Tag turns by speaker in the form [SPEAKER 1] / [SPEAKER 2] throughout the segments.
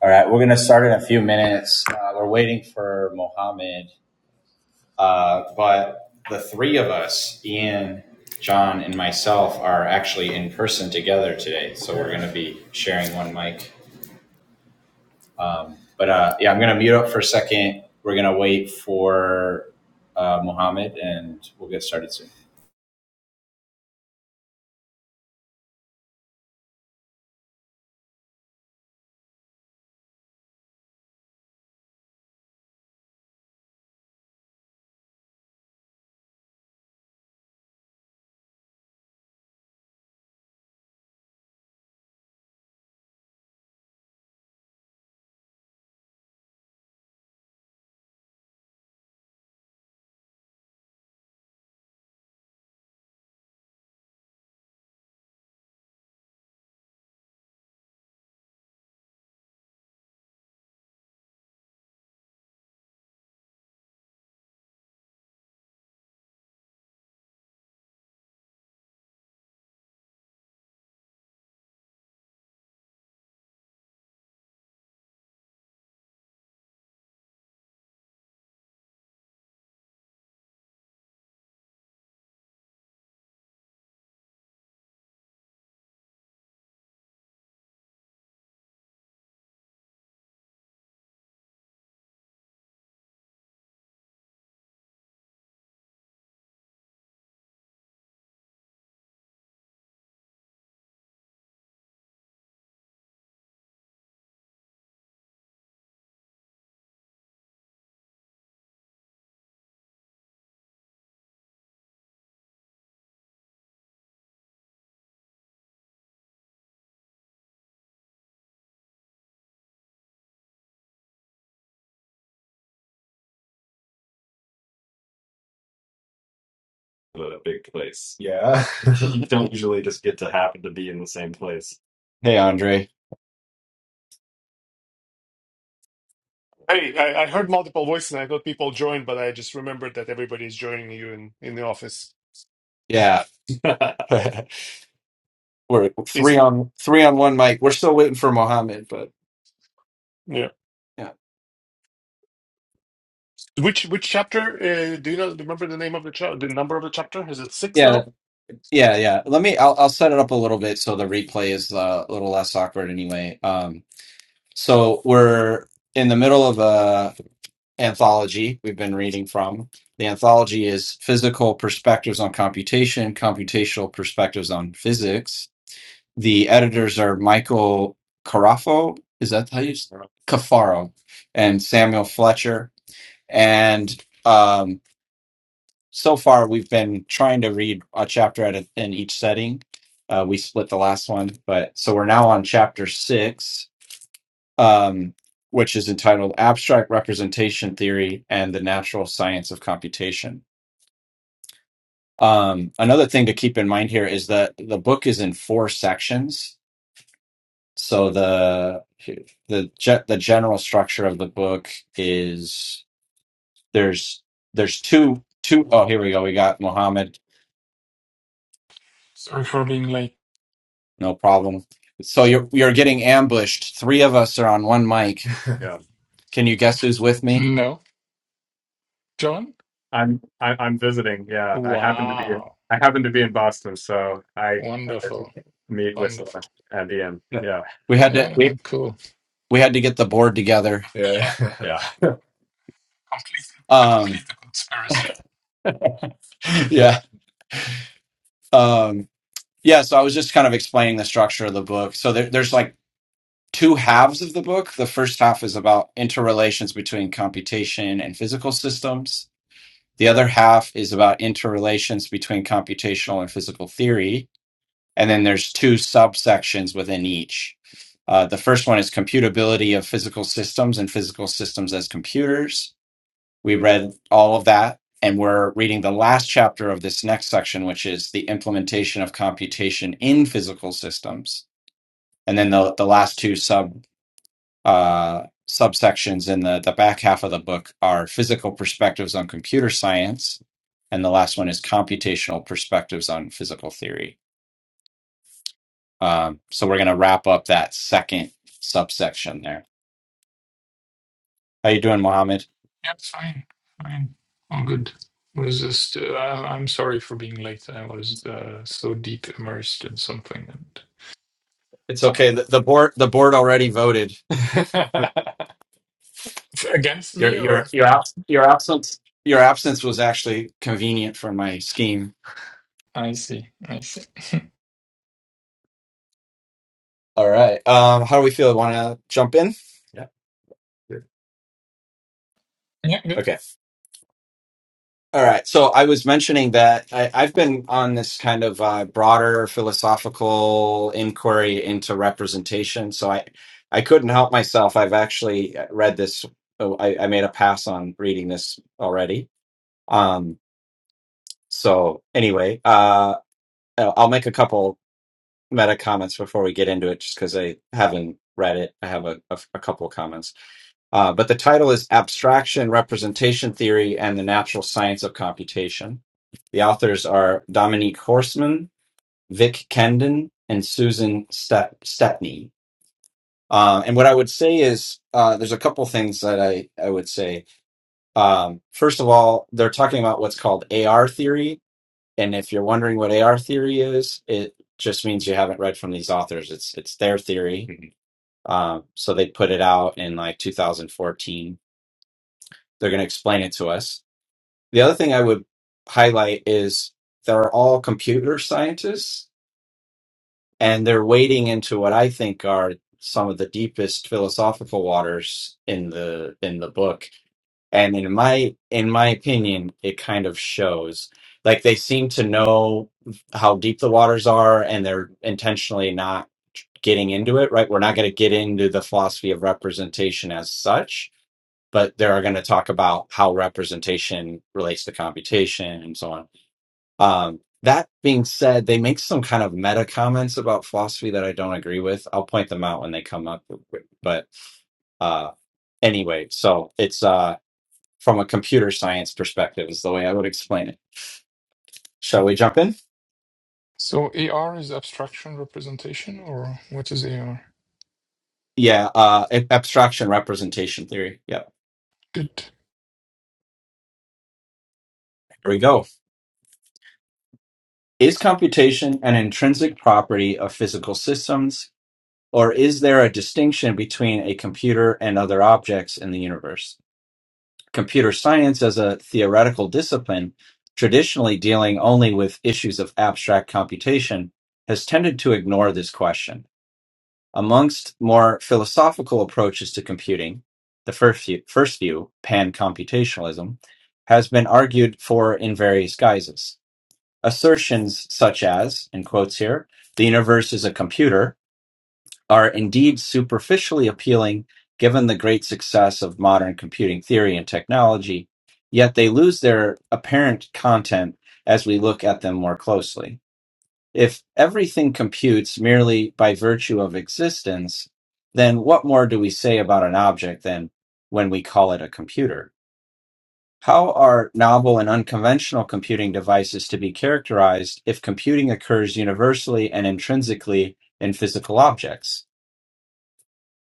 [SPEAKER 1] All right, we're going to start in a few minutes. Uh, we're waiting for Mohammed, uh, but the three of us, Ian, John, and myself, are actually in person together today. So we're going to be sharing one mic. But uh, yeah, I'm going to mute up for a second. We're going to wait for uh, Mohammed, and we'll get started soon. A big place. Yeah. You don't usually just get to happen to be in the same place. Hey, Andre.
[SPEAKER 2] Hey, I, I heard multiple voices and I thought people joined, but I just remembered that everybody is joining you in, in the office.
[SPEAKER 1] Yeah. we're three
[SPEAKER 2] Is
[SPEAKER 1] on three on one mic. We're still waiting for Mohammed, but
[SPEAKER 2] yeah.
[SPEAKER 1] yeah,
[SPEAKER 2] Which which chapter? Uh, do you know? Remember the name of the chapter? The number of the chapter? Is it six
[SPEAKER 1] yeah,
[SPEAKER 2] now?
[SPEAKER 1] yeah, yeah. Let me. I'll I'll set it up a little bit so the replay is uh, a little less awkward. Anyway, um, so we're in the middle of a anthology we've been reading from. The anthology is physical perspectives on computation, computational perspectives on physics. The editors are Michael Carafo. Is that how you? Cafaro and Samuel Fletcher and um. so far we've been trying to read a chapter at a, in each setting. Uh, we split the last one, but so we're now on chapter six, um, which is entitled "Abstract Representation Theory and the Natural Science of Computation." Um, another thing to keep in mind here is that the book is in four sections. So the the ge- the general structure of the book is there's there's two two oh here we go we got Muhammad
[SPEAKER 3] Sorry for being late.
[SPEAKER 1] No problem. So you're you're getting ambushed. Three of us are on one mic. Yeah, Can you guess who's with me?
[SPEAKER 3] No, John?
[SPEAKER 1] I'm I, I'm visiting. Yeah, I happen to be
[SPEAKER 3] Wow.
[SPEAKER 1] I happen to be in Boston, so I
[SPEAKER 3] Wonderful.
[SPEAKER 1] meet with someone
[SPEAKER 3] Wonderful.
[SPEAKER 1] at the end. Yeah, Yeah, We had to
[SPEAKER 3] Yeah,
[SPEAKER 1] we,
[SPEAKER 3] and cool.
[SPEAKER 1] we had to get the board together. yeah,
[SPEAKER 3] Yeah,
[SPEAKER 1] yeah.
[SPEAKER 3] complete to
[SPEAKER 1] Um
[SPEAKER 3] complete the conspiracy.
[SPEAKER 1] yeah. Um yeah, so I was just kind of explaining the structure of the book. So there, there's like two halves of the book. The first half is about interrelations between computation and physical systems. The other half is about interrelations between computational and physical theory. And then there's two subsections within each. Uh, the first one is computability of physical systems and physical systems as computers. We read all of that, and we're reading the last chapter of this next section, which is the implementation of computation in physical systems. And then the, the last two sub uh, subsections in the, the back half of the book are physical perspectives on computer science. And the last one is computational perspectives on physical theory. Um, so we're going to wrap up that second subsection there. How you doing, Mohammed?
[SPEAKER 3] Yeah, fine. Fine. All good. It was just, uh, I- I'm sorry for being late. I was uh, so deep immersed in something. And
[SPEAKER 1] It's
[SPEAKER 3] uh,
[SPEAKER 1] okay. The, the board the board already voted.
[SPEAKER 3] it's against
[SPEAKER 1] your
[SPEAKER 3] me, or?
[SPEAKER 1] your your abs- your absence your absence was actually convenient for my scheme.
[SPEAKER 3] I see. I see.
[SPEAKER 1] All right. Um, how do we feel? Want to jump in? Yeah. Sure.
[SPEAKER 3] yeah, good.
[SPEAKER 1] Okay. All right. So I was mentioning that I, I've been on this kind of uh, broader philosophical inquiry into representation. So I, I couldn't help myself. I've actually uh, read this. oh, I, I made a pass on reading this already. Um, so anyway, uh, I'll I'll make a couple meta comments before we get into it, just because I haven't read it. I have a, a, a couple of comments. Uh, but the title is Abstraction, Representation Theory, and the Natural Science of Computation. The authors are Dominique Horstman, Vic Kendon, and Susan Ste- Stepney. Uh, and what I would say is uh, there's a couple things that I, I would say. Um, first of all, they're talking about what's called AR theory. And if you're wondering what AR theory is, it just means you haven't read from these authors. It's, it's their theory. Mhm. Um, so they put it out in like 2014 They're going to explain it to us. The other thing I would highlight is they're all computer scientists and they're wading into what I think are some of the deepest philosophical waters in the in the book. And in my in my opinion, it kind of shows. Like they seem to know how deep the waters are and they're intentionally not getting into it, right? We're not going to get into the philosophy of representation as such but they're going to talk about how representation relates to computation and so on. Um, that being said, they make some kind of meta comments about philosophy that I don't agree with. I'll point them out when they come up. But uh, anyway, so it's uh, from a computer science perspective, is the way I would explain it. Shall we jump in?
[SPEAKER 3] So AR is abstraction representation, or what is AR?
[SPEAKER 1] Yeah, uh, ab- abstraction representation theory. Yep,
[SPEAKER 3] Good.
[SPEAKER 1] here we go. Is computation an intrinsic property of physical systems? Or is there a distinction between a computer and other objects in the universe? Computer science as a theoretical discipline, traditionally dealing only with issues of abstract computation, has tended to ignore this question. Amongst more philosophical approaches to computing, the first view, first view pan-computationalism, has been argued for in various guises. Assertions such as, in quotes here, the universe is a computer, are indeed superficially appealing given the great success of modern computing theory and technology, yet they lose their apparent content as we look at them more closely. If everything computes merely by virtue of existence, then what more do we say about an object than when we call it a computer? How are novel and unconventional computing devices to be characterized if computing occurs universally and intrinsically in physical objects?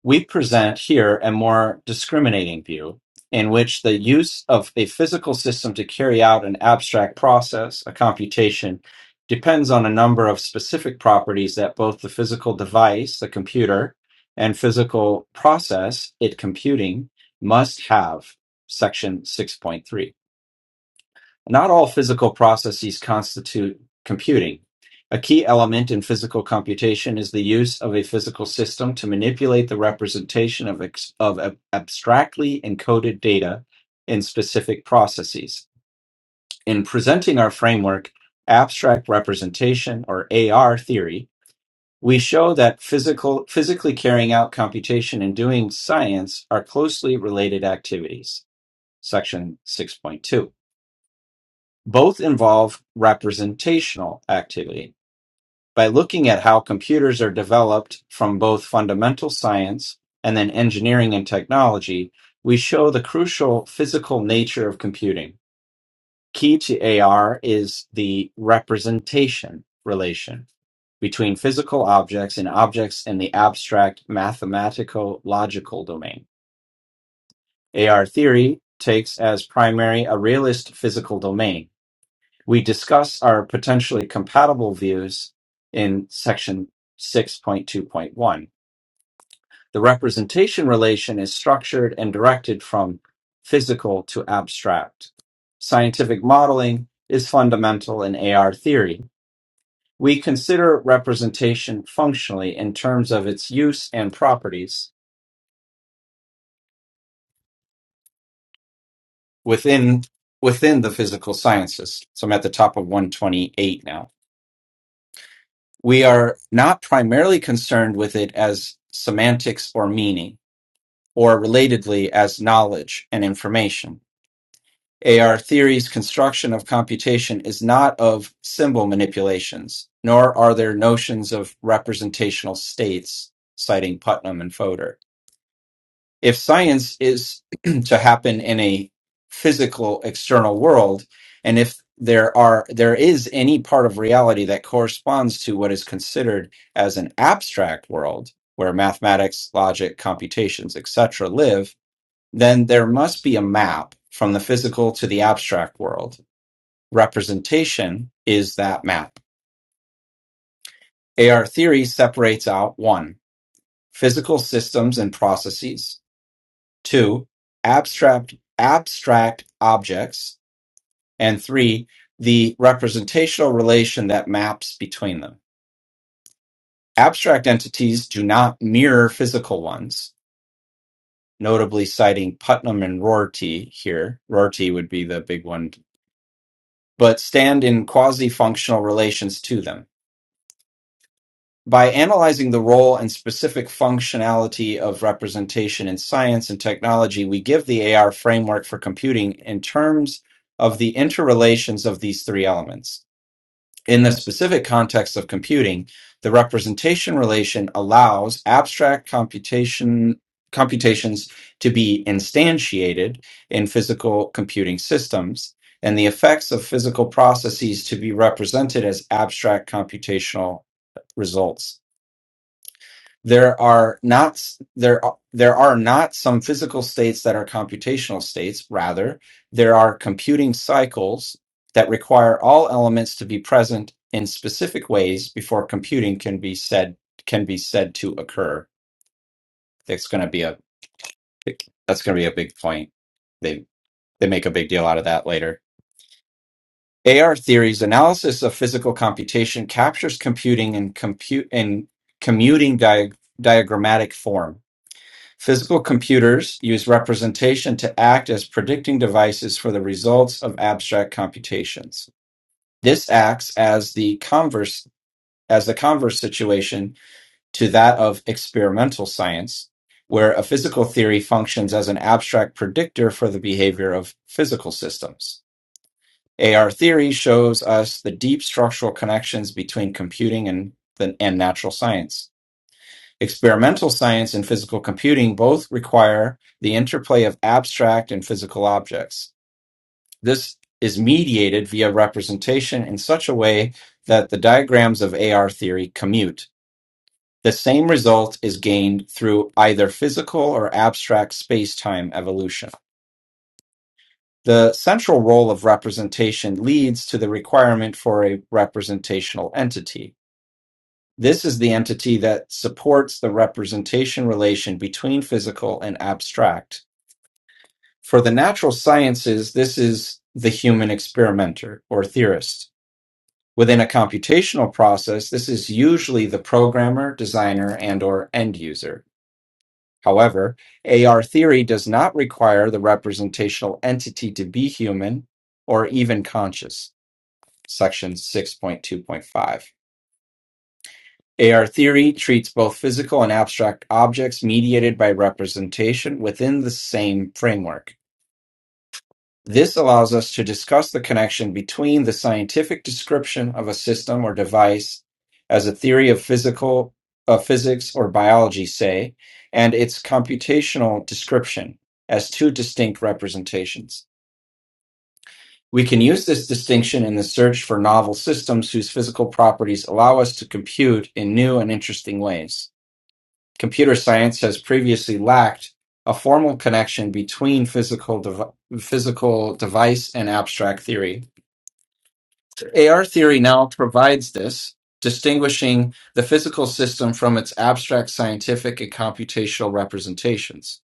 [SPEAKER 1] We present here a more discriminating view, in which the use of a physical system to carry out an abstract process, a computation, depends on a number of specific properties that both the physical device, the computer, and physical process, it computing, must have. Section 6.3. Not all physical processes constitute computing. A key element in physical computation is the use of a physical system to manipulate the representation of, ex- of ab- abstractly encoded data in specific processes. In presenting our framework, abstract representation or AR theory, we show that physical, physically carrying out computation and doing science are closely related activities. Section 6.2. Both involve representational activity by looking at how computers are developed from both fundamental science and then engineering and technology. We show the crucial physical nature of computing. Key to AR is the representation relation between physical objects and objects in the abstract mathematical logical domain. AR theory takes as primary a realist physical domain We discuss our potentially compatible views in section 6.2.1. The representation relation is structured and directed from physical to abstract. Scientific modeling is fundamental in AR theory. We consider representation functionally in terms of its use and properties within within the physical sciences. So I'm at the top of 128 now. we are not primarily concerned with it as semantics or meaning, or relatedly as knowledge and information. AR theory's construction of computation is not of symbol manipulations, nor are there notions of representational states, citing Putnam and Fodor if science is to happen in a physical external world and if there are there is any part of reality that corresponds to what is considered as an abstract world where mathematics logic computations etc live then there must be a map from the physical to the abstract world representation is that map ar theory separates out one physical systems and processes two, abstract abstract objects, and three, the representational relation that maps between them. Abstract entities do not mirror physical ones, notably citing Putnam and Rorty here. Rorty would be the big one, but stand in quasi functional relations to them. By analyzing the role and specific functionality of representation in science and technology, we give the AR framework for computing in terms of the interrelations of these three elements. In the specific context of computing, the representation relation allows abstract computation computations to be instantiated in physical computing systems and the effects of physical processes to be represented as abstract computational results there are not there are- there are not some physical states that are computational states rather there are computing cycles that require all elements to be present in specific ways before computing can be said can be said to occur that's going to be a that's going to be a big point they they make a big deal out of that later AR theory's analysis of physical computation captures computing in compute in commuting dia- diagrammatic form Physical computers use representation to act as predicting devices for the results of abstract computations. This acts as the converse as the converse situation to that of experimental science, where a physical theory functions as an abstract predictor for the behavior of physical systems. AR theory shows us the deep structural connections between computing and, and natural science. Experimental science and physical computing both require the interplay of abstract and physical objects. This is mediated via representation in such a way that the diagrams of AR theory commute. The same result is gained through either physical or abstract space time evolution. The central role of representation leads to the requirement for a representational entity. This is the entity that supports the representation relation between physical and abstract. For the natural sciences, this is the human experimenter or theorist. Within a computational process, this is usually the programmer, designer, and or end user. However, AR theory does not require the representational entity to be human or even conscious. Section 6.2.5. AR theory treats both physical and abstract objects mediated by representation within the same framework. This allows us to discuss the connection between the scientific description of a system or device as a theory of physical of physics or biology, say, and its computational description as two distinct representations. We can use this distinction in the search for novel systems whose physical properties allow us to compute in new and interesting ways. Computer science has previously lacked a formal connection between physical dev- physical device and abstract theory. AR theory now provides this, distinguishing the physical system from its abstract scientific and computational representations.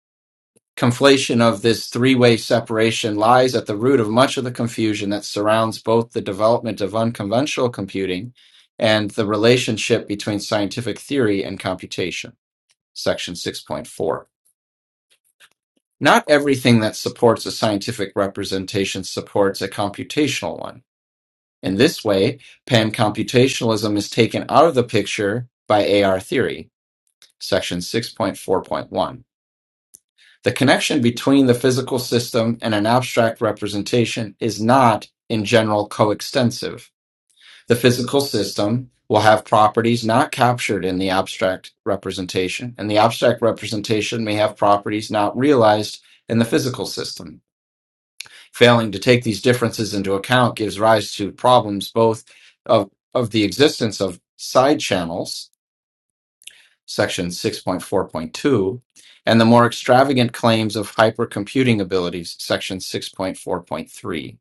[SPEAKER 1] Conflation of this three-way separation lies at the root of much of the confusion that surrounds both the development of unconventional computing and the relationship between scientific theory and computation. Section 6.4. Not everything that supports a scientific representation supports a computational one. In this way, pancomputationalism is taken out of the picture by AR theory, section 6.4.1. The connection between the physical system and an abstract representation is not, in general, coextensive. The physical system will have properties not captured in the abstract representation, and the abstract representation may have properties not realized in the physical system. Failing to take these differences into account gives rise to problems both of, of the existence of side channels, section 6.4.2, and the more extravagant claims of hypercomputing abilities, section 6.4.3.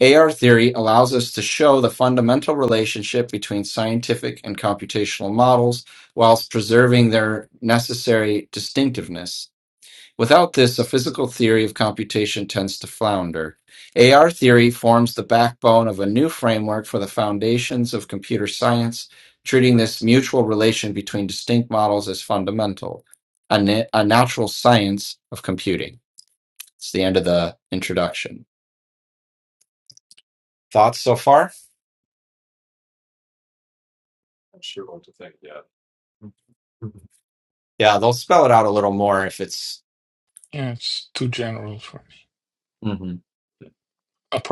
[SPEAKER 1] AR theory allows us to show the fundamental relationship between scientific and computational models whilst preserving their necessary distinctiveness Without this, a physical theory of computation tends to flounder. AR theory forms the backbone of a new framework for the foundations of computer science, treating this mutual relation between distinct models as fundamental, a, na- a natural science of computing. It's the end of the introduction. Thoughts so far? Not sure what to think yet. Yeah, they'll spell it out a little more if it's.
[SPEAKER 3] Yeah, it's too general for me.
[SPEAKER 1] Mhm.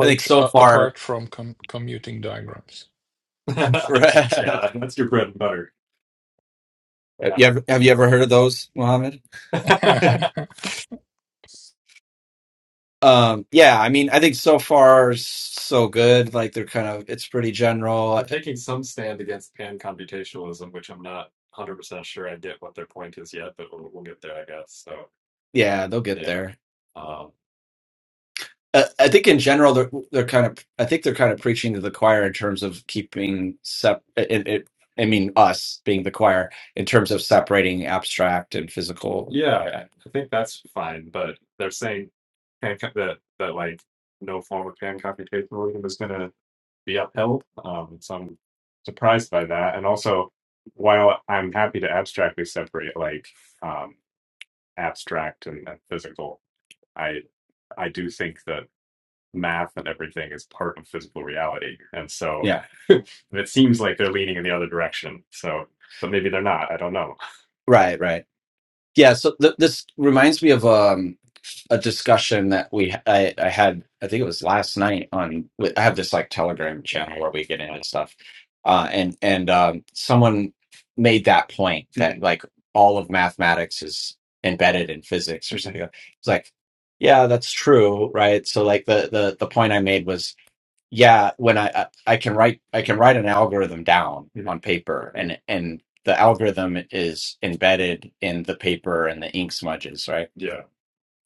[SPEAKER 1] I think so
[SPEAKER 3] uh,
[SPEAKER 1] far.
[SPEAKER 3] apart from com- commuting diagrams.
[SPEAKER 1] Yeah, That's your bread and butter. Have you ever have you ever heard of those, Mohammed?
[SPEAKER 3] yeah,
[SPEAKER 1] Yeah. Um, yeah, I mean, I think so far so good. Like they're kind of it's pretty general. They're taking some stand against pan computationalism, which I'm not 100% sure I get what their point is yet, but we'll, we'll get there, I guess. So, Yeah, they'll get yeah. there. Uh, I think in general they're they're kind of I think they're kind of preaching to the choir in terms of keeping sep. It, it, I mean us being the choir in terms of separating abstract and physical. Yeah, I, I, think that's fine, but they're saying pan that that like no form of pan computationalism is going to be upheld. Um, so I'm surprised by that. And also, while I'm happy to abstractly separate like um, abstract and, and physical, I I do think that math and everything is part of physical reality. And so Yeah. it seems like they're leaning in the other direction. So, but maybe they're not. I don't know. Right. Right. Yeah, so th- this reminds me of um, a discussion that we I, I had. I think it was last night on. I have this like Telegram channel where we get into stuff, uh, and and um, someone made that point that like all of mathematics is embedded in physics or something. like, It's like, yeah, that's true, right? So like the the the point I made was yeah when I, I i can write i can write an algorithm down on paper and and the algorithm is embedded in the paper and the ink smudges right Yeah.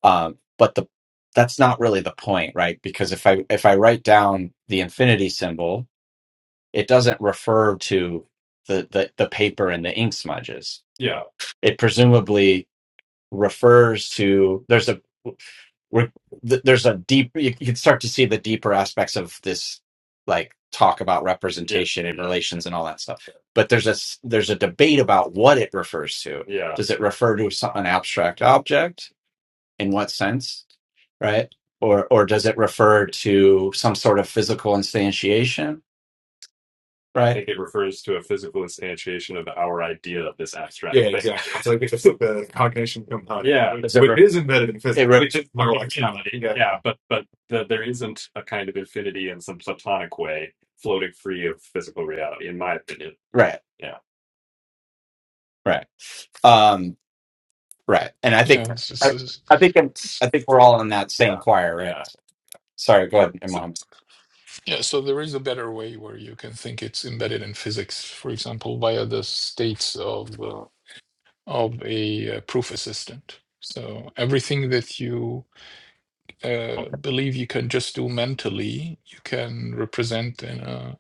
[SPEAKER 1] um but the that's not really the point right because if i if i write down the infinity symbol it doesn't refer to the the, the paper and the ink smudges Yeah. it presumably refers to there's a we're, th- there's a deep you, you can start to see the deeper aspects of this like talk about Yeah, representation and yeah, relations and all that stuff but there's a s- there's a debate about what it refers to yeah, does it refer to some, an abstract object in what sense right or or does it refer to some sort of physical instantiation Right, I right? think it refers to a physical instantiation of our idea of this abstract Yeah, thing. exactly. It's like it's the cognition component, Yeah, which re- is embedded in It physics. re- which is More like, reality. yeah, Yeah, but but the, there isn't a kind of infinity in some platonic way floating free of physical reality, in my opinion. right, Yeah. right, um, right. And I think
[SPEAKER 3] it's, it's,
[SPEAKER 1] I,
[SPEAKER 3] it's,
[SPEAKER 1] I think I'm,
[SPEAKER 3] it's-
[SPEAKER 1] I think we're all in that same Yeah. choir, right? Yeah. Sorry, go ahead,
[SPEAKER 3] so,
[SPEAKER 1] Imam.
[SPEAKER 3] yeah. So there is a better way where you can think it's embedded in physics, for example, via the states of uh, of a uh, proof assistant. So everything that you uh,
[SPEAKER 1] Okay.
[SPEAKER 3] believe you can just do mentally, you can represent in a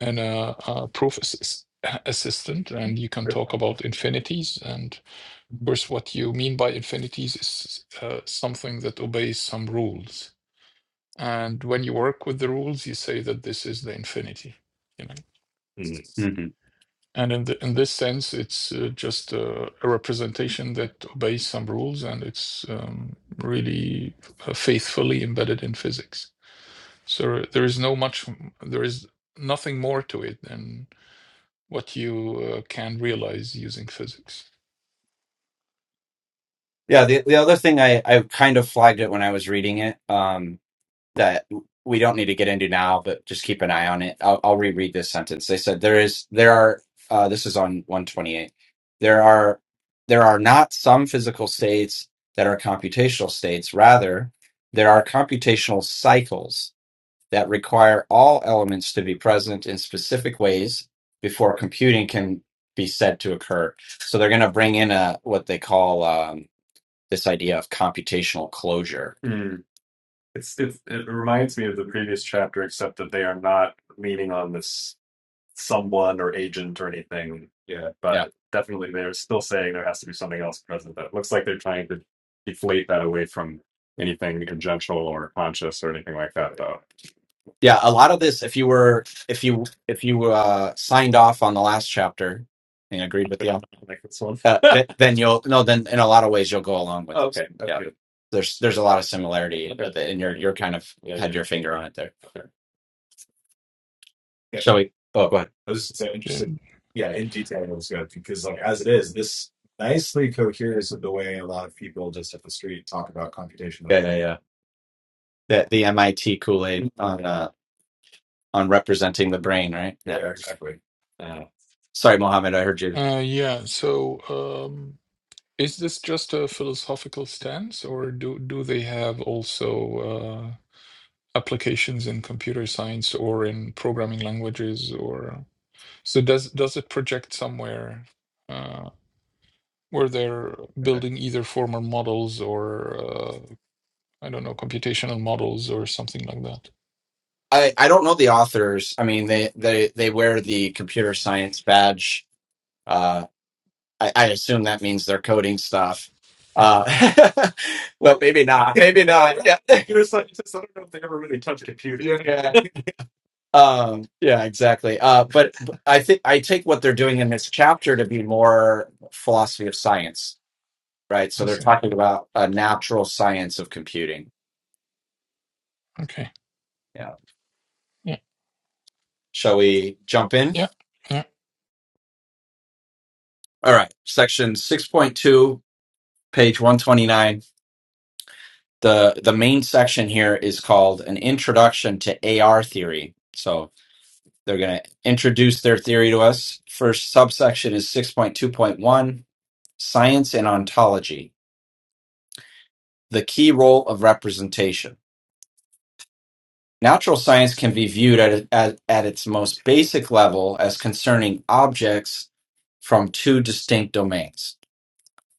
[SPEAKER 3] in a, uh proof assist, assistant, and you can talk about infinities and. course, what you mean by infinities is uh, something that obeys some rules. And when you work with the rules, you say that this is the infinity, you know.
[SPEAKER 1] Mhm. Mhm.
[SPEAKER 3] And in the, in this sense, it's uh, just uh, a representation that obeys some rules, and it's um, really uh, faithfully embedded in physics. So there is no much, there is nothing more to it than what you uh, can realize using physics.
[SPEAKER 1] Yeah, the the other thing I I kind of flagged it when I was reading it. Um, that we don't need to get into now, but just keep an eye on it. I'll, I'll reread this sentence. They said there is there are uh, this is on one twenty eight. There are there are not some physical states that are computational states. Rather, there are computational cycles that require all elements to be present in specific ways before computing can be said to occur. So they're going to bring in a what they call um, this idea of computational closure it's it's it reminds me of the previous chapter, except that they are not leaning on this someone or agent or anything. Yeah, but Yeah. definitely they're still saying there has to be something else present. That looks like they're trying to deflate that away from anything conjunctional or conscious or anything like that, though. Yeah, a lot of this, if you were, if you, if you uh, signed off on the last chapter and agreed with the author, like this one. uh, th- then you'll no, then in a lot of ways you'll go along with this. okay, that's Yeah, good. there's there's a lot of similarity, Okay, with it, and you're you're kind of yeah, yeah, had yeah. your finger on it there. yeah. Shall we? Oh, go ahead. I was just so
[SPEAKER 3] Yeah.
[SPEAKER 1] interested. Yeah, in detail, it was good because, like, as it is, this nicely coheres with the way a lot of people just at the street talk about computation. Yeah, yeah, yeah. The the MIT Kool Aid on uh, on representing the brain, right? Yeah. Yeah, exactly. yeah. Sorry, Mohammed, I heard you.
[SPEAKER 3] Uh, yeah. So. um, Is this just a philosophical stance, or do do they have also uh, applications in computer science or in programming languages, or so does does it project somewhere uh, where they're building either formal models or uh, I don't know computational models or something like that?
[SPEAKER 1] I, I don't know the authors. I mean, they, they, they wear the computer science badge. uh, I, I assume that means they're coding stuff. Uh, well, maybe not. Maybe not. Yeah. Computer scientists, I don't know if they ever really touch computing. Yeah. Um, yeah, exactly. Uh, but but I think I take what they're doing in this chapter to be more philosophy of science, right? So
[SPEAKER 3] I
[SPEAKER 1] they're
[SPEAKER 3] see.
[SPEAKER 1] talking about a natural science of computing.
[SPEAKER 3] Okay.
[SPEAKER 1] Yeah.
[SPEAKER 3] Yeah.
[SPEAKER 1] Shall we jump in?
[SPEAKER 3] Yeah. Yeah.
[SPEAKER 1] All right. Section 6.2, page 129. The the main section here is called an introduction to AR theory. So. They're going to introduce their theory to us. First subsection is 6.2.1 Science and Ontology, the key role of representation. Natural science can be viewed at, at, at its most basic level as concerning objects from two distinct domains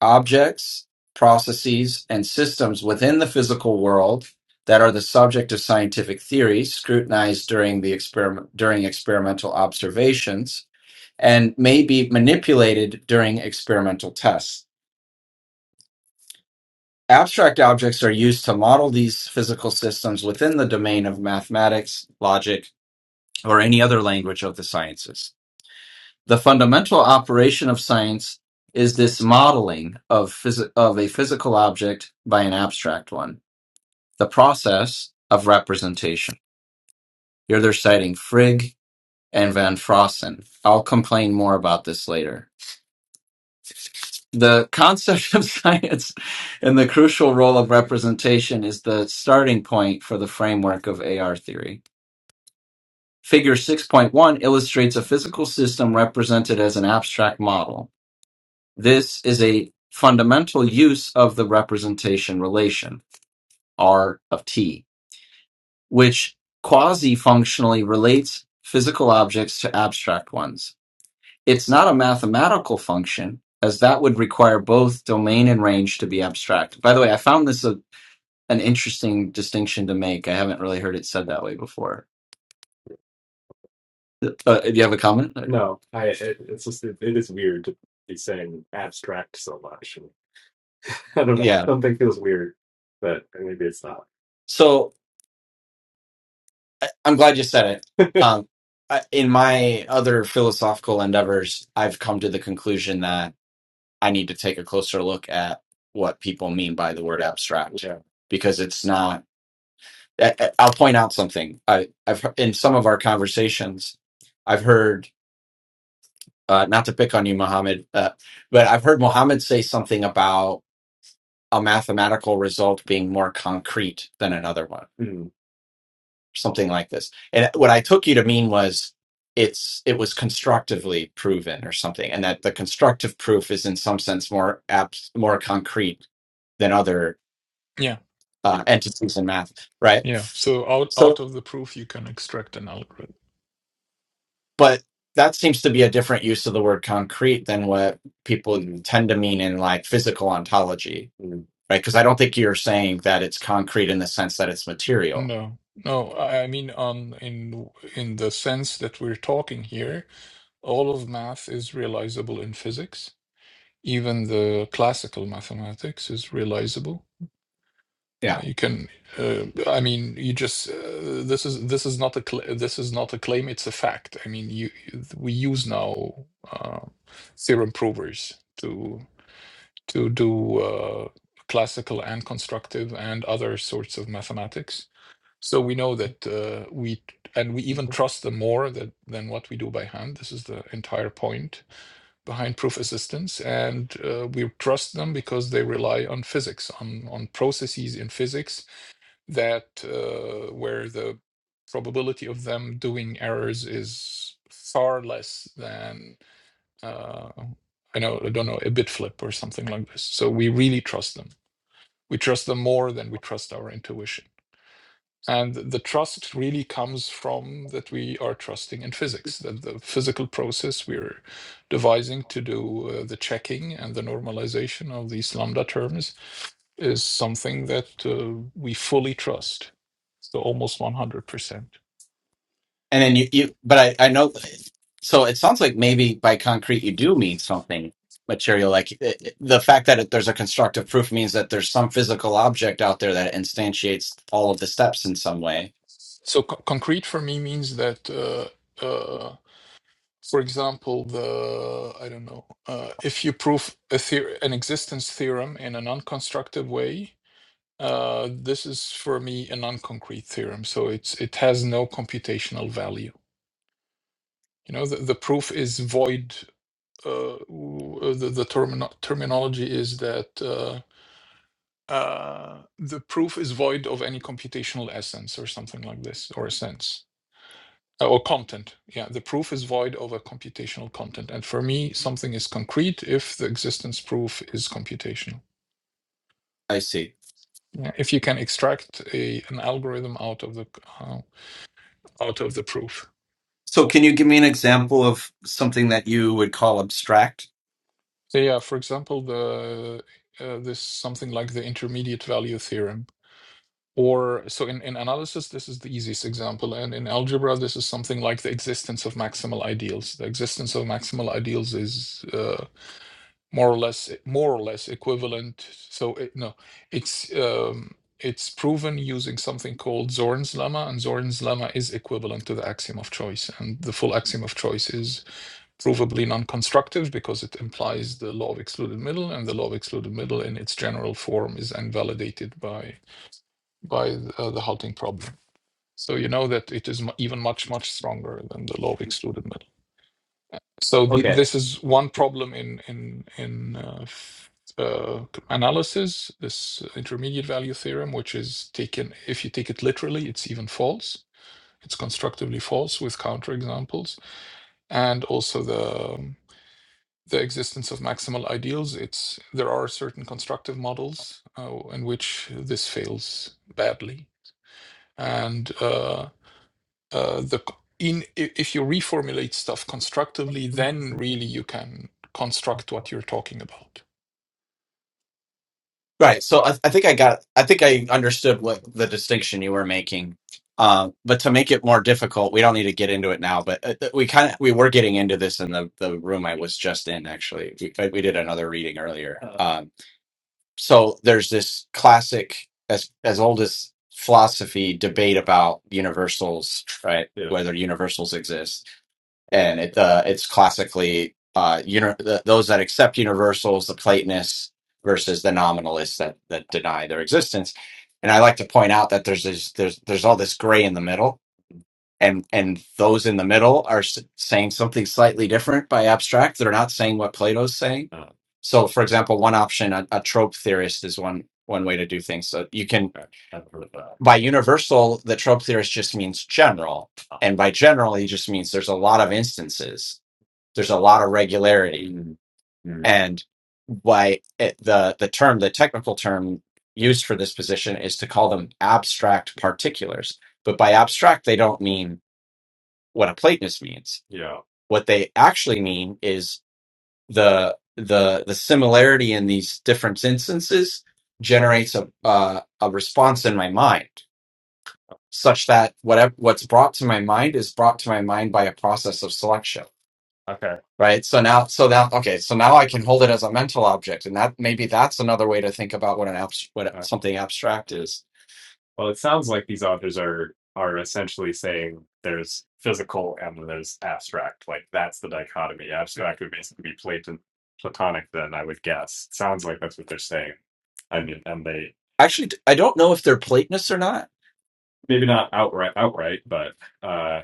[SPEAKER 1] objects, processes, and systems within the physical world that are the subject of scientific theory scrutinized during the experiment during experimental observations and may be manipulated during experimental tests. Abstract objects are used to model these physical systems within the domain of mathematics, logic, or any other language of the sciences. The fundamental operation of science is this modeling of, phys- of a physical object by an abstract one, the process of representation. Here they're citing Frigg and Van Frossen. I'll complain more about this later. the concept of science and the crucial role of representation is the starting point for the framework of AR theory. Figure 6.1 illustrates a physical system represented as an abstract model. This is a fundamental use of the representation relation, R of T, which quasi functionally relates physical objects to abstract ones. It's not a mathematical function, as that would require both domain and range to be abstract. By the way, I found this a, an interesting distinction to make. I haven't really heard it said that way before. Uh, do you have a comment? No, I it, it's just it, it is weird to be saying abstract so much. I don't know. Yeah. Something feels weird, but maybe it's not. So I- I'm glad you said it. Um, I- in my other philosophical endeavors, I've come to the conclusion that. I need to take a closer look at what people mean by the word abstract Yeah. because it's not. I, I- I'll point out something. I, I've he- in some of our conversations, I've heard uh, not to pick on you, Mohammed, uh, but I've heard Mohammed say something about a mathematical result being more concrete than another one, Mhm. something like this. And what I took you to mean was it's it was constructively proven or something, and that the constructive proof is in some sense more abs- more concrete than other.
[SPEAKER 3] Yeah.
[SPEAKER 1] uh, entities in math, right?
[SPEAKER 3] Yeah. So out out
[SPEAKER 1] So,
[SPEAKER 3] of the proof, you can extract an algorithm.
[SPEAKER 1] but that seems to be a different use of the word concrete than what people tend to mean in like physical ontology, Mm. right? Because I don't think you're saying that it's concrete in the sense that it's material.
[SPEAKER 3] No, no. I I mean, um, in in the sense that we're talking here, all of math is realizable in physics. Even the classical mathematics is realizable.
[SPEAKER 1] Yeah.
[SPEAKER 3] Uh, you can, uh, I mean, you just uh, this is this is not a cl this is not a claim. It's a fact. I mean, you we use now uh, theorem provers to to do uh, classical and constructive and other sorts of mathematics. So we know that uh, we and we even trust them more that, than what we do by hand. This is the entire point behind proof assistance, and uh, we trust them because they
[SPEAKER 1] I'm.
[SPEAKER 3] rely on physics, on on processes in physics that uh, where the probability of them doing errors is far less than uh, I know I don't know a bit flip or something like this. So we really trust them. We trust them more than we trust our intuition. And the trust really comes from that we are trusting in physics, that the physical process we're devising to do uh, the checking and the normalization of these lambda terms is something that uh, we fully trust. So almost 100%.
[SPEAKER 1] And then you, you but I, I know, so it sounds like maybe by concrete you do mean something material. Like it, it- the fact that it, there's a constructive proof means that there's some physical object out there that instantiates all of the steps in some way.
[SPEAKER 3] So co- concrete for me means that, uh, uh, for example, the, I don't know, uh, if you prove a theor- an existence theorem in an unconstructive way, Uh, this is for me a non-concrete theorem, so it's it has no computational value. You know, the, the proof is void. Uh, w- uh, the the termino- terminology is that uh, uh, the proof is void of any computational essence or something like this, or a sense uh, or content. Yeah, the proof is void of a computational content, and for me, something is concrete if the existence proof is computational.
[SPEAKER 1] I see.
[SPEAKER 3] Yeah, if you can extract a an algorithm out of the c- uh, out of the proof.
[SPEAKER 1] So, can you give me an example of something that you would call abstract?
[SPEAKER 3] So yeah, for example, the uh, this something like the intermediate value theorem. Or so in, in analysis, this is the easiest example. And in algebra, this is something like the existence of maximal ideals. The existence of maximal ideals is uh, more or less more or less equivalent. So it, no, it's um, it's proven using something called Zorn's lemma, and Zorn's lemma is equivalent to the axiom of choice. And the full axiom of choice is provably non-constructive because it implies the law of excluded middle, and the law of excluded middle in its general form is invalidated by by the, uh, the halting problem. So you know that it is even much much stronger than the law of excluded middle. So
[SPEAKER 1] So,
[SPEAKER 3] the,
[SPEAKER 1] okay.
[SPEAKER 3] this is one problem in in in uh, uh, analysis. This intermediate value theorem, which is taken if you take it literally, it's even false. It's constructively false with counterexamples, and also the um, the existence of maximal ideals. It's there are certain constructive models uh, in which this fails badly, and uh, uh, the in i- if you reformulate stuff constructively, then really you can construct what you're talking about.
[SPEAKER 1] Right. So I, I think I got, I think I understood what the distinction you were making. Um, but to make it more difficult, we don't need to get into it now, but uh, th- we kind of, we were getting into this in the, the room I was just in, actually. We, we did another reading earlier. so there's this classic as as old as philosophy debate about universals right Yeah. whether universals exist and it uh, it's classically uh you know the, those that accept universals the platonists versus the nominalists that that deny their existence and i like to point out that there's this, there's there's all this gray in the middle and and those in the middle are s- saying something slightly different by abstract they're not saying what plato's saying Uh, so for example one option a, a trope theorist is one one way to do things so you can I have heard of that. by universal the trope theorist just means general Uh, and by general he just means there's a lot of instances there's a lot of regularity mm, mm, and why it, the the term the technical term used for this position is to call them abstract particulars but by abstract they don't mean what a Platonist means. Yeah. What they actually mean is the the the similarity in these different instances generates a uh, a response in my mind, such that whatever what's brought to my mind is brought to my mind by a process of selection. Okay. Right. So now, so now, okay. So now I can hold it as a mental object, and that maybe that's another way to think about what an abs- what Uh, something abstract is well, it sounds like these authors are are essentially saying there's physical and then there's abstract. Like that's the dichotomy. Abstract would basically be Platon, Platonic. Then I would guess. sounds like that's what they're saying. I mean, and they Actually, I I don't know if they're Platonists or not. maybe not outright outright, but uh,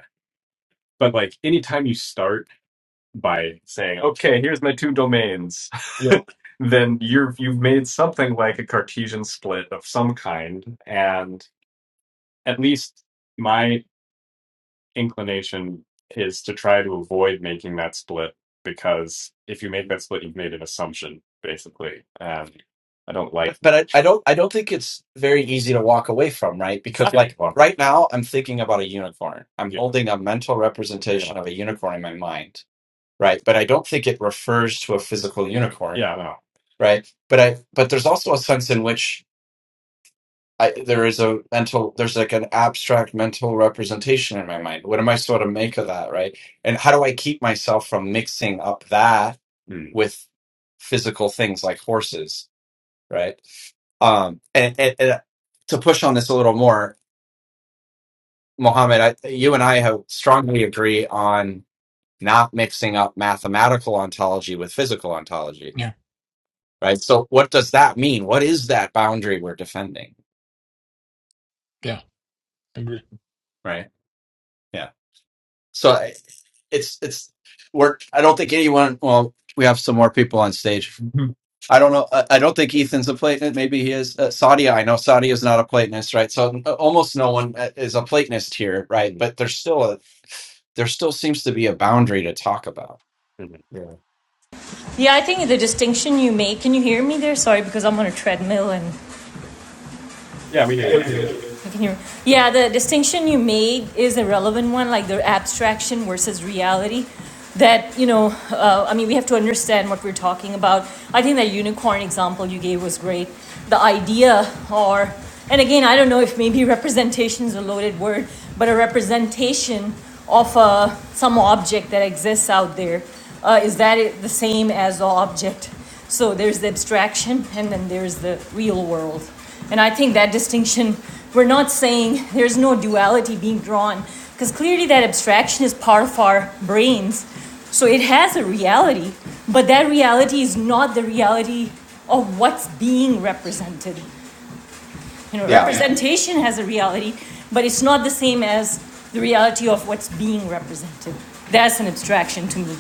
[SPEAKER 1] but like anytime you start by saying, okay, here's my two domains. Yeah. Then you're you've made something like a Cartesian split of some kind, and at least my inclination is to try to avoid making that split because if you make that split, you've made an assumption, basically. And I don't like But I, I don't I don't think it's very easy to walk away from, right? Because I, like well, right now I'm thinking about a unicorn. I'm yeah, holding a mental yeah, representation of a unicorn in my mind, right? But I don't think it refers to a physical unicorn, yeah, no, right? But I but there's also a sense in which I, there is a mental, there's like an abstract mental representation in my mind. What am I supposed to make of that, right? And how do I keep myself from mixing up that Mm. with physical things like horses, right? Um, and, and, and uh, to push on this a little more, Mohammed, I, you and I have strongly agree on not mixing up mathematical ontology with physical ontology,
[SPEAKER 3] Yeah,
[SPEAKER 1] right? So, what does that mean? What is that boundary we're defending,
[SPEAKER 3] yeah, I agree.
[SPEAKER 1] right? Yeah. So I- it's it's we're I don't think anyone. Well, we have some more people on stage. Mhm. I don't know. I, I don't think Ethan's a Platonist. Maybe he is. Uh, Saudi, I know Saudi is not a Platonist, right? So n- almost no one uh, is a Platonist here, right? Mhm. But there's still a there still seems to be a boundary to talk about. Mhm. Yeah.
[SPEAKER 4] Yeah, I think the distinction you make. Can you hear me there? Sorry, because I'm on a treadmill and
[SPEAKER 1] Yeah, we hear you. Okay.
[SPEAKER 4] I can hear. Yeah, the distinction you made is a relevant one, like the abstraction versus reality. That you know, uh, I mean, we have to understand what we're talking about. I think that unicorn example you gave was great. The idea, or and again, I don't know if maybe representation is a loaded word, but a representation of uh, some object that exists out there uh, is that the same as the object? So there's the abstraction, and then there's the real world. And I think that distinction, we're not saying there's no duality being drawn, because clearly that abstraction is part of our brains. So it has a reality, but that reality is not the reality of what's being represented. You know,
[SPEAKER 1] Yeah,
[SPEAKER 4] representation has a reality, but it's not the same as the reality of what's being represented. That's an abstraction to me.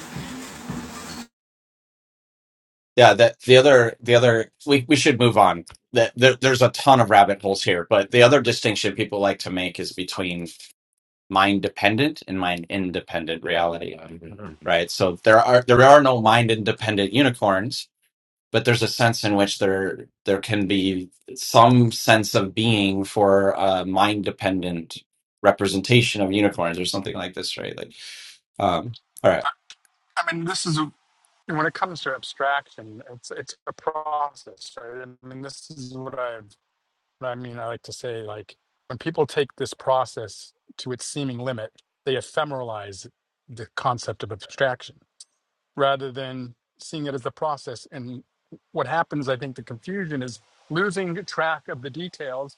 [SPEAKER 1] yeah. That the other the other we we should move on. That there, there's a ton of rabbit holes here, but the other distinction people like to make is between mind dependent and mind independent reality right so there are there are no mind independent unicorns but there's a sense in which there there can be some sense of being for a mind dependent representation of unicorns or something like this right like um all right
[SPEAKER 5] I I mean, this is a, when it comes to abstraction, it's it's a process, right? I mean, this is what I what I mean. I like to say, like when people take this process to its seeming limit, they ephemeralize the concept of abstraction rather than seeing it as a process. And what happens, I think, the confusion is losing track of the details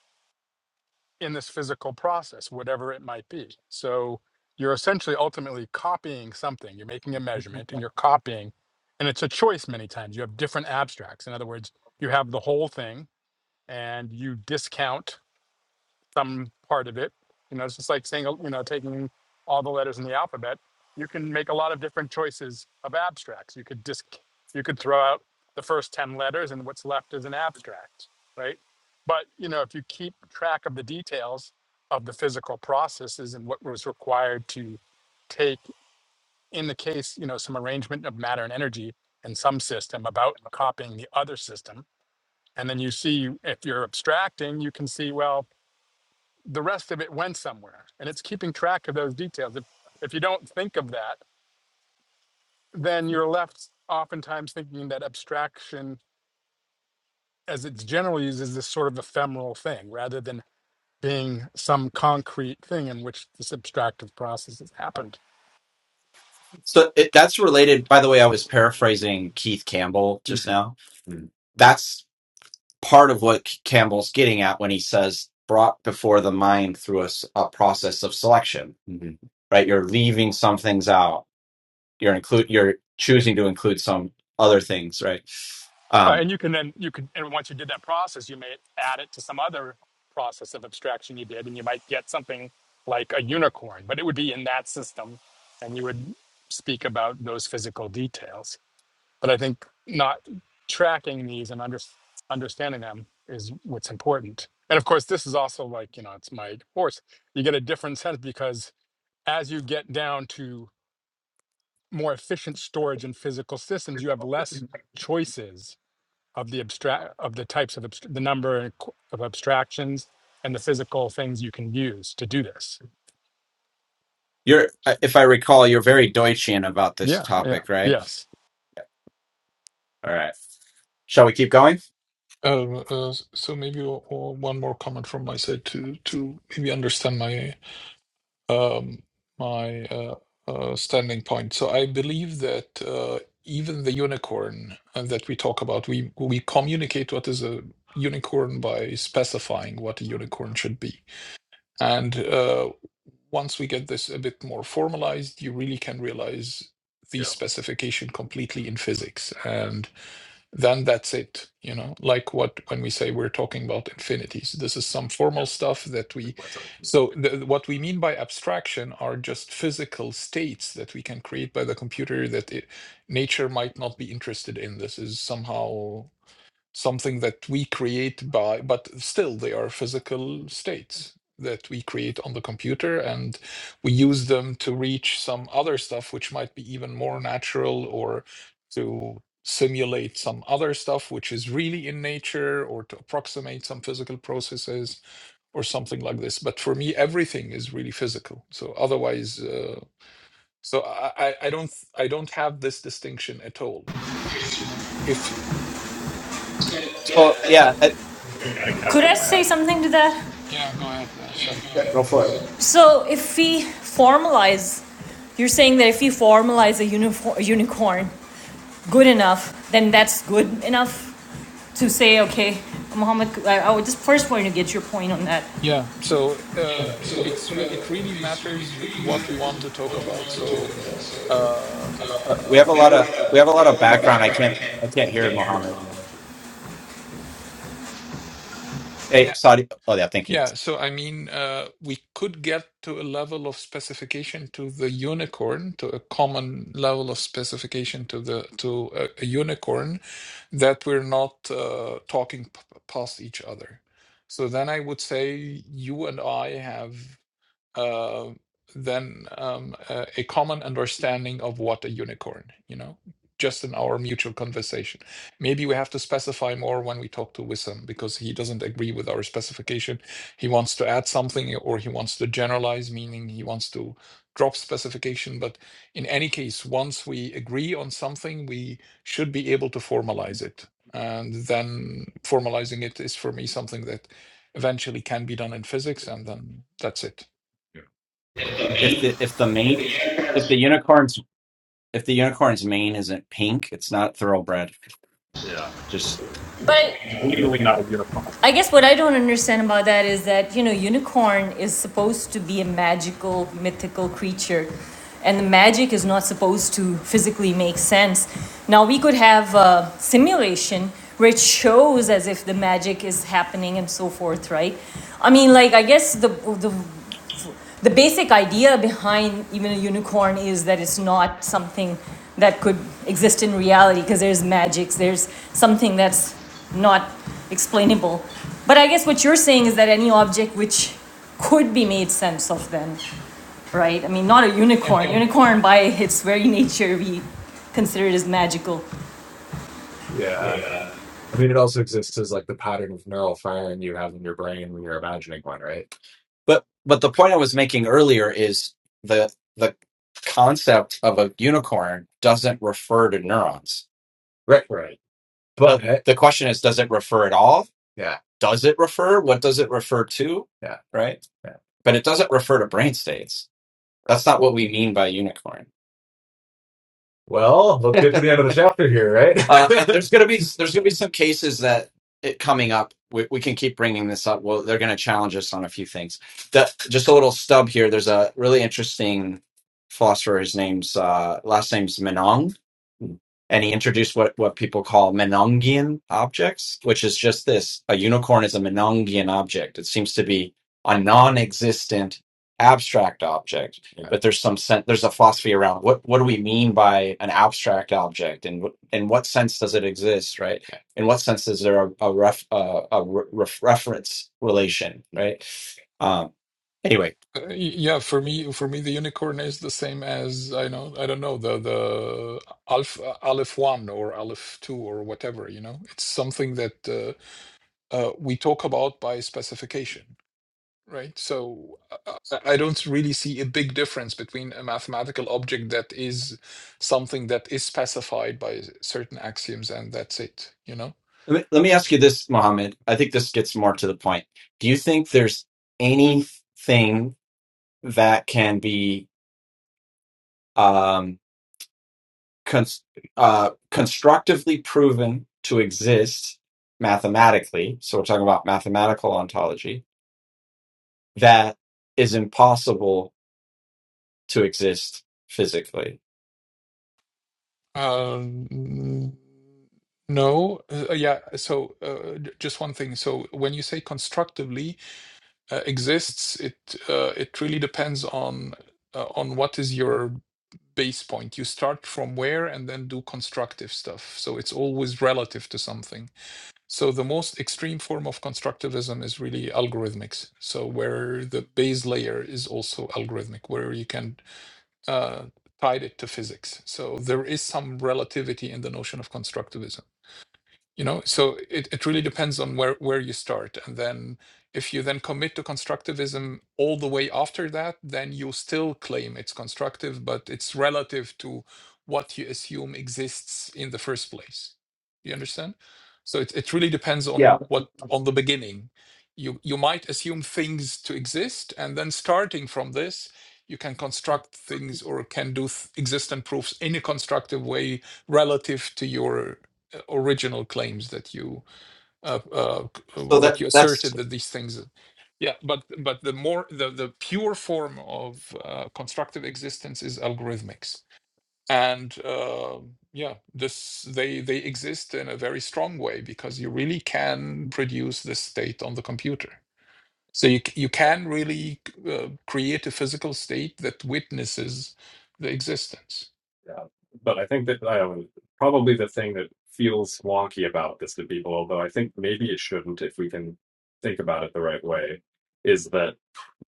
[SPEAKER 5] in this physical process, whatever it might be. So you're essentially ultimately copying something. You're making a measurement and you're copying, and it's a choice many times. You have different abstracts. In other words, you have the whole thing and you discount some part of it. You know, it's just like saying, you know, taking all the letters in the alphabet. You can make a lot of different choices of abstracts. You could disc, you could throw out the first 10 letters and what's left is an abstract, right? But, you know, if you keep track of the details of the physical processes and what was required to take, in the case, you know, some arrangement of matter and energy in some system about copying the other system. And then you see if you're abstracting, you can see, well, the rest of it went somewhere and it's keeping track of those details if if you don't think of that then you're left oftentimes thinking that abstraction as it's generally used is this sort of ephemeral thing rather than being some concrete thing in which this abstractive process has happened
[SPEAKER 1] so it, that's related by the way i was paraphrasing keith campbell just now that's part of what Campbell's getting at when he says brought before the mind through a, s- a process of selection, Mhm. right? You're leaving some things out. You're include. You're choosing to include some other things, right?
[SPEAKER 5] Uh,
[SPEAKER 1] Um,
[SPEAKER 5] and you can then you could and once you did that process you may add it to some other process of abstraction you did and you might get something like a unicorn but it would be in that system and you would speak about those physical details But I think not tracking these and under, understanding them is what's important. And of course, this is also like, you know, it's my horse. You get a different sense because as you get down to more efficient storage in physical systems, you have less choices of the abstract of the types of abst- the number and qu- of abstractions and the physical things you can use to do this.
[SPEAKER 1] you're, uh, if I recall, you're very Deutschian about this
[SPEAKER 5] Yeah, yeah,
[SPEAKER 1] topic, right?
[SPEAKER 5] yes.
[SPEAKER 1] All right. Shall we keep going?
[SPEAKER 3] Uh, uh, so maybe o- o- one more comment from my side to to maybe understand my um, my uh, uh, standing point. So I believe that uh, even the unicorn uh, that we talk about, we we communicate what is a unicorn by specifying what a unicorn should be. And uh, once we get this a bit more formalized, you really can realize the
[SPEAKER 1] Yeah.
[SPEAKER 3] specification completely in physics. and then that's it you know like what when we say we're talking about infinities this is some formal stuff that we so the, what we mean by abstraction are just physical states that we can create by the computer that it, nature might not be interested in this is somehow something that we create by, but still they are physical states that we create on the computer and we use them to reach some other stuff which might be even more natural or to simulate some other stuff which is really in nature or to approximate some physical processes or something like this but for me everything is really physical so otherwise uh, so I, I I don't i don't have this distinction at all you know if
[SPEAKER 1] So yeah, I-
[SPEAKER 4] Could I say something to that?
[SPEAKER 3] yeah go ahead uh, Seb.
[SPEAKER 1] yeah, go for it.
[SPEAKER 4] So if we formalize, you're saying that if we formalize a uniform, unicorn good enough, then that's good enough to say, okay, Muhammad, I, I would just first want to get your point on that.
[SPEAKER 3] Yeah, so uh,
[SPEAKER 4] Yeah,
[SPEAKER 3] i-
[SPEAKER 4] so uh,
[SPEAKER 3] it's re it really
[SPEAKER 4] it's really
[SPEAKER 3] matters
[SPEAKER 4] three
[SPEAKER 3] what
[SPEAKER 4] matters
[SPEAKER 3] we want to
[SPEAKER 4] of
[SPEAKER 3] talk
[SPEAKER 4] what we
[SPEAKER 3] about.
[SPEAKER 4] want to talk
[SPEAKER 3] So,
[SPEAKER 4] about. So
[SPEAKER 3] uh,
[SPEAKER 4] uh,
[SPEAKER 1] Uh, we have
[SPEAKER 4] uh,
[SPEAKER 3] uh,
[SPEAKER 1] a
[SPEAKER 4] we
[SPEAKER 1] lot
[SPEAKER 4] have a
[SPEAKER 1] of
[SPEAKER 4] lot
[SPEAKER 1] we have a
[SPEAKER 4] of we
[SPEAKER 1] lot
[SPEAKER 4] have a
[SPEAKER 1] of
[SPEAKER 4] lot of
[SPEAKER 1] background. I
[SPEAKER 4] background. I
[SPEAKER 1] can't
[SPEAKER 4] can't
[SPEAKER 1] I can't
[SPEAKER 4] I
[SPEAKER 1] hear
[SPEAKER 4] can't hear it.
[SPEAKER 1] Mohammed. Hey,
[SPEAKER 3] yeah,
[SPEAKER 1] Saudi. Oh yeah, thank you.
[SPEAKER 3] yeah. So, I mean, uh, we could get to a level of specification to the unicorn, to a common level of specification to the to a, a unicorn, that we're not uh, talking p past each other. So then I would say you and I have. uh, than um, a, a common understanding of what a unicorn, you know, just in our mutual conversation. Maybe we have to specify more when we talk to Wissam because he doesn't agree with our specification. He wants to add something or he wants to generalize, meaning he wants to drop specification. But in any case, once we agree on something, we should be able to formalize it. And then formalizing it is for me something that eventually can be done in physics, and then that's it.
[SPEAKER 1] Yeah.
[SPEAKER 4] It's the
[SPEAKER 1] If
[SPEAKER 4] main,
[SPEAKER 1] the if the main
[SPEAKER 4] the
[SPEAKER 1] if the
[SPEAKER 4] unicorns.
[SPEAKER 1] unicorns if the unicorn's mane isn't pink, it's not thoroughbred. Yeah. Just
[SPEAKER 4] But
[SPEAKER 1] Legally not a unicorn.
[SPEAKER 4] I guess what I don't understand about that is that, you know, unicorn is supposed to be a magical, mythical creature. And the magic is not supposed to physically make sense. Now, we could have a simulation where it shows as if the magic is happening and so forth, right? I mean, like, I guess the, the the basic idea behind even a unicorn is that it's not something that could exist in reality because there's magics, there's something that's not explainable. But I guess what you're saying is that any object which could be made sense of then, right? I mean, not a unicorn. Unicorn by its very nature we consider it as magical.
[SPEAKER 1] Yeah. I mean, it also exists as like the pattern of neural firing you have in your brain when you're imagining one, right? but but the point I was making earlier is the the concept of a unicorn doesn't refer to neurons. Right. Right. But But the question is, does it refer at all? yeah, Does it refer? What does it refer to? yeah, Right? yeah. But it doesn't refer to brain states. That's not what we mean by unicorn. Well, let's get to the end of the chapter here, right? Uh, and right? there's gonna be there's gonna be some cases that it coming up. We, we can keep bringing this up. Well, they're gonna challenge us on a few things. That just a little stub here. There's a really interesting philosopher. His name's uh, last name's Menong and he introduced what, what people call Menongian objects, which is just this. A unicorn is a Menongian object. It seems to be a non-existent abstract object, Yeah. but there's some sense, there's a philosophy around what, what do we mean by an abstract object and what, in what sense does it exist, right? Yeah. In what sense is there a, a ref, uh, a re- ref- reference relation, right? Um, anyway,
[SPEAKER 3] Uh, y- yeah, for me, for me, the unicorn is the same as I know, I don't know, the the Alf Aleph one or Aleph two or whatever. You know, it's something that uh, uh, we talk about by specification right? So uh, uh, I don't really see a big difference between a mathematical object that is something that is specified by s- certain axioms and that's it, you know?
[SPEAKER 1] let me, let me ask you this, Mohammed. I think this gets more to the point. Do you think there's anything? that can be um, cons- uh, constructively proven to exist mathematically. So we're talking about mathematical ontology that is impossible to exist physically.
[SPEAKER 3] Um, no, uh, yeah. So uh, j- just one thing. So when you say constructively, uh, exists, it uh, it really depends on uh, on what is your base point. You start from where and then do constructive stuff. So it's always relative to something. So the most extreme form of constructivism is really algorithmics. So where the base layer is also algorithmic, where you can uh, tie it to physics. So there is some relativity in the notion of constructivism you know so it, it really depends on where where you start and then if you then commit to constructivism all the way after that then you still claim it's constructive but it's relative to what you assume exists in the first place you understand so it, it really depends
[SPEAKER 1] Yeah.
[SPEAKER 3] on what on the beginning you you might assume things to exist and then starting from this you can construct things or can do th- existent proofs in a constructive way relative to your uh, original claims that you uh, uh,
[SPEAKER 1] So
[SPEAKER 3] that
[SPEAKER 1] that
[SPEAKER 3] you
[SPEAKER 1] that's
[SPEAKER 3] asserted that these things yeah but but the more the the pure form of uh, constructive existence is algorithmics and uh, yeah this they they exist in a very strong way because you really can produce this state on the computer so you, c- you can really uh, create a physical state that witnesses the existence
[SPEAKER 1] Yeah. But I think that I probably the thing that feels wonky about this to people, although I think maybe it shouldn't if we can think about it the right way, is that.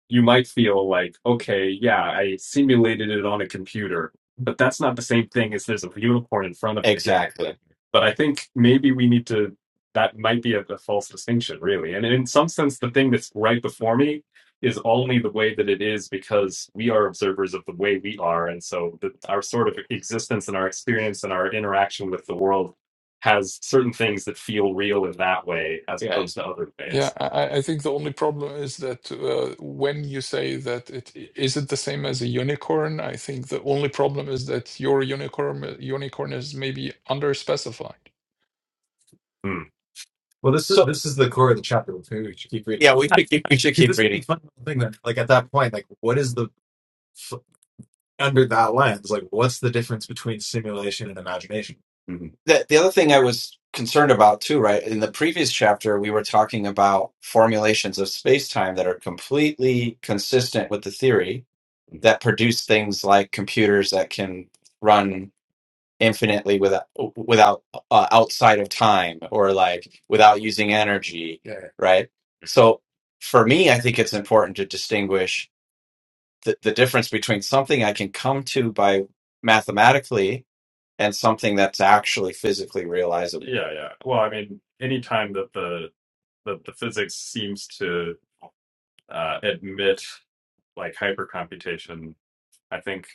[SPEAKER 1] you might feel like, okay, yeah, I simulated it on a computer, but that's not the same thing as there's a unicorn in front of me. Exactly. But I think maybe we need to, that might be a, a false distinction, really. And in some sense, the thing that's right before me is only the way that it is because we are observers of the way we are. And so the, our sort of existence and our experience and our interaction with the world has certain things that feel real in that way as Yeah. opposed to other
[SPEAKER 3] Yeah,
[SPEAKER 1] ways.
[SPEAKER 3] I, I I think the only problem is that uh, when you say that it i- is it the same as a unicorn, I think the only problem is that your unicorn unicorn is maybe underspecified.
[SPEAKER 1] Hmm. Well, this is So this is the core of the chapter. We should keep reading. yeah, we should keep, we should keep this is the reading. the fun thing that, like, at that point, like, what is the f- under that lens? Like, what's the difference between simulation and imagination? Mhm. The, the other thing I was concerned about too, right? In the previous chapter, we were talking about formulations of space time that are completely consistent with the theory that produce things like computers that can run infinitely without without uh, outside of time or like without using energy Yeah. right so for me i think it's important to distinguish the, the difference between something i can come to by mathematically and something that's actually physically realizable Yeah, yeah. Well, I mean, anytime that the that the physics seems to uh, admit like hypercomputation I think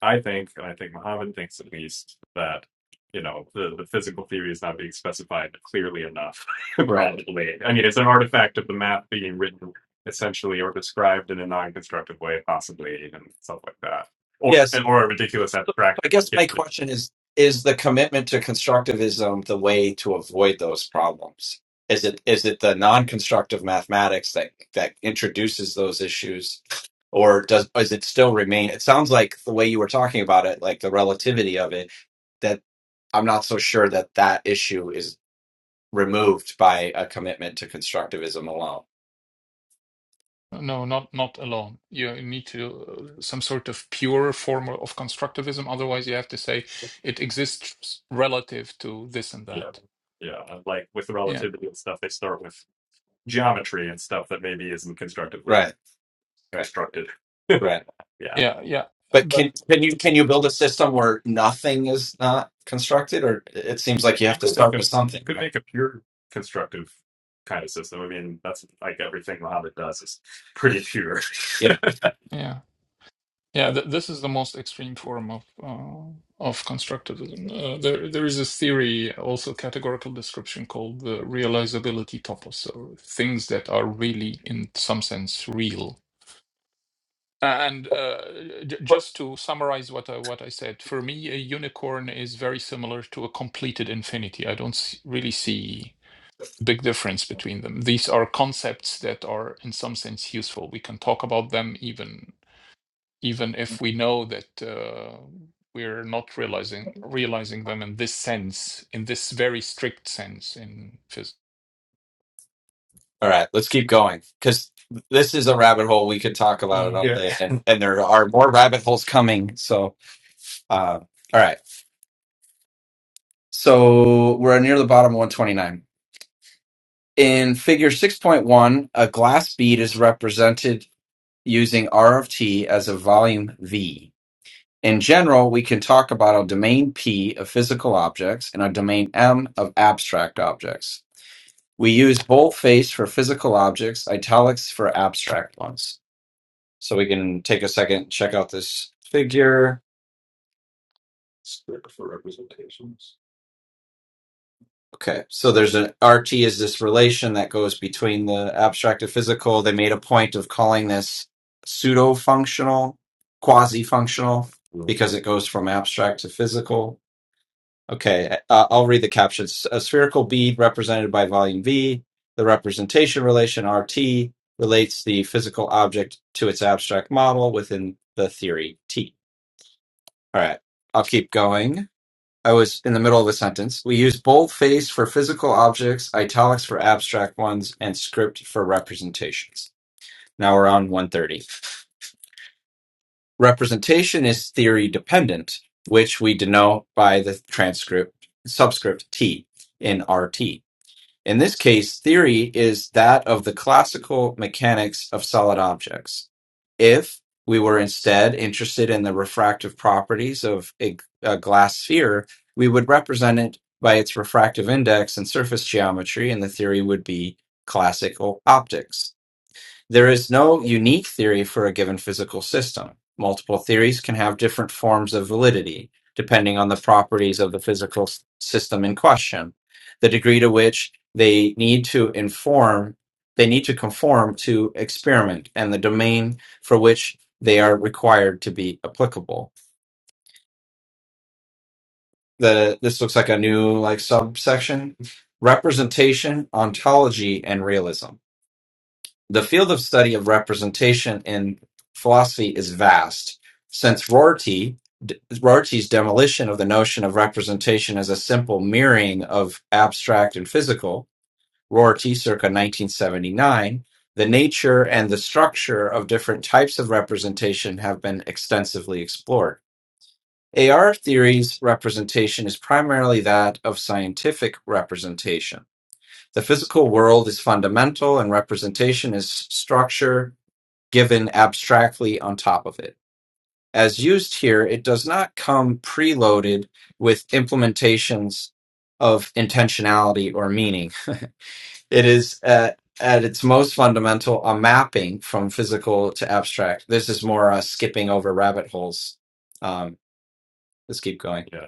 [SPEAKER 1] I think, and I think Muhammad thinks at least, that you know the the physical theory is not being specified clearly enough. Right. probably, I mean, it's an artifact of the math being written essentially or described in a non-constructive way, possibly, and stuff like that, or Yes. and- or a ridiculous So abstraction. I guess Yeah, my question is is the commitment to constructivism the way to avoid those problems? Is it is it the non-constructive mathematics that that introduces those issues or does is it still remain it sounds like the way you were talking about it like the relativity of it that i'm not so sure that that issue is removed by a commitment to constructivism alone
[SPEAKER 3] No, not not alone. You need to uh, some sort of pure form of constructivism. Otherwise, you have to say it exists relative to this and
[SPEAKER 1] Yeah.
[SPEAKER 3] that.
[SPEAKER 1] Yeah. And like with the
[SPEAKER 3] Yeah,
[SPEAKER 1] relativity and stuff, they start with geometry and stuff that maybe isn't constructively right right constructed. right yeah.
[SPEAKER 3] yeah, yeah.
[SPEAKER 1] But
[SPEAKER 3] But
[SPEAKER 1] can can you can you build a system where nothing is not constructed, or it seems like you have to could make start a with something, could right? make a pure constructive kind of system. I mean, that's like everything Mohammed does is pretty pure. Yep.
[SPEAKER 3] yeah. Yeah,
[SPEAKER 1] Yep.
[SPEAKER 3] th this is the most extreme form of uh, of constructivism. Uh, there, there is this theory, also categorical description, called the realizability topos, or things that are really, in some sense, real. Uh, And uh, j just to summarize what I, what I said, for me, a unicorn is very similar to a completed infinity. I don't s really see a big difference between them. These are concepts that are, in some sense, useful. We can talk about them even even if we know that uh, we're not realizing realizing them in this sense, in this very strict sense in physics.
[SPEAKER 1] All right, let's keep going because this is a rabbit hole. We could talk about it
[SPEAKER 3] Yeah.
[SPEAKER 1] all yeah. day, and and there are more rabbit holes coming. So, uh, all right. So we're near the bottom of 129. In Figure 6.1, a glass bead is represented using R of T as a volume "V". In general, we can talk about a domain "P" of physical objects and a domain "M" of abstract objects. We use boldface for physical objects, italics for abstract ones. So we can take a second, check out this figure. Script for representations. Okay, so there's an RT is this relation that goes between the abstract and physical. They made a point of calling this pseudo functional, quasi functional, because it goes from abstract to physical. Okay, uh, I'll read the captions. A spherical bead represented by volume V, the representation relation RT relates the physical object to its abstract model within the theory T. All right, I'll keep going. I was in the middle of a sentence. We use boldface for physical objects, italics for abstract ones, and script for representations. Now we're on 130. Representation is theory dependent, which we denote by the transcript subscript T in RT. In this case, theory is that of the classical mechanics of solid objects. If we were instead interested in the refractive properties of a, a glass sphere, we would represent it by its refractive index and surface geometry, and the theory would be classical optics. There is no unique theory for a given physical system. Multiple theories can have different forms of validity, depending on the properties of the physical s- system in question, the degree to which they need to inform, they need to conform to experiment, and the domain for which they are required to be applicable. The, this looks like a new like subsection representation ontology and realism The field of study of representation in philosophy is vast, since Rorty, d- Rorty's demolition of the notion of representation as a simple mirroring of abstract and physical, Rorty circa 1979, the nature and the structure of different types of representation have been extensively explored. AR theory's representation is primarily that of scientific representation. The physical world is fundamental, and representation is structure given abstractly on top of it. As used here, it does not come preloaded with implementations of intentionality or meaning. It is at, at its most fundamental a mapping from physical to abstract. This is more uh, skipping over rabbit holes. Um, let's keep going. Yeah.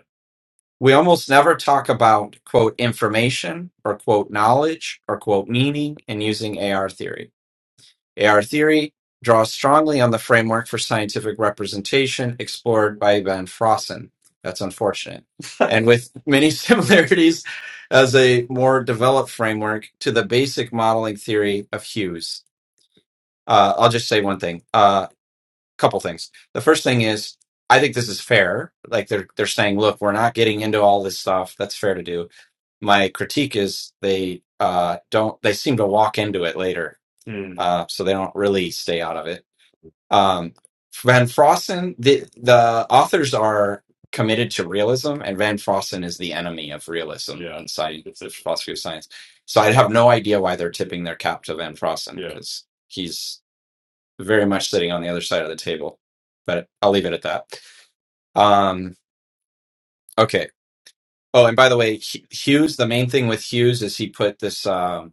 [SPEAKER 1] We almost never talk about quote information or quote knowledge or quote meaning in using AR theory AR theory draws strongly on the framework for scientific representation explored by Van Frossen. That's unfortunate. And with many similarities as a more developed framework to the basic modeling theory of Hughes. Uh, I'll just say one thing, a uh, couple things. The first thing is, I think this is fair. Like they're they're saying, look, we're not getting into all this stuff. That's fair to do. My critique is they uh, don't. They seem to walk into it later, Hmm. uh, so they don't really stay out of it um, Van Frossen, the the authors are committed to realism, and Van Frossen is the enemy of realism Yeah, in science, the philosophy of science. So I'd have no idea why they're tipping their cap to Van Frossen yeah. because he's very much sitting on the other side of the table. But I'll leave it at that. Um, okay. Oh, and by the way, Hu- Hughes. The main thing with Hughes is he put this. Um,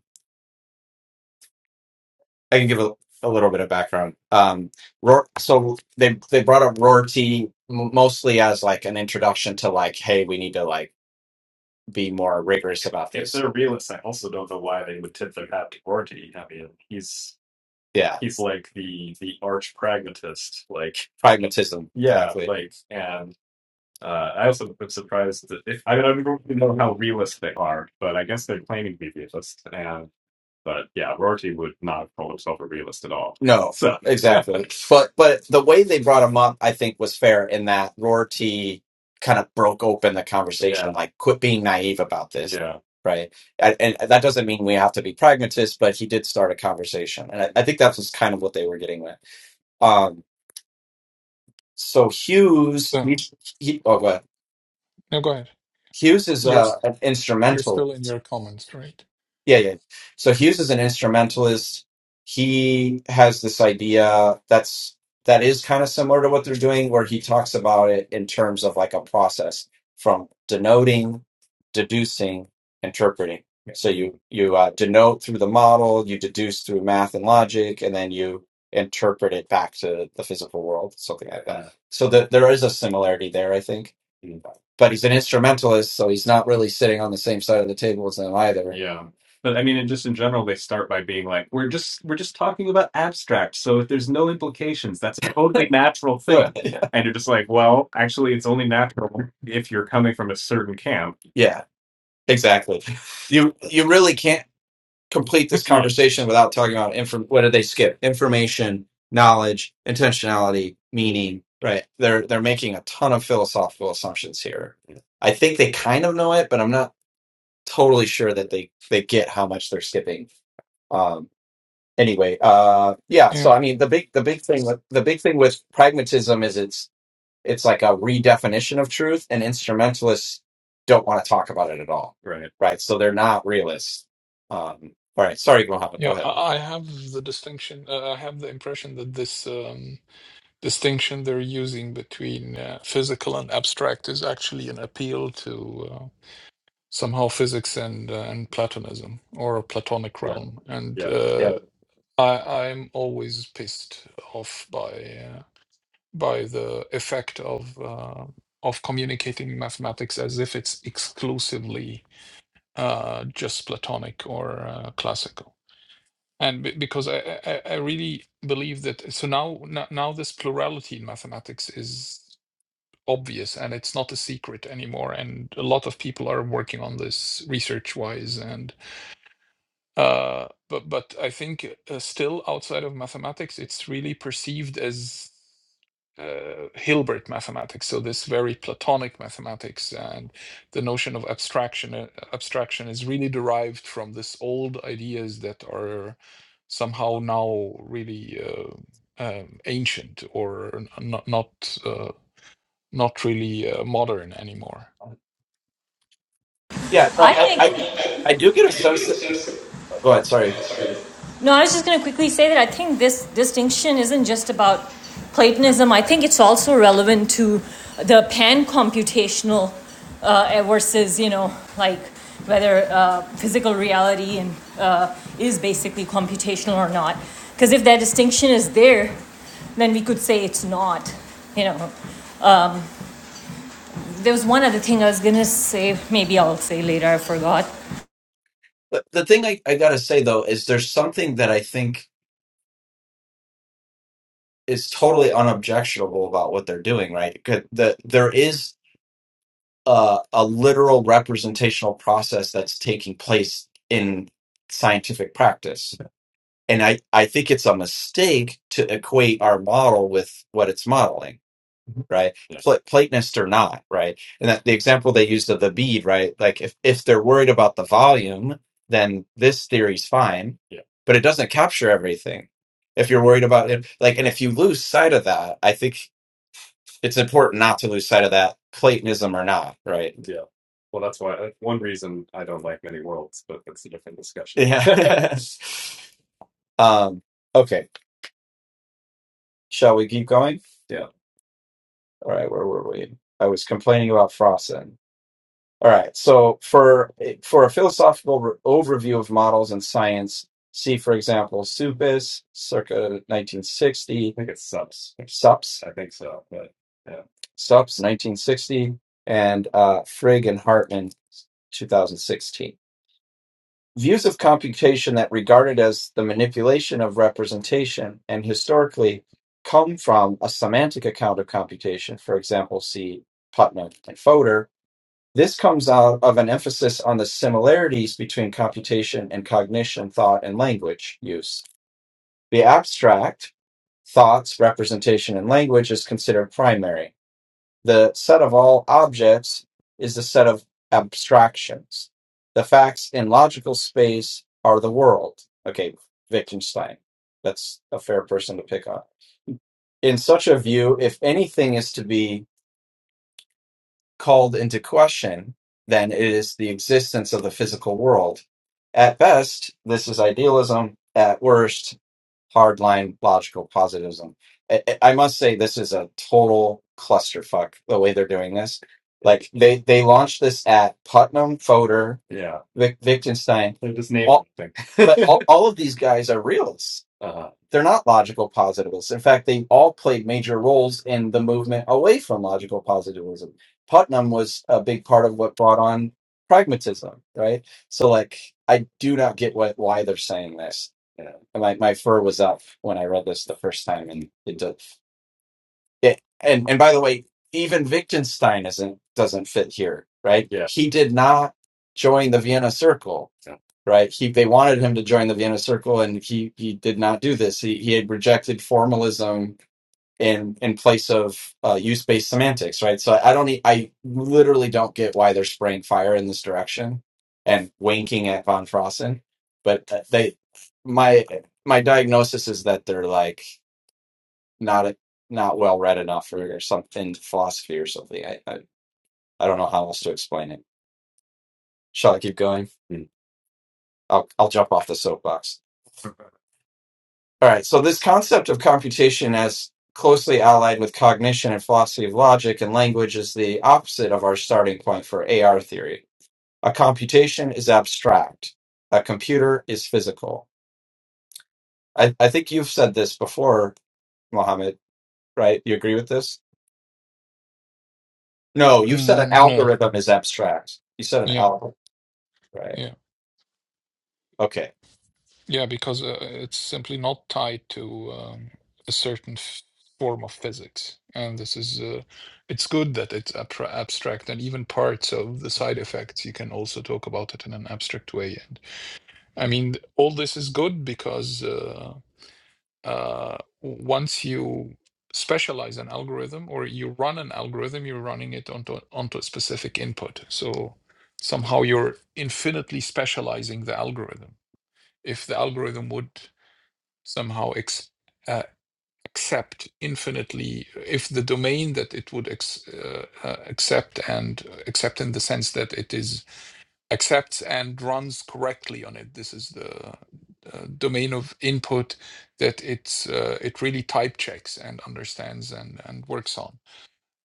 [SPEAKER 1] I can give a, a little bit of background. Um, Roar, so they they brought up Roar T m- mostly as like an introduction to like, hey, we need to like be more rigorous about If this. they're realists, I also don't know why they would tip their hat to Rorty. I mean, he's Yeah, he's like the the arch pragmatist. Like, pragmatism, yeah, exactly. like, and uh, I also am surprised that if I mean I don't really know how realist they are, but I guess they're claiming to be realists. But yeah, Rorty would not call himself a realist at all. No, So exactly. But but the way they brought him up, I think, was fair in that Rorty kind of broke open the conversation, yeah, like quit being naive about this, yeah, right? And, and that doesn't mean we have to be pragmatists, but he did start a conversation, and I, I think that was kind of what they were getting at. Um, so Hughes, he,
[SPEAKER 3] So
[SPEAKER 1] he, oh, go ahead.
[SPEAKER 3] no, go ahead.
[SPEAKER 1] Hughes is
[SPEAKER 3] You're
[SPEAKER 1] uh,
[SPEAKER 3] s-
[SPEAKER 1] an
[SPEAKER 3] you're still in
[SPEAKER 1] instrumentalist
[SPEAKER 3] your comments, right?
[SPEAKER 1] Yeah, yeah. So Hughes is an instrumentalist. He has this idea that's that is kind of similar to what they're doing, where he talks about it in terms of like a process from denoting, deducing, interpreting. So you you uh, denote through the model, you deduce through math and logic, and then you interpret it back to the physical world, something like that. So that there is a similarity there, I think. But he's an instrumentalist, so he's not really sitting on the same side of the table as them either but I mean, in just in general, they start by being like, "We're just we're just talking about abstract, so if there's no implications, that's a totally natural thing." yeah. And you're just like, "Well, actually, it's only natural if you're coming from a certain camp." Yeah, exactly. You you really can't complete this conversation without talking about inform. What did they skip? Information, knowledge, intentionality, meaning. Right. They're they're making a ton of philosophical assumptions here. I think they kind of know it, but I'm not totally sure that they they get how much they're skipping um anyway uh yeah so
[SPEAKER 3] Yeah.
[SPEAKER 1] i mean the big the big thing with the big thing with pragmatism is it's it's like a redefinition of truth and instrumentalists don't want to talk about it at all Right. right so they're not realists um all right sorry mohammed go
[SPEAKER 3] Yeah,
[SPEAKER 1] ahead
[SPEAKER 3] I I have the distinction. Uh, I have the impression that this um, distinction they're using between uh, physical and abstract is actually an appeal to uh, somehow physics and uh, and Platonism or a Platonic
[SPEAKER 1] Yeah.
[SPEAKER 3] realm. And
[SPEAKER 1] Yeah.
[SPEAKER 3] uh,
[SPEAKER 1] yeah
[SPEAKER 3] I I'm always pissed off by uh, by the effect of uh, of communicating mathematics as if it's exclusively uh, just Platonic or uh, classical, and be- because I, I I I really believe that so now no- now this plurality in mathematics is obvious and it's not a secret anymore, and a lot of people are working on this research wise and. Uh, but but I think uh, still outside of mathematics, it's really perceived as uh, Hilbert mathematics. So this very Platonic mathematics and the notion of abstraction uh, abstraction is really derived from this old ideas that are somehow now really uh, um, ancient or n- not not uh, not really uh, modern anymore.
[SPEAKER 1] yeah no
[SPEAKER 4] I
[SPEAKER 1] i i,
[SPEAKER 4] think
[SPEAKER 1] I do get a sense that, go ahead sorry
[SPEAKER 4] No, I was just going to quickly say that I think this distinction isn't just about Platonism. I think it's also relevant to the pan-computational uh, versus, you know, like whether uh, physical reality and uh, is basically computational or not. Because if that distinction is there, then we could say it's not. You know, there was one other thing I was going to say. Maybe I'll say later. I forgot.
[SPEAKER 1] The, the thing I, I gotta say though is there's something that I think is totally unobjectionable about what they're doing, right? 'Cause The, there is a, a literal representational process that's taking place in scientific practice. And I, I think it's a mistake to equate our model with what it's modeling, right? Pla- Platonist or not, right? And that the example they used of the bead, right? Like if, if they're worried about the volume, then this theory's fine, but it doesn't capture everything. If you're worried about it, like, and if you lose sight of that, I think it's important not to lose sight of that, Platonism or not, right? Yeah. Well, that's why that's one reason I don't like many worlds, but that's a different discussion. Yeah. um, okay. Shall we keep going? Yeah. All right. Where were we? I was complaining about Frossen. All right. So for for a philosophical re- overview of models in science, see for example Supis, circa 1960. I think it's subs. Sups, I think so, but yeah. Sups, 1960, and uh, Frigg and Hartman, 2016. Views of computation that regarded as the manipulation of representation and historically come from a semantic account of computation. For example, see Putnam and Fodor, this comes out of an emphasis on the similarities between computation and cognition, thought, and language use. The abstract, thoughts, representation, and language is considered primary. The set of all objects is the set of abstractions. The facts in logical space are the world. Okay, Wittgenstein. That's a fair person to pick on. In such a view, if anything is to be called into question, then it is the existence of the physical world. At best, this is idealism. At worst, hardline logical positivism. I, I I must say this is a total clusterfuck the way they're doing this. Like they they launched this at Putnam, Fodor, yeah, Vic, Wittgenstein. They just named all, everything. but all, all of these guys are realists. Uh-huh. They're not logical positivists. In fact, they all played major roles in the movement away from logical positivism. Putnam was a big part of what brought on pragmatism, right? So, like, I do not get what why they're saying this. And my my fur was up when I read this the first time, and it does. It and and by the way, even Wittgenstein isn't doesn't fit here, right? Yeah. He did not join the Vienna Circle, Yeah. right? He they wanted him to join the Vienna Circle, and he he did not do this. He he had rejected formalism in in place of uh, use based semantics, right? So I don't, e- I literally don't get why they're spraying fire in this direction and winking at von Frossen, but uh, they, my my diagnosis is that they're like not not well read enough or, or something philosophy or something. I, I I don't know how else to explain it. Shall I keep going? Hmm. I'll I'll jump off the soapbox. All right, so this concept of computation as closely allied with cognition and philosophy of logic and language is the opposite of our starting point for AR theory. A computation is abstract, a computer is physical. I, I think you've said this before, Mohammed, right? You agree with this? No, you said an
[SPEAKER 3] Mm, no.
[SPEAKER 1] algorithm is abstract. You said an
[SPEAKER 3] Yeah.
[SPEAKER 1] algorithm, right?
[SPEAKER 3] yeah.
[SPEAKER 1] Okay,
[SPEAKER 3] Yeah, because uh, it's simply not tied to um, a certain f form of physics. And this is, uh, it's good that it's abtra abstract, and even parts of the side effects, you can also talk about it in an abstract way. And I mean, all this is good because uh, uh, w- once you specialize an algorithm or you run an algorithm, you're running it onto onto a specific input. So somehow you're infinitely specializing the algorithm if the algorithm would somehow ex- uh, accept infinitely if the domain that it would ex- uh, uh, accept and accept in the sense that it is accepts and runs correctly on it this is the uh, domain of input that it's uh, it really type checks and understands and and works on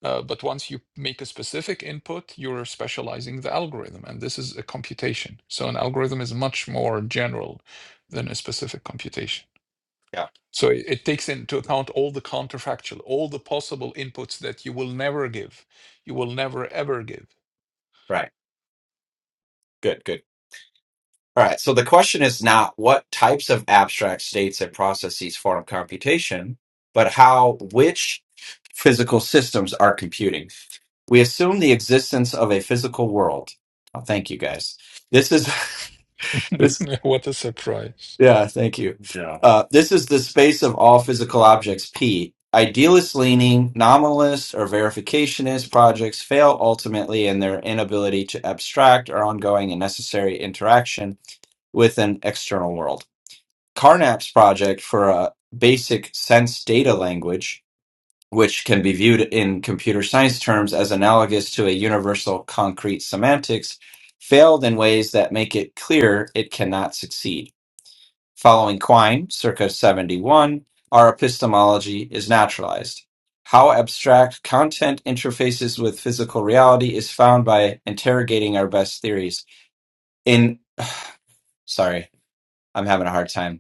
[SPEAKER 3] uh, but once you make a specific input you're specializing the algorithm and this is a computation so an algorithm is much more general than a specific computation
[SPEAKER 1] yeah,
[SPEAKER 3] so it, it takes into account all the counterfactual, all the possible inputs that you will never give. You will never ever give.
[SPEAKER 1] right. Good, good. All right. So the question is not what types of abstract states and processes form computation, but how which physical systems are computing. We assume the existence of a physical world. Oh, thank you, guys. This is this.
[SPEAKER 3] what a surprise.
[SPEAKER 1] Yeah, thank you. Yeah. Uh, this is the space of all physical objects. P. Idealist leaning, nominalist, or verificationist projects fail ultimately in their inability to abstract our ongoing and necessary interaction with an external world. Carnap's project for a basic sense data language, which can be viewed in computer science terms as analogous to a universal concrete semantics, failed in ways that make it clear it cannot succeed. Following Quine, circa 71, our epistemology is naturalized. How abstract content interfaces with physical reality is found by interrogating our best theories. In, sorry, I'm having a hard time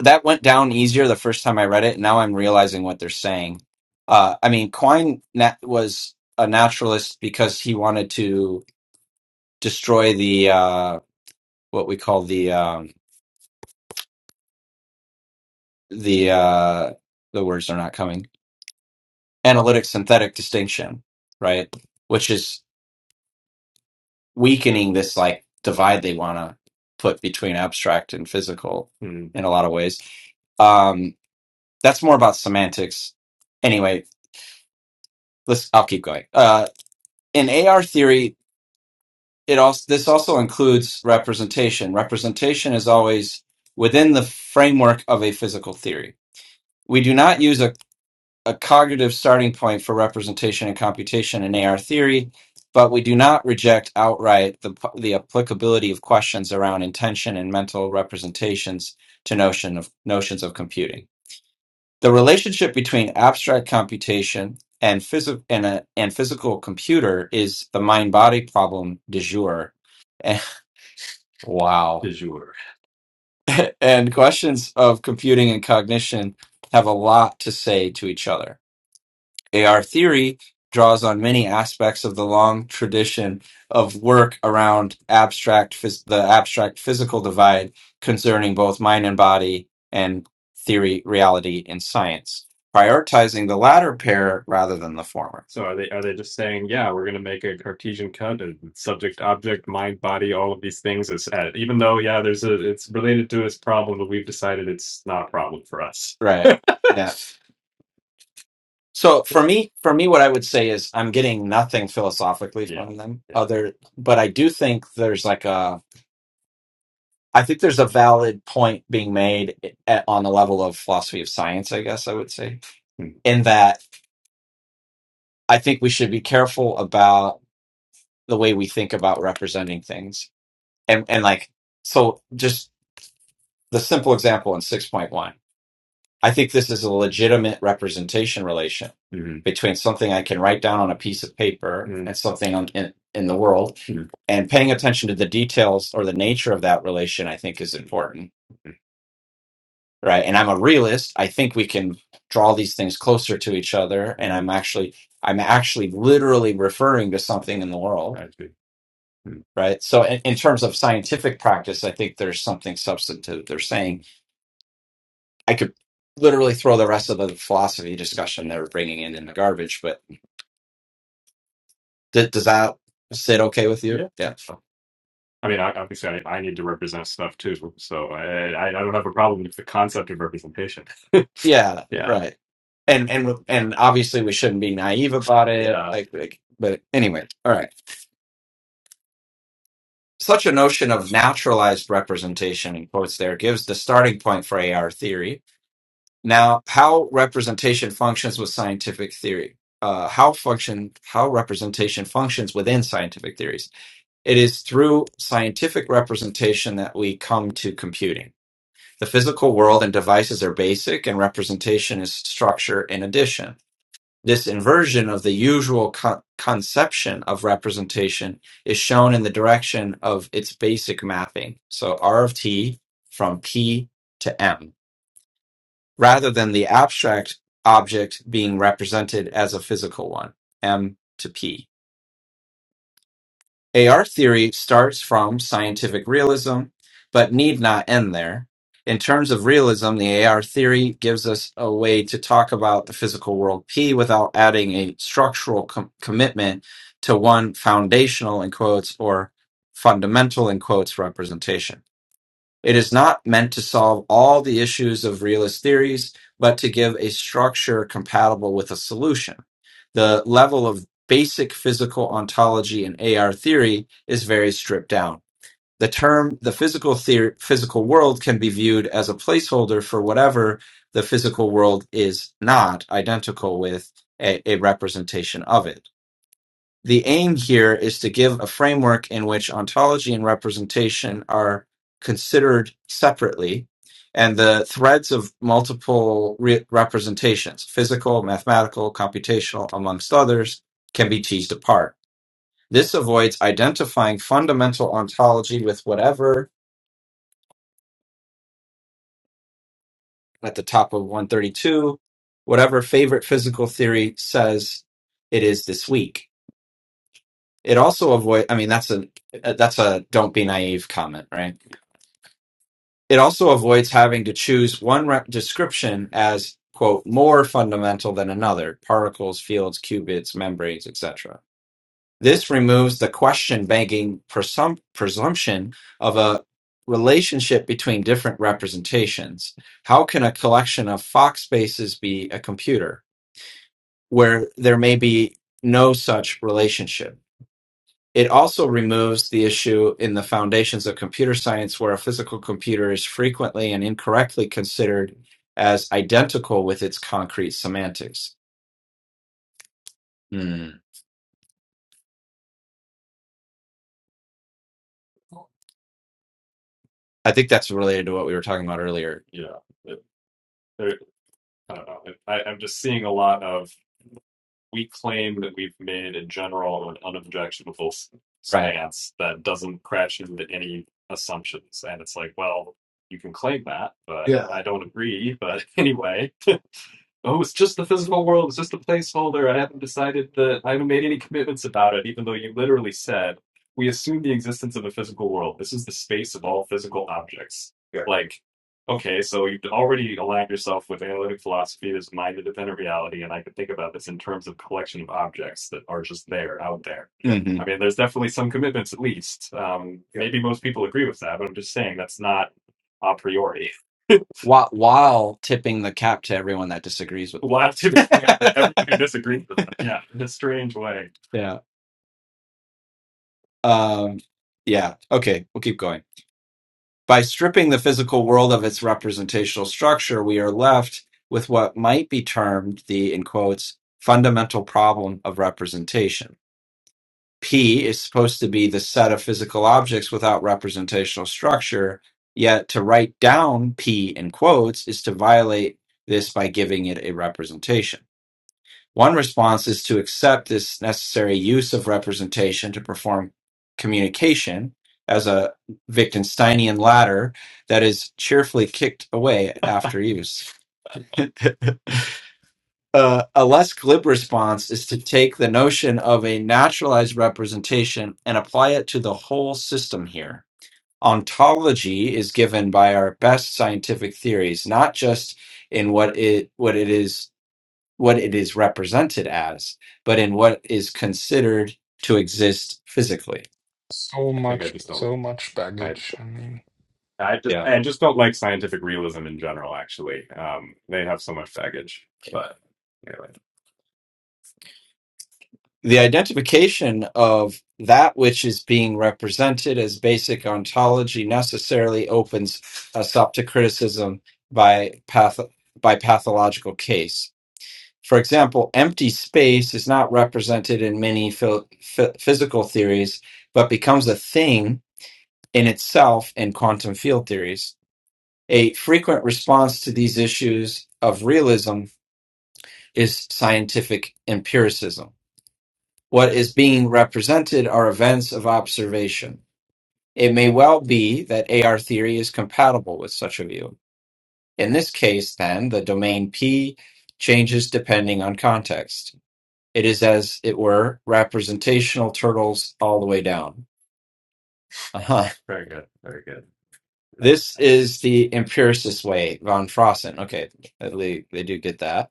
[SPEAKER 1] that went down easier the first time I read it. Now I'm realizing what they're saying. Uh, I mean, Quine na- was a naturalist because he wanted to destroy the uh, what we call the um, the uh, the words are not coming analytic synthetic distinction, right? Which is weakening this like divide they want to put between abstract and physical Hmm. in a lot of ways. Um, that's more about semantics. Anyway, let's. I'll keep going. Uh, in AR theory, it also this also includes representation. Representation is always within the framework of a physical theory. We do not use a, a cognitive starting point for representation and computation in AR theory, but we do not reject outright the p- the applicability of questions around intention and mental representations to notion of notions of computing. The relationship between abstract computation and, phys- and, a, and physical computer is the mind body problem du jour. And, wow. du jour. And questions of computing and cognition have a lot to say to each other. AR theory draws on many aspects of the long tradition of work around abstract phys- the abstract physical divide concerning both mind and body and theory, reality, and science, prioritizing the latter pair rather than the former. So are they are they just saying, yeah, we're going to make a Cartesian cut, uh, subject, object, mind, body, all of these things is at, even though yeah, there's a it's related to this problem, but we've decided it's not a problem for us. Right. Yeah. So for me, for me, what I would say is I'm getting nothing philosophically Yeah. from them Yeah. other, but I do think there's like a, I think there's a valid point being made at, on the level of philosophy of science, I guess I would say, Hmm. in that I think we should be careful about the way we think about representing things. And, and like, so just the simple example in 6.1. I think this is a legitimate representation relation Mhm. between something I can write down on a piece of paper Mhm. and something on, in, in the world. Mhm. And paying attention to the details or the nature of that relation, I think, is important. Mm-hmm. Right. And I'm a realist. I think we can draw these things closer to each other. And I'm actually, I'm actually literally referring to something in the world. I see. Mhm. Right. So, in, in terms of scientific practice, I think there's something substantive they're saying I could literally throw the rest of the philosophy discussion they were bringing in in the garbage. But th- does that sit okay with you? Yeah. Yeah. I mean, I, obviously, I, I need to represent stuff too, so I, I I don't have a problem with the concept of representation. Yeah. Yeah, Right. And and and obviously we shouldn't be naive about it. yeah, Like, like but anyway, all right. Such a notion of naturalized representation in quotes there gives the starting point for AR theory. Now, how representation functions with scientific theory. Uh, how function how representation functions within scientific theories. It is through scientific representation that we come to computing. The physical world and devices are basic, and representation is structure in addition. This inversion of the usual co- conception of representation is shown in the direction of its basic mapping. So R of T from P to M rather than the abstract object being represented as a physical one, M to P. AR theory starts from scientific realism, but need not end there. In terms of realism, the AR theory gives us a way to talk about the physical world P without adding a structural com- commitment to one foundational in quotes or fundamental in quotes representation. It is not meant to solve all the issues of realist theories, but to give a structure compatible with a solution. The level of basic physical ontology in AR theory is very stripped down. The term the physical theory, physical world can be viewed as a placeholder for whatever the physical world is not identical with a, a representation of it the aim here is to give a framework in which ontology and representation are considered separately, and the threads of multiple re- representations, physical, mathematical, computational, amongst others, can be teased apart. This avoids identifying fundamental ontology with whatever, at the top of 132, whatever favorite physical theory says it is this week. It also avoid I mean, that's a that's a don't be naive comment, right? It also avoids having to choose one re- description as quote more fundamental than another particles fields qubits membranes etc this removes the question banking presum- presumption of a relationship between different representations how can a collection of fox spaces be a computer where there may be no such relationship it also removes the issue in the foundations of computer science where a physical computer is frequently and incorrectly considered as identical with its concrete semantics. Hmm. I think that's related to what we were talking about earlier. Yeah, it- there- I don't know. I, I'm just seeing a lot of we claim that we've made in general an unobjectionable s- Right. stance that doesn't crash into any assumptions, and it's like, well, you can claim that, but Yeah. I don't agree. But anyway, Oh, it's just the physical world. It's just a placeholder. I haven't decided that I haven't made any commitments about it, even though you literally said we assume the existence of a physical world. This is the space of all physical objects. Yeah. Like, okay, so you've already aligned yourself with analytic philosophy as mind independent reality, and I could think about this in terms of collection of objects that are just there, out there. Yeah. I mean, there's definitely some commitments, at least. Um, Yeah. maybe most people agree with that, but I'm just saying that's not a priori while, while tipping the cap to everyone that disagrees with them. While tipping them. out to everyone who disagrees with them. Yeah, in a strange way. Yeah. Um, yeah. Okay. We'll keep going. By stripping the physical world of its representational structure, we are left with what might be termed the, in quotes, fundamental problem of representation. P is supposed to be the set of physical objects without representational structure, yet to write down P in quotes is to violate this by giving it a representation. One response is to accept this necessary use of representation to perform communication as a Wittgensteinian ladder that is cheerfully kicked away after use. uh, a less glib response is to take the notion of a naturalized representation and apply it to the whole system here. Ontology is given by our best scientific theories, not just in what it what it is what it is represented as, but in what is considered to exist physically.
[SPEAKER 3] So
[SPEAKER 1] I think I
[SPEAKER 3] much,
[SPEAKER 1] just don't.
[SPEAKER 3] so much
[SPEAKER 1] I
[SPEAKER 3] baggage. I mean,
[SPEAKER 1] I just Yeah. I just don't like scientific realism in general. Actually, um, they have so much baggage. But anyway. the identification of that which is being represented as basic ontology necessarily opens us up to criticism by path by pathological case. For example, empty space is not represented in many phy- phy- physical theories, but becomes a thing in itself in quantum field theories. A frequent response to these issues of realism is scientific empiricism What is being represented are events of observation. It may well be that AR theory is compatible with such a view. In this case, then, the domain P changes depending on context. It is, as it were, representational turtles all the way down. Uh-huh. Very good. Very good. This is the empiricist way, von Frossen. Okay, at least they do get that.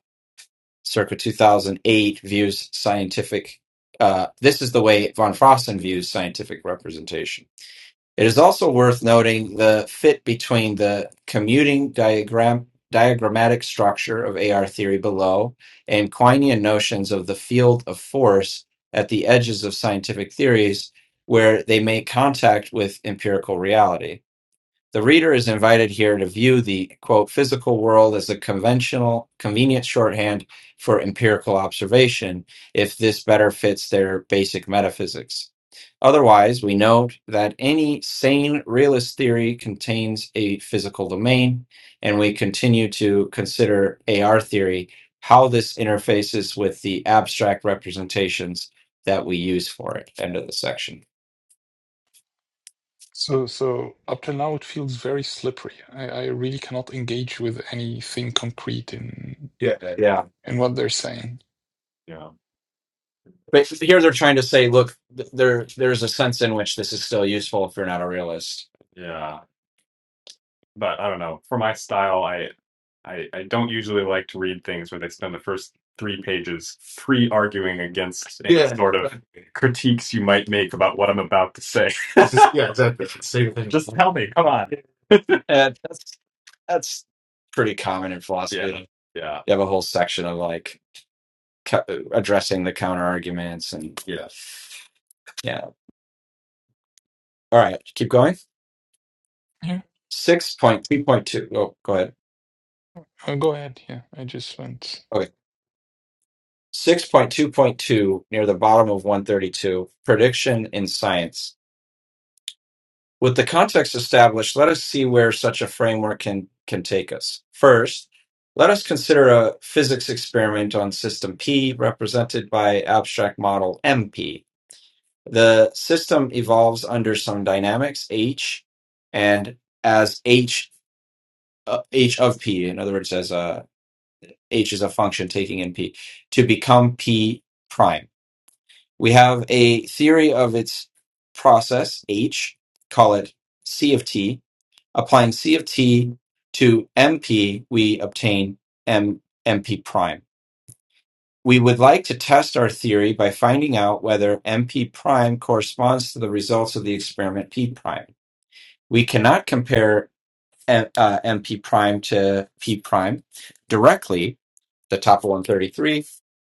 [SPEAKER 1] circa 2008 views scientific uh, this is the way von frosten views scientific representation it is also worth noting the fit between the commuting diagram diagrammatic structure of ar theory below and quinian notions of the field of force at the edges of scientific theories where they make contact with empirical reality the reader is invited here to view the quote physical world as a conventional, convenient shorthand for empirical observation, if this better fits their basic metaphysics. Otherwise, we note that any sane realist theory contains a physical domain, and we continue to consider AR theory how this interfaces with the abstract representations that we use for it. End of the section.
[SPEAKER 3] so, so up till now, it feels very slippery. I, I really cannot engage with anything concrete in,
[SPEAKER 1] Yeah, yeah.
[SPEAKER 3] in what they're saying.
[SPEAKER 1] But here they're trying to say, look, th- there there's a sense in which this is still useful if you're not a realist. Yeah, but I don't know. For my style, I, I I don't usually like to read things where they spend the first three pages pre-arguing against any Yeah, sort of exactly. critiques you might make about what I'm about to say. It's just yeah, exactly. It's the same thing. Just tell me, come on. And that's that's pretty common in philosophy. Yeah, Like, yeah, you have a whole section of like ca- addressing the counter arguments and yeah. All right, keep going.
[SPEAKER 3] Yeah.
[SPEAKER 1] 6.2.2. Oh, go ahead.
[SPEAKER 3] Oh, go ahead. Yeah. I just went.
[SPEAKER 1] Okay. 6.2.2 near the bottom of 132 prediction in science. With the context established, let us see where such a framework can, can take us. First, let us consider a physics experiment on system P represented by abstract model MP. The system evolves under some dynamics H and as H, uh, H of P, in other words, as h is a function taking in p to become p prime. We have a theory of its process h, call it c of t. Applying c of t to mp, we obtain m mp prime. We would like to test our theory by finding out whether mp prime corresponds to the results of the experiment p prime. We cannot compare M- uh, mp prime to p prime directly the top of 133,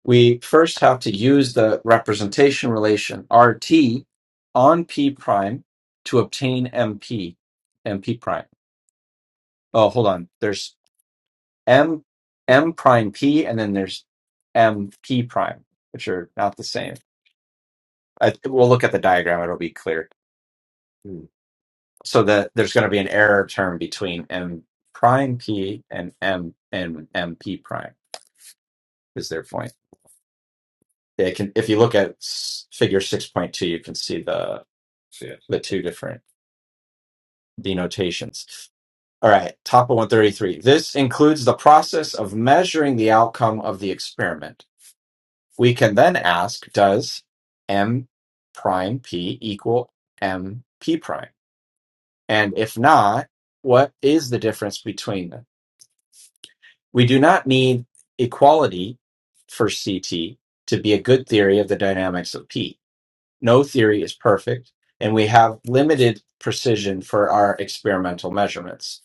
[SPEAKER 1] we first have to use the representation relation RT on P prime to obtain MP, MP prime. Oh, hold on. There's M, M prime P, and then there's MP prime, which are not the same. I, we'll look at the diagram. It'll be clear. Hmm. So that there's going to be an error term between M prime P and M and MP prime is their point. Yeah, It can, if you look at s- figure 6.2, you can see the, See the two different denotations. All right, top of 133. This includes the process of measuring the outcome of the experiment. We can then ask, does m prime p equal m p prime? And if not, what is the difference between them? We do not need equality for CT to be a good theory of the dynamics of P No theory is perfect, and we have limited precision for our experimental measurements.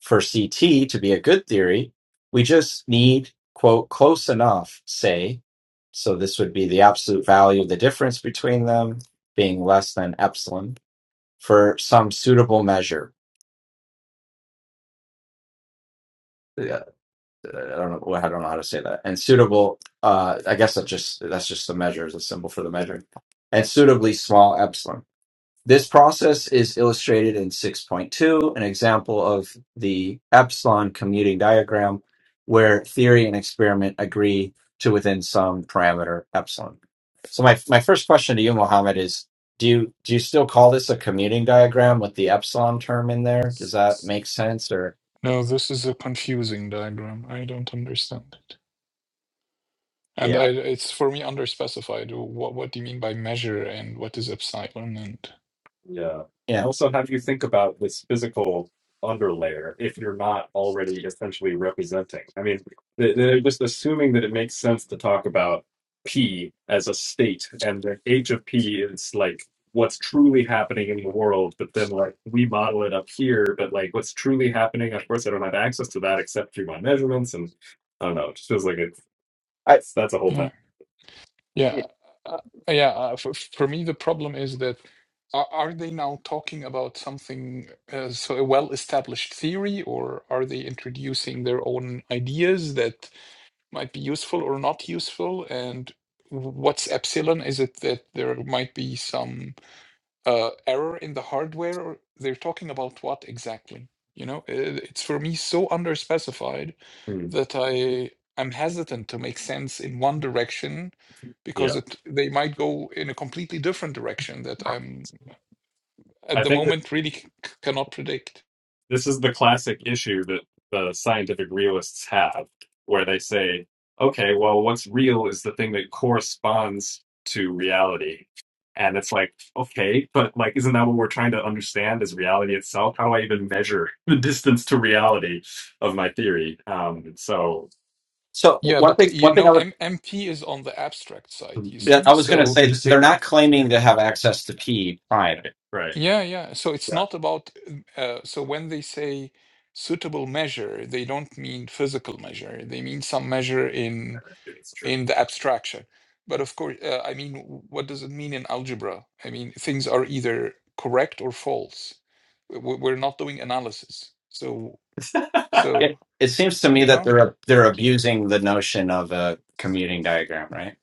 [SPEAKER 1] For CT to be a good theory, we just need, quote, close enough, say. So this would be the absolute value of the difference between them being less than epsilon for some suitable measure. Yeah, I don't know. well, I don't know how to say that. And suitable, uh, I guess that just that's just the measure is a symbol for the measure. And suitably small epsilon. This process is illustrated in 6.2, an example of the epsilon commuting diagram where theory and experiment agree to within some parameter epsilon. So my, my first question to you, Mohammed, is do you do you still call this a commuting diagram with the epsilon term in there? Does that make sense or
[SPEAKER 3] No, this is a confusing diagram. I don't understand. And
[SPEAKER 1] yeah.
[SPEAKER 3] I, it's for me underspecified. What what do you mean by measure, and what is epsilon? And
[SPEAKER 1] Yeah. Yeah. also, how do you think about this physical underlayer if you're not already essentially representing? I mean, they- they're just assuming that it makes sense to talk about P as a state, and the h of P is like what's truly happening in the world, but then like we model it up here, but like what's truly happening, of course, I don't have access to that except through my measurements, and I don't know, it just feels like it's, I that's a whole
[SPEAKER 3] yeah,
[SPEAKER 1] mess.
[SPEAKER 3] yeah, uh, yeah. Uh, for, for me, the problem is that are, are they now talking about something uh, so a well-established theory, or are they introducing their own ideas that might be useful or not useful? And what's epsilon? Is it that there might be some uh, error in the hardware or they're talking about what exactly you know Uh, it's for me so underspecified
[SPEAKER 1] Mm,
[SPEAKER 3] that i i'm hesitant to make sense in one direction because
[SPEAKER 1] yeah.
[SPEAKER 3] it, they might go in a completely different direction that i'm at
[SPEAKER 1] I
[SPEAKER 3] the
[SPEAKER 1] think.
[SPEAKER 3] moment really c- c- cannot predict
[SPEAKER 1] this is the classic issue that the scientific realists have, where they say, okay, well, what's real is the thing that corresponds to reality. And it's like, okay, but like, isn't that what we're trying to understand is reality itself? How do I even measure the distance to reality of my theory? Um, so, So w-
[SPEAKER 3] yeah
[SPEAKER 1] one
[SPEAKER 3] but uh,
[SPEAKER 1] thing,
[SPEAKER 3] you
[SPEAKER 1] one
[SPEAKER 3] know
[SPEAKER 1] thing I would,
[SPEAKER 3] M- mp is on the abstract side you
[SPEAKER 1] yeah,
[SPEAKER 3] see
[SPEAKER 1] I was going to
[SPEAKER 3] so
[SPEAKER 1] say, they're not claiming to have access to P prime. right.
[SPEAKER 3] Yeah, yeah. So it's
[SPEAKER 1] Yeah,
[SPEAKER 3] not about, um, uh, so when they say suitable measure, they don't mean physical measure. They mean some measure in
[SPEAKER 1] it's true.
[SPEAKER 3] in the abstraction. But of course, uh, I mean, w- what does it mean in algebra? I mean, things are either correct or false. W- We're not doing analysis. So, so
[SPEAKER 1] It, it seems to me
[SPEAKER 3] you
[SPEAKER 1] that
[SPEAKER 3] know,
[SPEAKER 1] they're they're abusing the notion of a commuting diagram, right?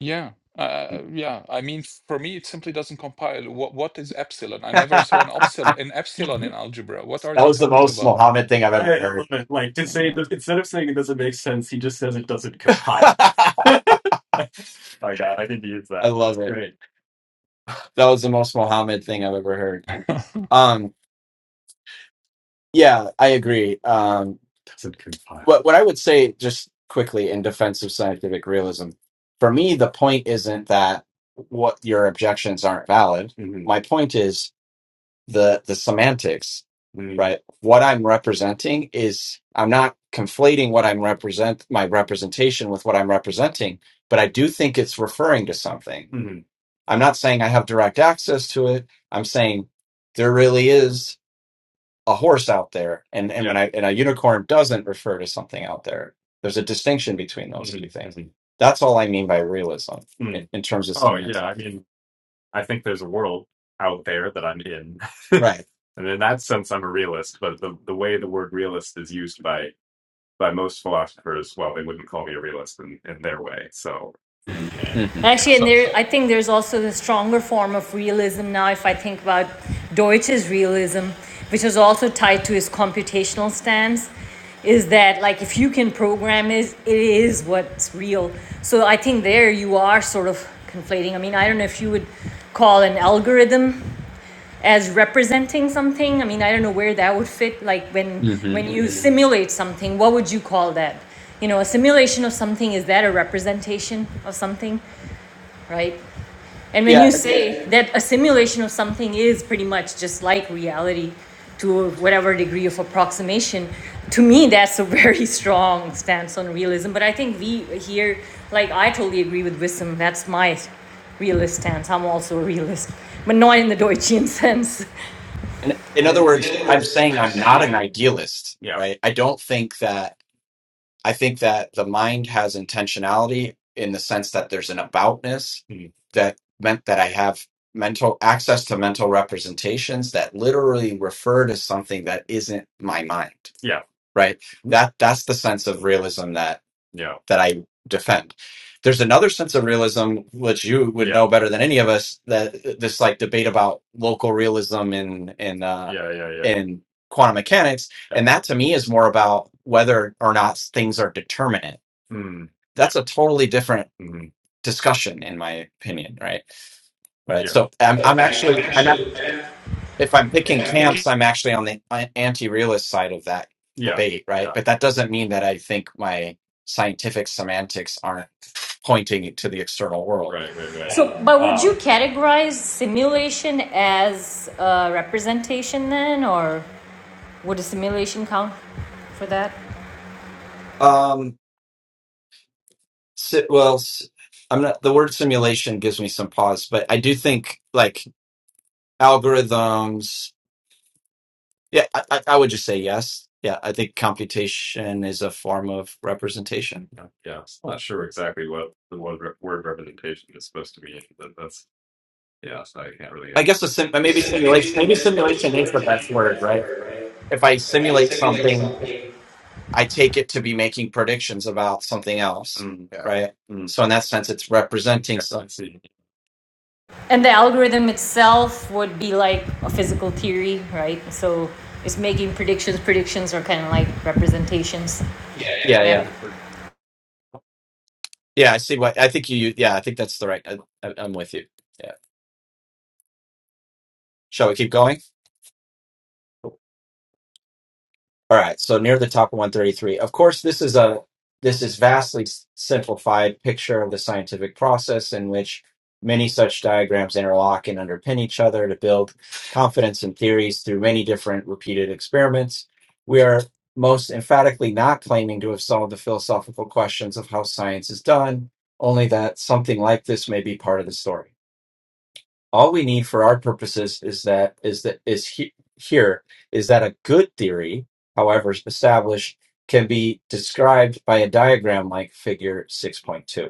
[SPEAKER 3] yeah, uh, yeah. I mean, for me, it simply doesn't compile. What what is epsilon? I never saw an
[SPEAKER 1] that
[SPEAKER 3] epsilon an epsilon in algebra. What are they
[SPEAKER 1] was the
[SPEAKER 3] talking
[SPEAKER 1] most
[SPEAKER 3] about?
[SPEAKER 1] Mohammed thing I've ever I heard. love it. Like to say
[SPEAKER 3] Yeah.
[SPEAKER 1] that instead of saying it doesn't make sense, he just says it doesn't compile. My God, I didn't use I that. love It's it. great. That was the most Mohammed thing I've ever heard. Um, yeah, I agree. Um, Doesn't compile. what what I would say just quickly in defense of scientific realism, for me, the point isn't that what your objections aren't valid. Mhm. My point is. the the semantics, Mm. right? What I'm representing is I'm not conflating what I'm represent my representation with what I'm representing, but I do think it's referring to something. Mhm. I'm not saying I have direct access to it. I'm saying there really is a horse out there, and and when I and a unicorn doesn't refer to something out there. There's a distinction between those Mhm. two things. Mhm. That's all I mean by realism Mm. in, in terms of oh semantics. Yeah. I think there's a world out there that I'm in. Right. and in that sense, I'm a realist. But the, the way the word realist is used by by most philosophers, well, they wouldn't call me a realist in, in their way. So hmm yeah,
[SPEAKER 4] Actually, and
[SPEAKER 3] So,
[SPEAKER 4] there, I think there's also the stronger form of realism now. If I think about Deutsch's realism, which is also tied to his computational stance, is that like if you can program it, it is what's real. So I think there you are sort of conflating. I mean, I don't know if you would call an algorithm as representing something. I mean, I don't know where that would fit. Like when
[SPEAKER 1] hmm
[SPEAKER 4] when you simulate something, what would you call that? You know, a simulation of something is that a representation of something? right? And when
[SPEAKER 1] Yeah.
[SPEAKER 4] you say that a simulation of something is pretty much just like reality to whatever degree of approximation, to me, that's a very strong stance on realism. But I think we here, like, I totally agree with Wissam. That's my realist stance. I'm also a realist, but not in the Deutschian sense.
[SPEAKER 1] In, in
[SPEAKER 4] In
[SPEAKER 1] other
[SPEAKER 4] in
[SPEAKER 1] words,
[SPEAKER 4] other
[SPEAKER 1] I'm
[SPEAKER 4] words,
[SPEAKER 1] saying
[SPEAKER 4] I'm
[SPEAKER 1] I'm not
[SPEAKER 4] saying
[SPEAKER 1] an
[SPEAKER 4] I'm,
[SPEAKER 1] idealist, yeah, right? I don't think that. I think that the mind has intentionality in the sense that there's an aboutness Mhm. that meant that I have mental access to mental representations that literally refer to something that isn't my mind. Yeah. Right. That that's the sense of realism that yeah. that I defend. There's another sense of realism which you would Yeah. know better than any of us that uh, this like debate about local realism in in uh yeah, yeah, yeah. in quantum mechanics and that to me is more about whether or not things are determinate. Mm, That's a totally different mm, discussion, in my opinion, right? Right. yeah. So I'm, I'm
[SPEAKER 4] I'm
[SPEAKER 1] actually, I'm not,
[SPEAKER 4] actually, if
[SPEAKER 1] if I'm picking
[SPEAKER 4] I'm picking
[SPEAKER 1] camps, I'm actually on the anti realist side of that Yeah. debate, right? Yeah. But that doesn't mean that I think my scientific semantics aren't pointing to the external world. Right. Right. Right.
[SPEAKER 4] So, but would you
[SPEAKER 1] Uh,
[SPEAKER 4] categorize simulation as uh, representation then, or would a simulation count for that?
[SPEAKER 1] Um, si- well, s- I'm not, the word simulation gives me some pause, but I do think like algorithms. Yeah, I, I I would just say yes. Yeah, I think computation is a form of representation. Yeah, yeah. I'm not sure exactly what the word, re- word representation is supposed to mean, but that's yeah. So I can't really I guess a sim- maybe simulation.
[SPEAKER 4] Simulation,
[SPEAKER 1] Maybe
[SPEAKER 4] but
[SPEAKER 1] simulation
[SPEAKER 4] simulation
[SPEAKER 1] is the
[SPEAKER 4] learns an
[SPEAKER 1] best
[SPEAKER 4] answer,
[SPEAKER 1] word,
[SPEAKER 4] that's
[SPEAKER 1] right?
[SPEAKER 4] where, right?
[SPEAKER 1] If I
[SPEAKER 4] If I
[SPEAKER 1] simulate
[SPEAKER 4] simulate
[SPEAKER 1] something,
[SPEAKER 4] something,
[SPEAKER 1] I take it to be making predictions about something else, Mm, yeah. right? Mm, So in that sense, it's representing yeah. I some. see.
[SPEAKER 4] And the algorithm itself would be like a physical theory, right? So it's making predictions. Predictions are kind of like representations. yeah,
[SPEAKER 1] Yeah,
[SPEAKER 4] yeah. Yeah.
[SPEAKER 1] yeah, yeah. I see what I think you. Yeah, I think that's the right. I, I, I'm with you. Yeah. Shall we keep going? All right, so near the top of 133. Of course, this is a this is vastly s- simplified picture of the scientific process in which many such diagrams interlock and underpin each other to build confidence in theories through many different repeated experiments. We are most emphatically not claiming to have solved the philosophical questions of how science is done, only that something like this may be part of the story all we need for our purposes is that is that is he, here is that a good theory however established can be described by a diagram like figure 6.2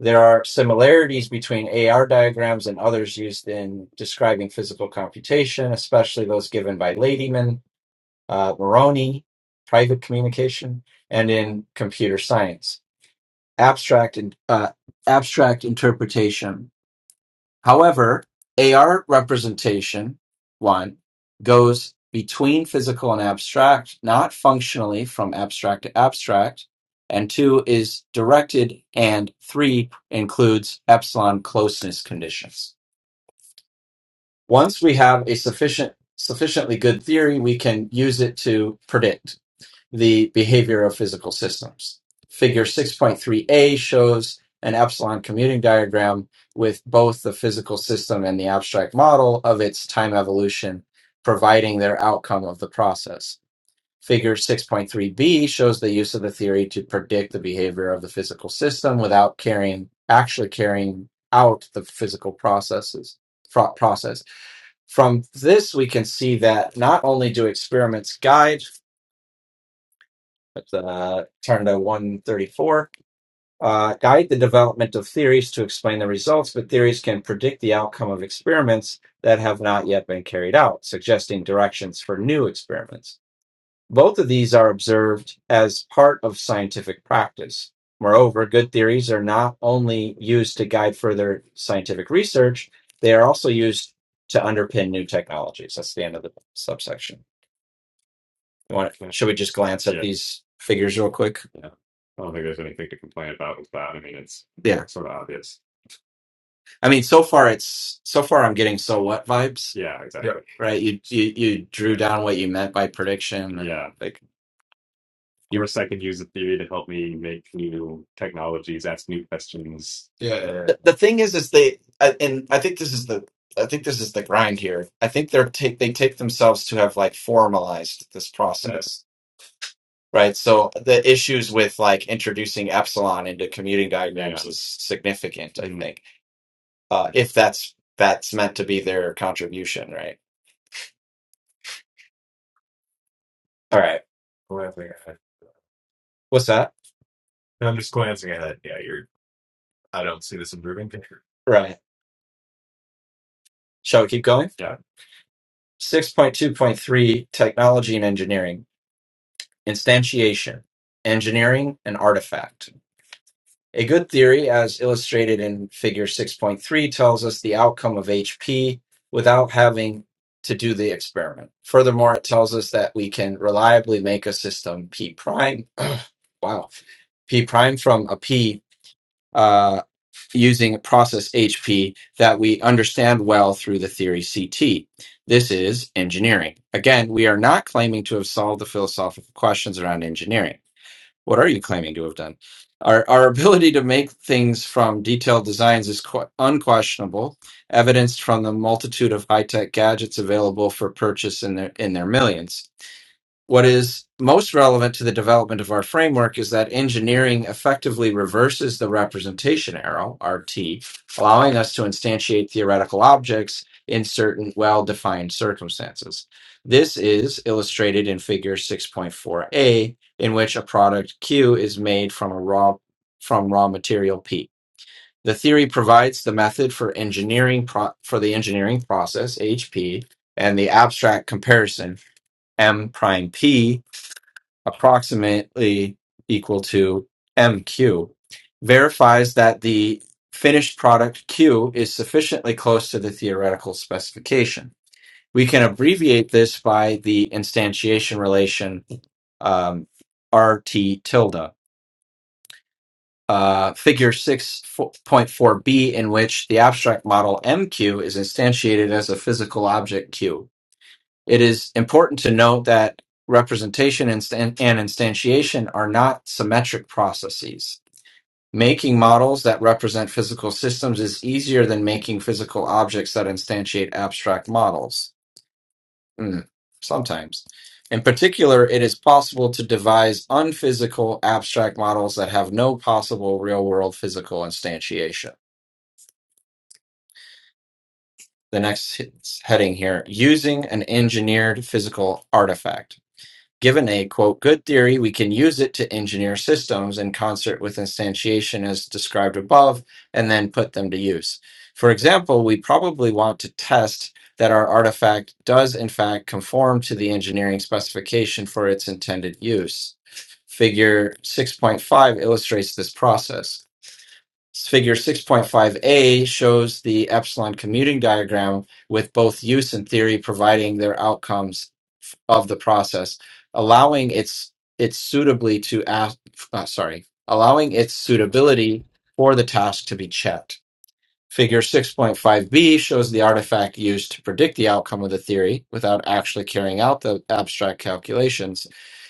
[SPEAKER 1] there are similarities between AR diagrams and others used in describing physical computation, especially those given by Ladyman, uh, Moroni, private communication, and in computer science. Abstract, in, uh, abstract interpretation However, AR representation one goes between physical and abstract, not functionally from abstract to abstract, and two is directed, and three includes epsilon closeness conditions. Once we have a sufficient sufficiently good theory, we can use it to predict the behavior of physical systems. Figure 6.3a shows an epsilon commuting diagram with both the physical system and the abstract model of its time evolution, providing their outcome of the process. Figure 6.3b shows the use of the theory to predict the behavior of the physical system without carrying actually carrying out the physical processes pro- process. From this, we can see that not only do experiments guide uh, Tarndo 134. Uh, guide the development of theories to explain the results, but theories can predict the outcome of experiments that have not yet been carried out, suggesting directions for new experiments. Both of these are observed as part of scientific practice. Moreover, good theories are not only used to guide further scientific research, they are also used to underpin new technologies. That's the end of the subsection. Want Yeah. should we just glance at Yeah. these figures real quick? Yeah. I don't think there's anything to complain about with that. I mean, it's Yeah. sort of obvious. I mean, so far it's so far I'm getting so what vibes, Yeah, Yeah. exactly. Yeah. right? You you you drew down what you meant by prediction and Yeah. like Of course, I can use the theory to help me make new technologies, ask new questions. Yeah. Yeah. yeah. the, the thing is is they I- and I think this is the I think this is the grind here. I think they're take they take themselves to have like formalized this Yeah. process. Right. So the issues with like introducing epsilon into commuting Yeah. diagrams is significant, I Mm. think, uh, if that's that's meant to be their contribution, right? All right. Glancing ahead. What's that? I'm just glancing ahead. Yeah, you're. I don't see this improving picture. Right. Shall we keep going? Yeah. 6.2.3 Technology and Engineering, Instantiation, Engineering, and Artifact. A good theory, as illustrated in Figure 6.3, tells us the outcome of HP without having to do the experiment. Furthermore, it tells us that we can reliably make a system P prime, wow, P prime from a P uh, using a process HP that we understand well through the theory CT. This is engineering. Again, we are not claiming to have solved the philosophical questions around engineering what are you claiming to have done? Our, our ability to make things from detailed designs is qu- unquestionable, evidenced from the multitude of high tech gadgets available for purchase in their, in their millions. What is most relevant to the development of our framework is that engineering effectively reverses the representation arrow, RT, allowing us to instantiate theoretical objects in certain well defined circumstances. This is illustrated in figure 6.4a, in which a product Q is made from a raw from raw material P. The theory provides the method for engineering pro- for the engineering process HP and the abstract comparison M prime P approximately equal to MQ verifies that the finished product Q is sufficiently close to the theoretical specification. We can abbreviate this by the instantiation relation um, RT tilde. Uh, figure 6.4b, in which the abstract model MQ is instantiated as a physical object Q. It is important to note that representation and, stan- and instantiation are not symmetric processes. Making models that represent physical systems is easier than making physical objects that instantiate abstract models. Mm, sometimes. In particular, it is possible to devise unphysical abstract models that have no possible real world physical instantiation. The next he- heading here using an engineered physical artifact. Given a quote good theory, we can use it to engineer systems in concert with instantiation as described above and then put them to use. For example, we probably want to test that our artifact does in fact conform to the engineering specification for its intended use. Figure 6.5 illustrates this process. Figure 6.5a shows the epsilon commuting diagram with both use and theory providing their outcomes f- of the process, allowing its its suitably to ask, uh, sorry, allowing its suitability for the task to be checked. Figure 6.5b shows the artifact used to predict the outcome of the theory without actually carrying out the abstract calculations.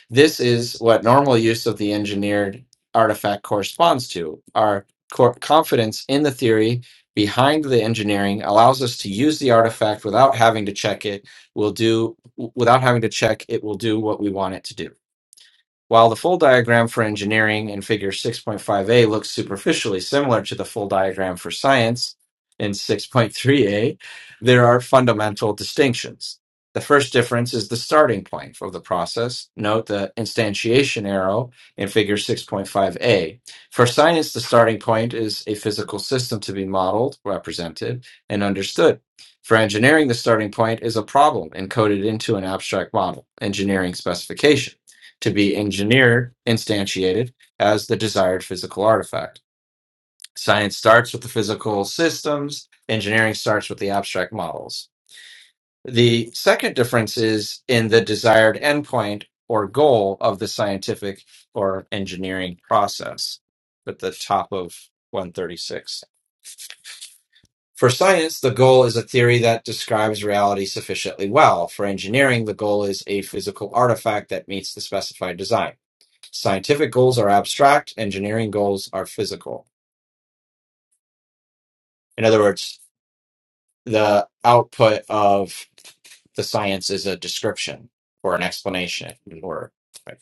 [SPEAKER 1] This is what normal use of the engineered artifact corresponds to. Our cor- confidence in the theory behind the engineering allows us to use the artifact without having to check it will do without having to check it will do what we want it to do. While the full diagram for engineering in Figure 6.5a looks superficially similar to the full diagram for science in 6.3a, there are fundamental distinctions. The first difference is the starting point of the process. Note the instantiation arrow in Figure 6.5a. For science, the starting point is a physical system to be modeled, represented, and understood. For engineering, the starting point is a problem encoded into an abstract model, engineering specification to be engineered, instantiated as the desired physical artifact. Science starts with the physical systems, engineering starts with the abstract models. The second difference is in the desired endpoint or goal of the scientific or engineering process at the top of 136. For science, the goal is a theory that describes reality sufficiently well. For engineering, the goal is a physical artifact that meets the specified design. Scientific goals are abstract, engineering goals are physical. In other words, the output of the science is a description or an explanation or right?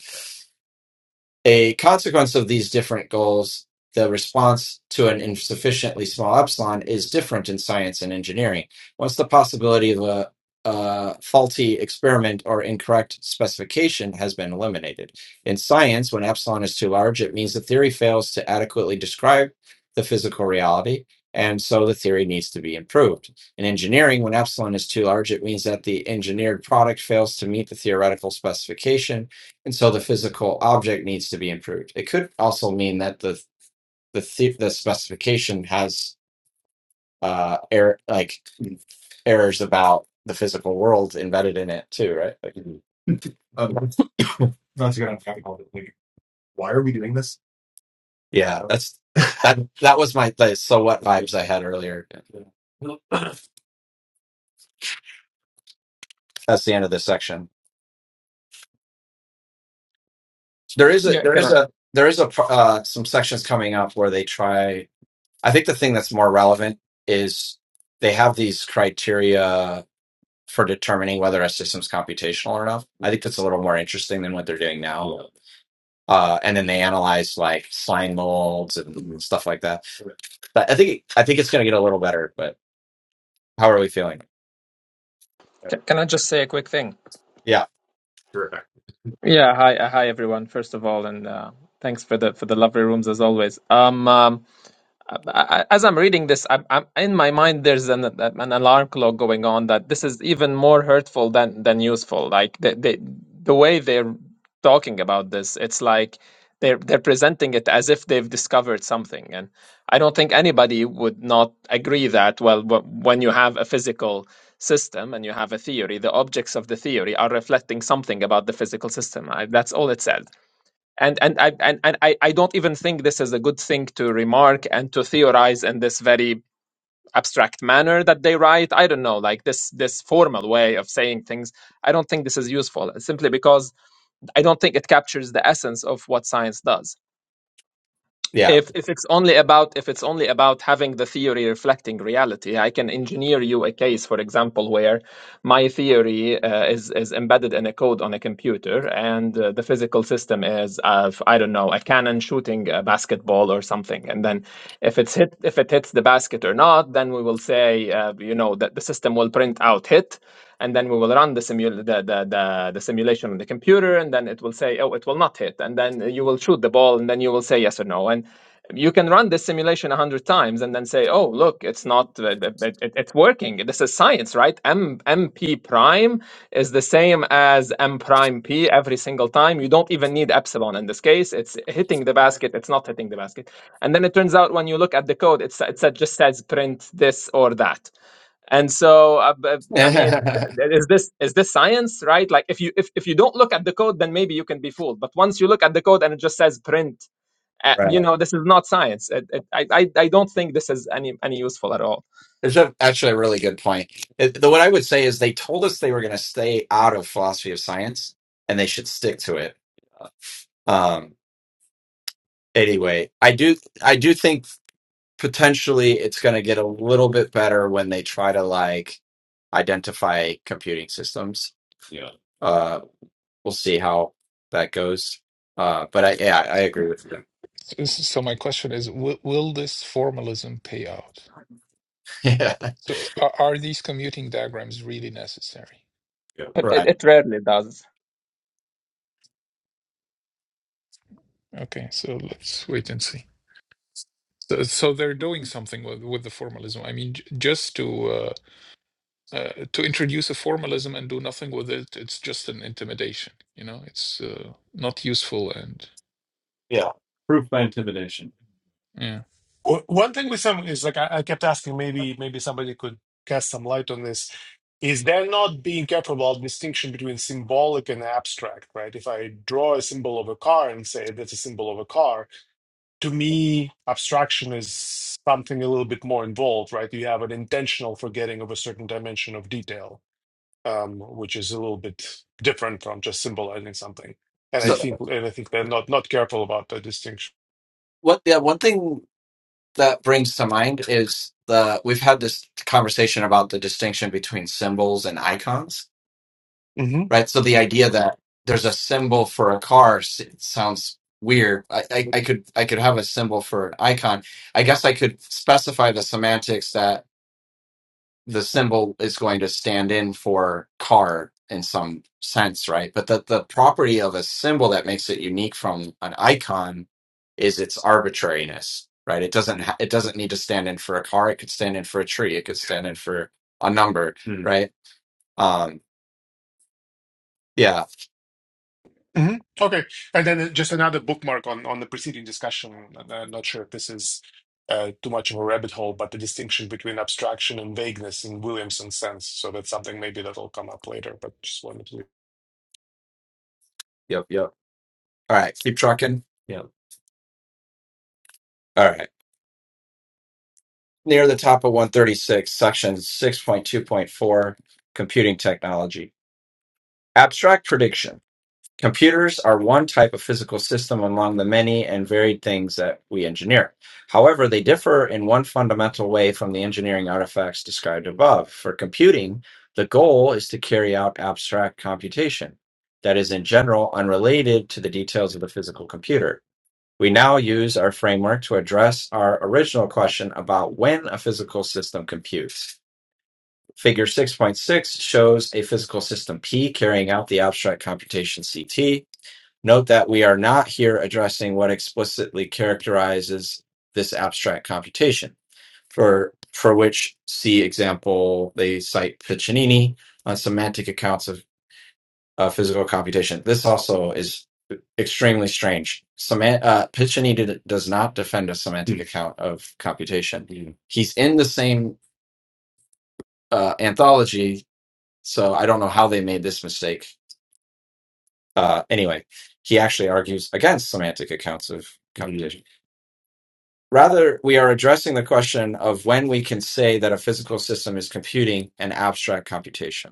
[SPEAKER 1] a consequence of these different goals, the response to an insufficiently small epsilon is different in science and engineering. Once the possibility of a, a faulty experiment or incorrect specification has been eliminated. In science, when epsilon is too large, it means the theory fails to adequately describe the physical reality, and so the theory needs to be improved. In engineering, when epsilon is too large, it means that the engineered product fails to meet the theoretical specification and so the physical object needs to be improved. It could also mean that the the the, the specification has uh error like errors about the physical world embedded in it too, right? Like, Um, that's gonna unpack all this later. Why are we doing this? yeah, that's that. That was my the so what vibes I had earlier. That's the end of this section. There is a
[SPEAKER 6] Yeah,
[SPEAKER 1] there
[SPEAKER 6] can
[SPEAKER 1] is
[SPEAKER 6] I
[SPEAKER 1] a there is a pro- uh, some sections coming up where they try. I think the thing that's more relevant is they have these criteria for determining whether a system's computational or not. I think that's a little more interesting than what they're doing now. Yeah. Uh, and then they analyze like sign molds and stuff like that. But I think I think it's going to get a little better. But how are we feeling?
[SPEAKER 6] ca- can I just say a quick thing?
[SPEAKER 1] Yeah, Sure.
[SPEAKER 6] Yeah, hi, uh, hi everyone. First of all, and uh, thanks for the for the lovely rooms as always. Um, um, I- as I'm reading this, I'm, I'm in my mind there's an an alarm clock going on that this is even more hurtful than than useful. Like the the, the way they're talking about this, it's like they're they're presenting it as if they've discovered something, and I don't think anybody would not agree that. Well, wh- when you have a physical system and you have a theory, the objects of the theory are reflecting something about the physical system. I, that's all it says and and I and, and I, I don't even think this is a good thing to remark and to theorize in this very abstract manner that they write. I don't know, like this this formal way of saying things. I don't think this is useful simply because I don't think it captures the essence of what science does
[SPEAKER 1] yeah,
[SPEAKER 6] if if it's only about if it's only about having the theory reflecting reality i can engineer you a case for example where my theory uh, is is embedded in a code on a computer and uh, the physical system is of i don't know a cannon shooting a basketball or something and then if it's hit if it hits the basket or not then we will say uh, you know that the system will print out hit and then we will run the, simul- the, the, the, the simulation on the computer and then it will say oh it will not hit and then you will shoot the ball and then you will say yes or no and you can run this simulation a hundred times and then say oh look it's not uh, it, it, it's working this is science right m mp prime is the same as m prime p every single time you don't even need epsilon in this case it's hitting the basket it's not hitting the basket and then it turns out when you look at the code it's, it just says print this or that and so uh, but, i mean
[SPEAKER 1] right.
[SPEAKER 6] th- is this is this science right like if you if, if you don't look at the code then maybe you can be fooled but once you look at the code and it just says print uh, you know this is not science it, it, I, I i don't think this is any any useful at all
[SPEAKER 1] It's a, actually a really good point. It- the, what I would say is they told us they were going to stay out of philosophy of science, and they should stick to it. anyway, I do I do think potentially it's going to get a little bit better when they try to like identify computing systems. Yeah. Uh, we'll see how that goes. Uh, but I yeah I agree with you.
[SPEAKER 3] so my question is, will, will this formalism pay out?
[SPEAKER 1] yeah,
[SPEAKER 3] So, are, are these commuting diagrams really necessary?
[SPEAKER 1] Yeah.
[SPEAKER 6] it, it,
[SPEAKER 1] right.
[SPEAKER 6] it rarely does
[SPEAKER 3] Okay, so let's wait and see. So, so they're doing something with, with the formalism. I mean, j- just to uh, uh, to introduce a formalism and do nothing with it, it's just an intimidation. You know, it's uh, not useful and
[SPEAKER 1] Yeah, Proof by intimidation.
[SPEAKER 3] yeah.
[SPEAKER 2] O- One thing with some is like I, I kept asking. Maybe maybe somebody could cast some light on this. Is there not being careful about distinction between symbolic and abstract? Right. If I draw a symbol of a car and say that's a symbol of a car, to me, abstraction is something a little bit more involved, right? You have an intentional forgetting of a certain dimension of detail, um, which is a little bit different from just symbolizing something. And I
[SPEAKER 1] so
[SPEAKER 2] think, and I think they're not not careful about the distinction.
[SPEAKER 1] what? Yeah, one thing that brings to mind is the we've had this conversation about the distinction between symbols and icons
[SPEAKER 2] hmm
[SPEAKER 1] right? So the idea that there's a symbol for a car s- it sounds weird. I, I, I could I could have a symbol for an icon. I guess I could specify the semantics that the symbol is going to stand in for car in some sense, right? But that the property of a symbol that makes it unique from an icon is its arbitrariness, right? It doesn't ha- it doesn't need to stand in for a car. It could stand in for a tree. It could stand in for a number, Hmm. right? Um, yeah.
[SPEAKER 2] hmm Okay, and then uh, just another bookmark on on the preceding discussion. and I'm not sure if this is uh, too much of a rabbit hole, but the distinction between abstraction and vagueness in Williamson's sense. So that's something maybe that'll come up later. But just wanted to.
[SPEAKER 1] Yep. Yep. All right, keep trucking. Yeah. All right. Near the top of 136, section 6.2.4, computing technology. Abstract prediction. Computers are one type of physical system among the many and varied things that we engineer. However, they differ in one fundamental way from the engineering artifacts described above. For computing, the goal is to carry out abstract computation that is, in general, unrelated to the details of the physical computer. We now use our framework to address our original question about when a physical system computes. Figure 6.6 shows a physical system P carrying out the abstract computation CT. Note that we are not here addressing what explicitly characterizes this abstract computation, for, for which, see example, they cite Piccinini on semantic accounts of uh, physical computation. This also is extremely strange. Semant- uh, Piccinini d- does not defend a semantic account of computation. Mm. He's in the same uh, anthology, so I don't know how they made this mistake. Uh, anyway, he actually argues against semantic accounts of computation. Mm. Rather, we are addressing the question of when we can say that a physical system is computing an abstract computation.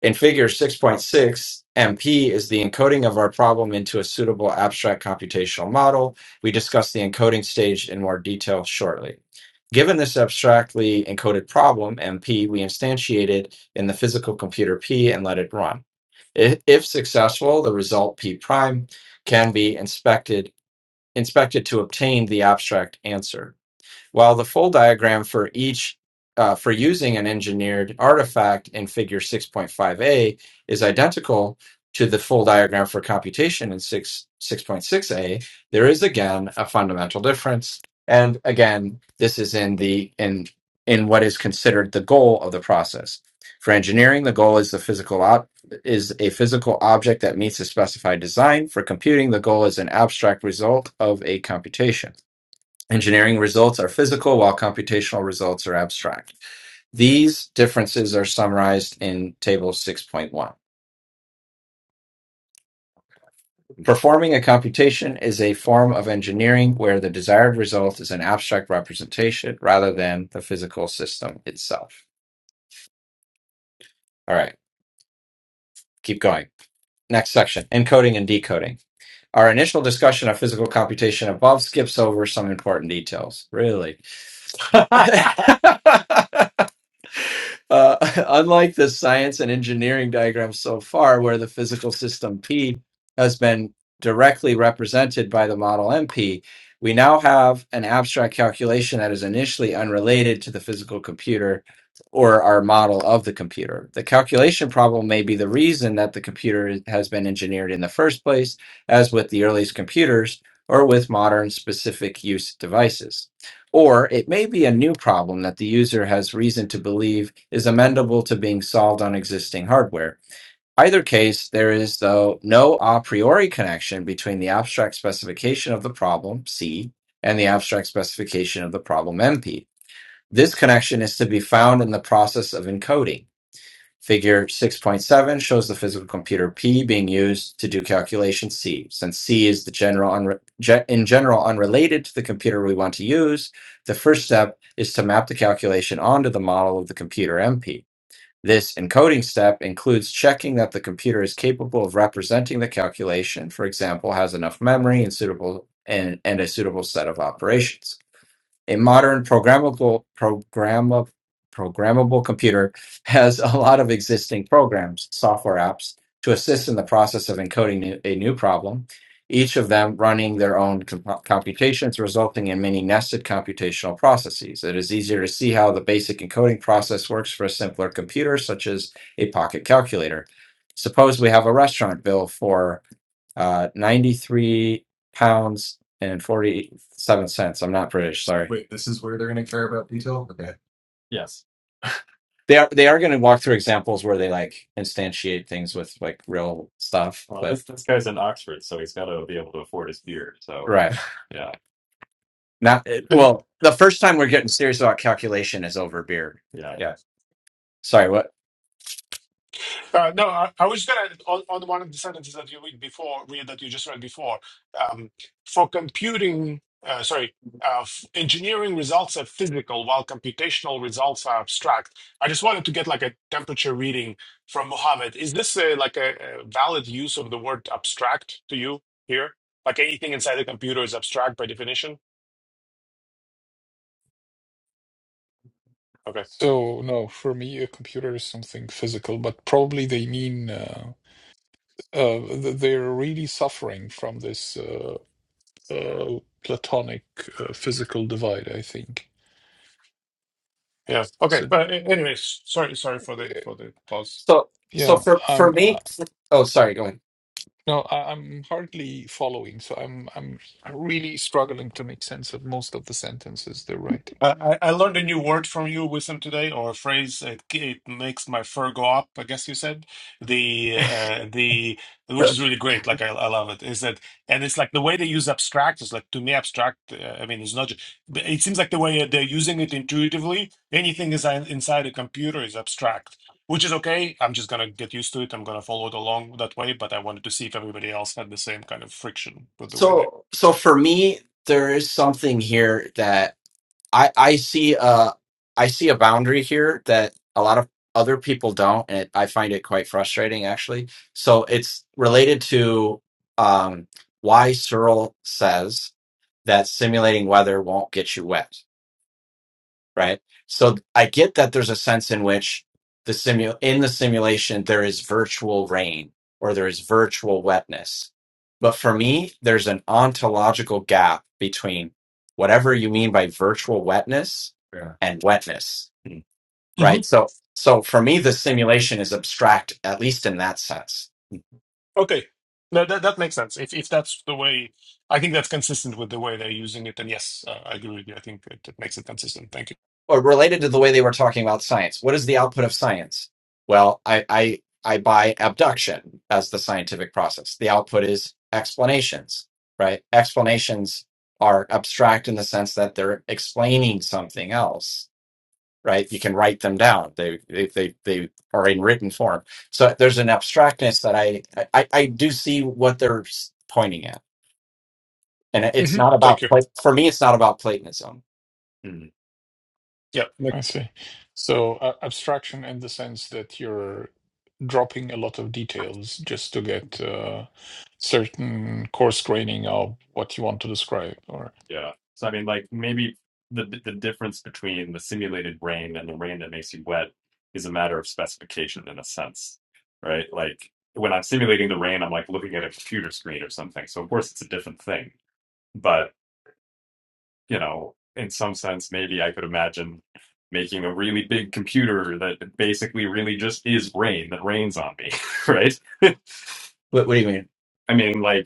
[SPEAKER 1] In figure 6.6, MP is the encoding of our problem into a suitable abstract computational model. We discuss the encoding stage in more detail shortly. Given this abstractly encoded problem, MP, we instantiate it in the physical computer P and let it run. I- If successful, the result P prime can be inspected inspected to obtain the abstract answer. While the full diagram for each uh, for using an engineered artifact in Figure 6.5a is identical to the full diagram for computation in 6 6.6a, there is again a fundamental difference. And again, this is in the in in what is considered the goal of the process. For engineering, the goal is the physical op- is a physical object that meets a specified design. For computing, the goal is an abstract result of a computation. Engineering results are physical, while computational results are abstract. These differences are summarized in Table 6.1. Performing a computation is a form of engineering where the desired result is an abstract representation rather than the physical system itself. All right, keep going. Next section encoding and decoding. Our initial discussion of physical computation above skips over some important details. Really? Uh, unlike the science and engineering diagrams so far, where the physical system P has been directly represented by the model MP, we now have an abstract calculation that is initially unrelated to the physical computer or our model of the computer. The calculation problem may be the reason that the computer has been engineered in the first place, as with the earliest computers or with modern specific use devices. Or it may be a new problem that the user has reason to believe is amendable to being solved on existing hardware. Either case, there is, though, no a priori connection between the abstract specification of the problem, C, and the abstract specification of the problem, MP. This connection is to be found in the process of encoding. Figure 6.7 shows the physical computer P being used to do calculation C. Since C is the general unre- ge- in general unrelated to the computer we want to use, the first step is to map the calculation onto the model of the computer MP. This encoding step includes checking that the computer is capable of representing the calculation, for example, has enough memory and suitable and, and a suitable set of operations a modern programmable programma- programmable computer has a lot of existing programs, software apps to assist in the process of encoding new- a new problem, each of them running their own comp- computations resulting in many nested computational processes. It is easier to see how the basic encoding process works for a simpler computer such as a pocket calculator. Suppose we have a restaurant bill for uh, ninety-three pounds and forty-seven cents. I'm not British, sorry. Wait, this is where they're going to care about detail? Okay. Yes. They are they are going to walk through examples where they like instantiate things with like real stuff, Well, but this this guy's in Oxford, so he's got to be able to afford his beer. So right. yeah, Not it,
[SPEAKER 2] I,
[SPEAKER 1] well, the first time we're getting serious about calculation is over beer. yeah. Yeah. Sorry, what
[SPEAKER 2] Uh, no, I, I was going to, on, on one of the sentences that you read before, read that you just read before, um, for computing, uh, sorry, uh, f- engineering results are physical while computational results are abstract. I just wanted to get like a temperature reading from Mohammed. Is this a, like a, a valid use of the word abstract to you here? Like anything inside the computer is abstract by definition? Okay.
[SPEAKER 3] So no, for me, a computer is something physical, but probably they mean uh, uh, th- they're really suffering from this. Uh, uh, platonic uh, physical divide, I think.
[SPEAKER 2] Yeah. Okay.
[SPEAKER 3] So,
[SPEAKER 2] But a- anyways, sorry, sorry for the,
[SPEAKER 3] uh,
[SPEAKER 2] for the pause.
[SPEAKER 1] So so
[SPEAKER 3] yeah,
[SPEAKER 1] for for
[SPEAKER 3] I'm uh,
[SPEAKER 1] me, oh sorry, go ahead.
[SPEAKER 3] no, I, I'm hardly following. So I'm I'm really struggling to make sense of most of the sentences they're writing.
[SPEAKER 2] I, I I learned a new word from you, Wisdom, today, or a phrase. It, it makes my fur go up. I guess you said the uh, the which
[SPEAKER 1] Sure.
[SPEAKER 2] is really great. Like I, I love it. Is that and it's like the way they use abstract is like to me abstract. Uh, I mean, it's not. ju- but It seems like the way they're using it intuitively. Anything is in- inside a computer is abstract, which is okay. I'm just gonna get used to it. I'm gonna follow it along that way. But I wanted to see if everybody else had the same kind of friction with the way they.
[SPEAKER 1] So, so for me, there is something here that I I see a I see a boundary here that a lot of other people don't, and I find it quite frustrating actually. So it's related to um, why Searle says that simulating weather won't get you wet right? So I get that there's a sense in which the simu in the simulation there is virtual rain or there is virtual wetness. But for me, there's an ontological gap between whatever you mean by virtual wetness Yeah. and wetness right? So, so for me, the simulation is abstract, at least in that sense.
[SPEAKER 2] Okay. No, that that makes sense. If if that's the way, I think that's consistent with the way they're using it. And yes, uh, I agree with you. I think it, it makes it consistent. Thank
[SPEAKER 1] Or related to the way they were talking about science, what is the output of science? Well, I, I, I buy abduction as the scientific process. The output is explanations, right? Explanations are abstract in the sense that they're explaining something else right? You can write them down. They they they, they are in written form. So there's an abstractness that I I, I do see what they're s- pointing at, and
[SPEAKER 2] you.
[SPEAKER 1] it's
[SPEAKER 2] hmm
[SPEAKER 1] not
[SPEAKER 2] Thank
[SPEAKER 1] about
[SPEAKER 2] you.
[SPEAKER 1] Pla- for me. It's not about Platonism. Mm,
[SPEAKER 2] Yeah. Nick.
[SPEAKER 3] I see. So uh, abstraction in the sense that you're dropping a lot of details just to get uh, certain coarse graining of what you want to describe, or
[SPEAKER 1] yeah. So I mean, like maybe the the difference between the simulated rain and the rain that makes you wet is a matter of specification in a sense, right? Like when I'm simulating the rain, I'm like looking at a computer screen or something. So of course it's a different thing. you know, in some sense, maybe I could imagine making a really big computer that basically really just is rain that rains on me, right? What, what do you mean? I mean, like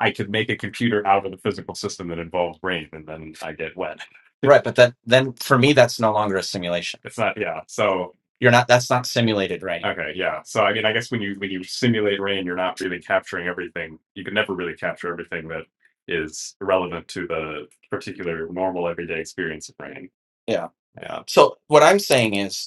[SPEAKER 1] I could make a computer out of the physical system that involves rain, and then I get wet. Right, but then then for me that's no longer a simulation. It's not, yeah. So You're not that's not simulated rain. okay, yeah. So I mean, I guess when you when you simulate rain, you're not really capturing everything. You can never really capture everything that is relevant to the particular normal everyday experience of rain. Yeah. Yeah. So what I'm saying is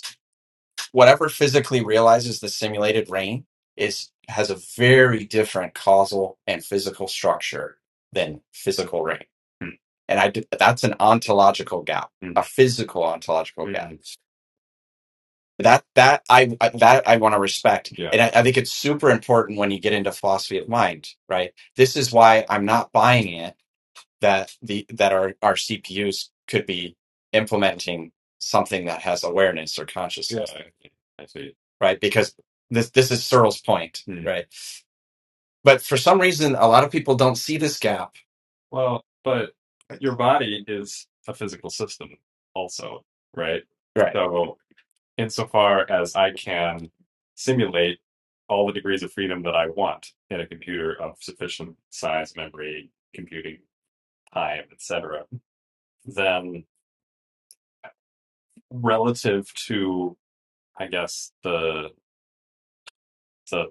[SPEAKER 1] whatever physically realizes the simulated rain is has a very different causal and physical structure than physical rain. Hmm. And I did, that's an ontological gap, Hmm. a physical ontological Hmm. gap. Hmm. That that I, I that I want to respect, Yeah. and I, I think it's super important when you get into philosophy of mind. Right, this is why I'm not buying it that the that our our CPUs could be implementing something that has awareness or Yeah, consciousness, Yeah, I, I see. right? Because this this is Searle's point, Hmm. right? But for some reason, a lot of people don't see this gap. Well, but your body is a physical system, also, right? Right. So, insofar as I can simulate all the degrees of freedom that I want in a computer of sufficient size, memory, computing time, etc., then relative to i guess the the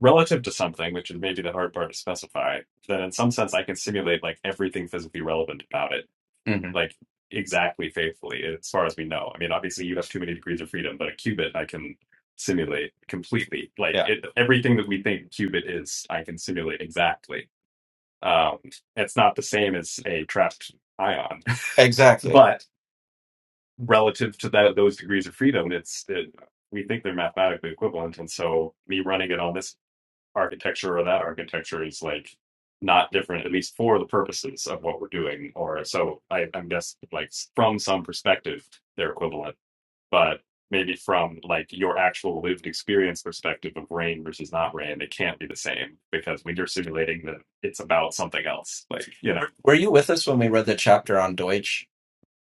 [SPEAKER 1] relative to something which is maybe the hard part to specify then in some sense i can simulate like everything physically relevant about it hmm like exactly faithfully as far as we know i mean obviously you have too many degrees of freedom but a qubit i can simulate completely like Yeah. it, everything that we think qubit is i can simulate exactly um it's not the same as a trapped ion Exactly. but relative to that those degrees of freedom it's it, we think they're mathematically equivalent and so me running it on this architecture or that architecture is like not different at least for the purposes of what we're doing or so I, i'm guessing, like from some perspective they're equivalent but maybe from like your actual lived experience perspective of rain versus not rain it can't be the same because when you're simulating that it's about something else like you know Were you with us when we read the chapter on Deutsch?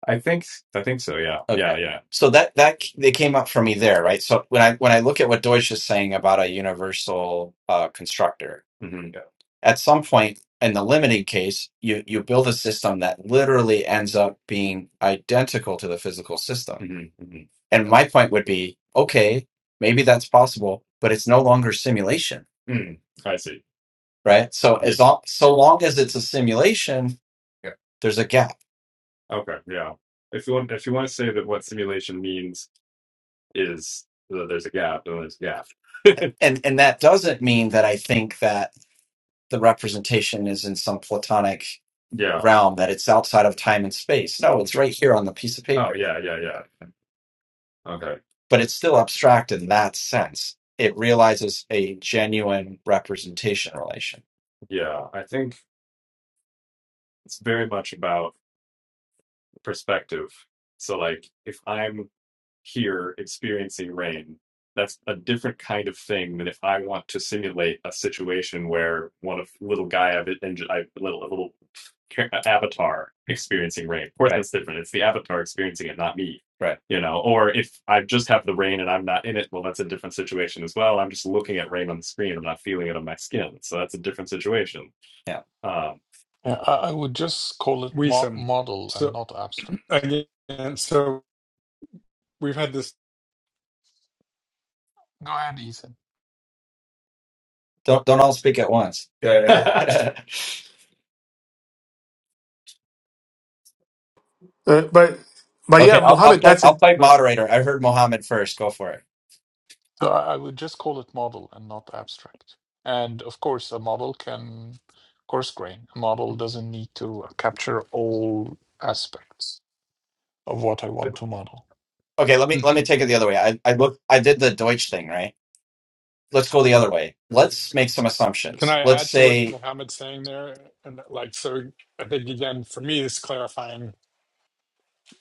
[SPEAKER 1] I think I think so. Yeah. Yeah. Okay. Yeah. So that that they came up for me there, right? So when I when I look at what Deutsch is saying about a universal uh, constructor, hmm Yeah. at some point in the limiting case, you you build a system that literally ends up being identical to the physical system. hmm hmm And my point would be, okay, maybe that's possible, but it's no longer simulation, Mm. I see. right? So Yeah. as long so long as it's a simulation, Yeah. there's a gap. Okay, yeah. If you want, if you want to say that what simulation means is that there's a gap, then there's a gap. and and that doesn't mean that I think that the representation is in some platonic Yeah. realm that it's outside of time and space. No, it's right here on the piece of Oh, paper, yeah, yeah, yeah. Okay. but it's still abstract in that sense. It realizes a genuine representation relation. Yeah, I think it's very much about perspective. So, like, if I'm here experiencing rain. That's a different kind of thing than if I want to simulate a situation where one of little guy I've and I little a little avatar experiencing rain. Of course, Right. that's different. It's the avatar experiencing it, not me. Right. You know, or if I just have the rain and I'm not in it, well, that's a different situation as well. I'm just looking at rain on the screen. I'm not feeling it on my skin, so that's a different situation. Yeah. Um,
[SPEAKER 3] yeah, I, I would just call it
[SPEAKER 5] We
[SPEAKER 3] mo-
[SPEAKER 5] some
[SPEAKER 3] model and
[SPEAKER 5] so
[SPEAKER 3] not abstract.
[SPEAKER 5] again. So we've had this.
[SPEAKER 3] Go ahead, Ethan.
[SPEAKER 1] Don't don't all speak at once. Yeah, yeah.
[SPEAKER 2] Uh, but but yeah,
[SPEAKER 1] okay, I'll, I'll
[SPEAKER 2] Mohammed,
[SPEAKER 1] play.
[SPEAKER 2] that's
[SPEAKER 1] I'll
[SPEAKER 2] it.
[SPEAKER 1] play moderator. I heard Mohammed first. Go for it.
[SPEAKER 3] So I, I would just call it model and not abstract. And of course, a model can coarse grain. A model doesn't need to uh, capture all aspects of what I want to model.
[SPEAKER 1] Okay, let me let me
[SPEAKER 5] Mhm.
[SPEAKER 1] take it the other way. I I look I did the Deutsch thing, right? Let's go the other way. Let's make some
[SPEAKER 5] Can
[SPEAKER 1] assumptions.
[SPEAKER 5] I
[SPEAKER 1] Let's
[SPEAKER 5] add to what
[SPEAKER 1] say
[SPEAKER 5] Mohammed's saying there? And like, so I think again, for me, it's clarifying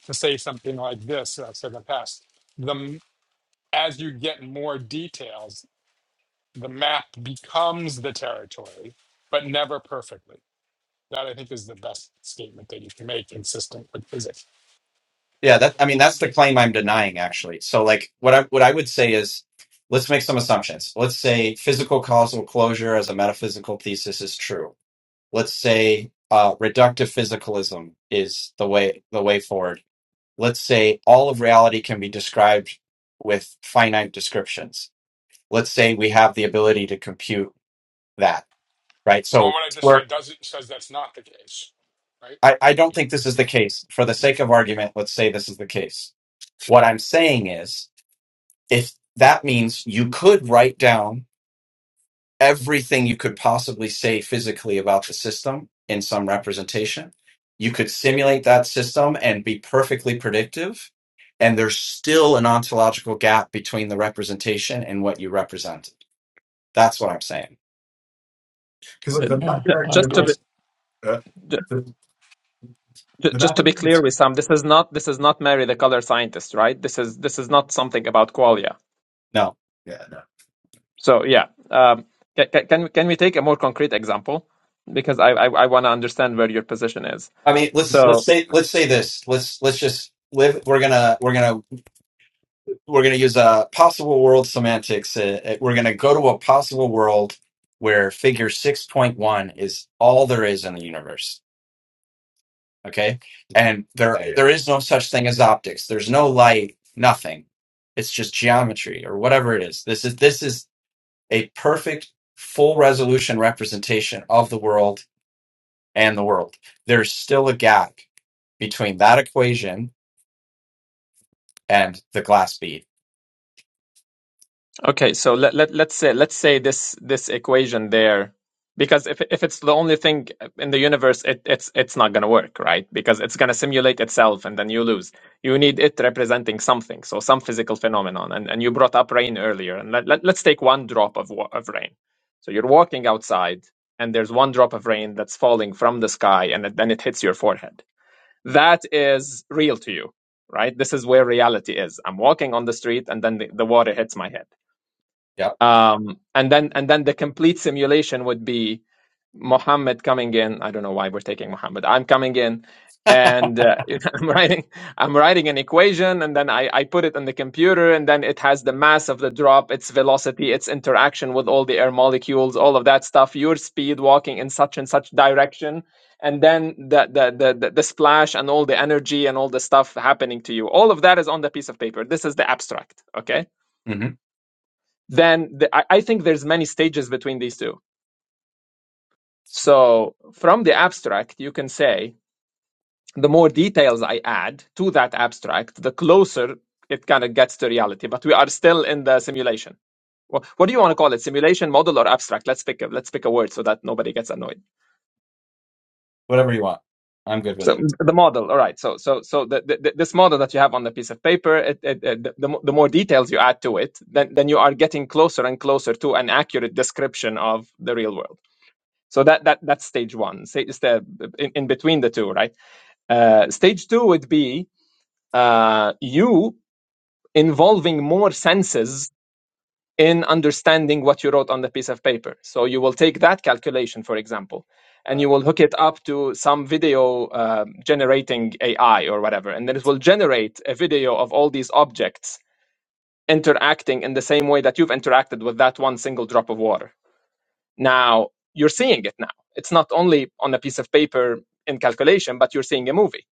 [SPEAKER 5] to say something like this. that I've said in the past, the m- as you get more details, the map becomes the territory, but never perfectly. That I think is the best statement that you can make, consistent with physics.
[SPEAKER 1] Yeah, that I mean that's the claim I'm denying actually. So like what I what I would say is let's make some assumptions. Let's say physical causal closure as a metaphysical thesis is true. Let's say uh, reductive physicalism is the way the way forward. Let's say all of reality can be described with finite descriptions. Let's say we have the ability to compute that, right?
[SPEAKER 5] Well,
[SPEAKER 1] So
[SPEAKER 5] what I just
[SPEAKER 1] we're
[SPEAKER 5] said doesn't says that's not the case, right?
[SPEAKER 1] I, I don't think this is the case. For the sake of argument, let's say this is the case. What I'm saying is if that means you could write down everything you could possibly say physically about the system in some representation you could simulate that system and be perfectly predictive and there's still an ontological gap between the representation and what you represented that's what i'm saying Because like
[SPEAKER 6] Uh,
[SPEAKER 1] the
[SPEAKER 3] Yeah,
[SPEAKER 1] mapping
[SPEAKER 3] I
[SPEAKER 1] argument
[SPEAKER 6] just a
[SPEAKER 3] agree.
[SPEAKER 6] bit
[SPEAKER 1] is uh, the,
[SPEAKER 6] Ju-
[SPEAKER 1] the
[SPEAKER 6] Just to
[SPEAKER 1] mapping
[SPEAKER 6] be
[SPEAKER 1] argument
[SPEAKER 6] clear
[SPEAKER 1] is
[SPEAKER 6] with Sam, this is not this is not Mary the color scientist, right? This is this is not something about qualia.
[SPEAKER 1] no yeah no
[SPEAKER 6] So yeah, um, ca- ca- can we- can we take a more concrete example because I I, I want to understand where your position is.
[SPEAKER 1] i mean let's
[SPEAKER 6] So
[SPEAKER 1] let's say let's say this let's let's just live we're gonna we're gonna we're going to use a possible world semantics. Uh, uh, we're going to go to a possible world where figure 6.1 is all there is in the universe. Okay. And there, Hey, there is no such thing as optics. There's no light, nothing. It's just geometry or whatever it is. This is, this is a perfect full resolution representation of the world and the world. There's still a gap between that equation and the glass bead
[SPEAKER 6] Okay, so let, let let's say let's say this this equation there, because if if it's the only thing in the universe, it, it's it's not gonna work, right? Because it's gonna simulate itself, and then you lose. You need it representing something, so some physical phenomenon. And and you brought up rain earlier, and let, let let's take one drop of wa- of rain. So you're walking outside, and there's one drop of rain that's falling from the sky, and it, then it hits your forehead. That is real to you, right? This is where reality is. I'm walking on the street, and then the, the water hits my head
[SPEAKER 1] Yeah.
[SPEAKER 6] um, and then and then the complete simulation would be Muhammad coming in. I don't know why we're taking Muhammad. I'm coming in, and uh, I'm writing I'm writing an equation, and then I I put it in the computer, and then it has the mass of the drop, its velocity, its interaction with all the air molecules, all of that stuff, your speed walking in such and such direction. And then the, the the the the splash and all the energy and all the stuff happening to you, all of that is on the piece of paper. This is the abstract, okay?
[SPEAKER 1] Mhm.
[SPEAKER 6] then the, I, I think there's many stages between these two. So from the abstract, you can say the more details I add to that abstract, the closer it kind of gets to reality. But we are still in the simulation. Well, what do you want to call it? Simulation, model, or abstract? Let's pick a let's pick a word so that nobody gets annoyed.
[SPEAKER 1] Whatever you want. I'm good with
[SPEAKER 6] So
[SPEAKER 1] it.
[SPEAKER 6] the model, all right. So so so the, the, this model that you have on the piece of paper, it, it, it, the, the more details you add to it, then then you are getting closer and closer to an accurate description of the real world. So that that that's stage one. Stage is the in, in between the two, right? Uh, stage two would be uh, you involving more senses in understanding what you wrote on the piece of paper. So you will take that calculation, for example,
[SPEAKER 1] Uh,
[SPEAKER 6] and you will hook it up to some video uh, generating AI or whatever, and then it will generate a video of all these objects interacting in the same way that you've interacted with that one single drop of water Now you're seeing it now. It's not only on a piece of paper in calculation, but you're seeing a movie.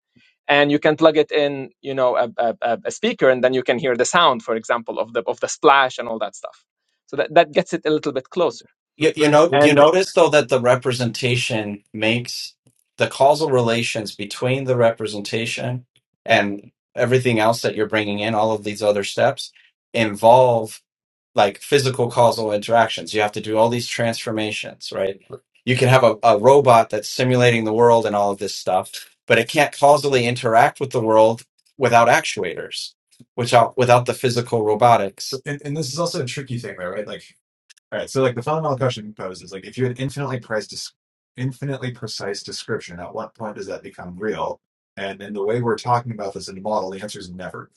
[SPEAKER 6] And you can plug it in, you know, a, a, a speaker, and then you can hear the sound, for example, of the of the splash and all that stuff. So that, that gets it a little bit closer.
[SPEAKER 1] You, you know, you
[SPEAKER 6] And
[SPEAKER 1] notice though that the representation makes the causal relations between the representation and everything else that you're bringing in, all of these other steps involve like physical causal interactions. You have to do all these transformations, right? You can have a, a robot that's simulating the world and all of this stuff, but it can't causally interact with the world without actuators, without without the physical robotics. and, and this is also a tricky thing though right like all right, so like the fundamental question poses, like if you had infinitely precise, infinitely precise description, at what point does that become real? And in the way we're talking about this in the model, the answer is never.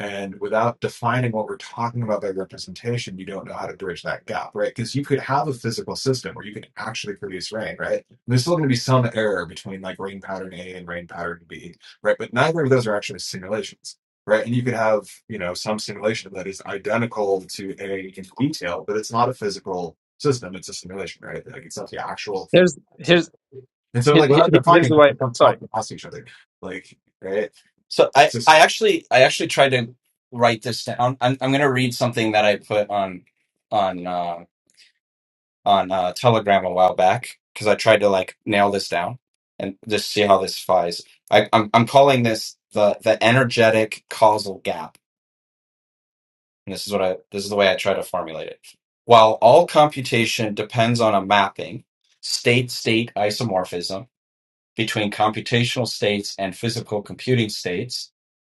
[SPEAKER 1] And without defining what we're talking about by representation, you don't know how to bridge that gap, right? Because you could have a physical system where you can actually produce rain, right? And there's still going to be some error between like rain pattern A and rain pattern B, right? But neither of those are actually simulations right? And you could have, you know, some simulation that is identical to a in detail, but it's not a physical system. It's a simulation, right? Like it's not the actual thing.
[SPEAKER 6] here's here's
[SPEAKER 1] And so, like without
[SPEAKER 6] here's
[SPEAKER 1] defining,
[SPEAKER 6] the
[SPEAKER 1] they
[SPEAKER 6] way.
[SPEAKER 1] like them
[SPEAKER 6] Sorry.
[SPEAKER 1] talking past each other, like right? So I, It's just I actually I actually tried to write this down. I'm I'm gonna read something that I put on on uh, on uh, Telegram a while back because I tried to like nail this down and just see how this flies. I, I'm I'm calling this the the energetic causal gap and this is what I this is the way I try to formulate it. While all computation depends on a mapping, state-state isomorphism between computational states and physical computing states,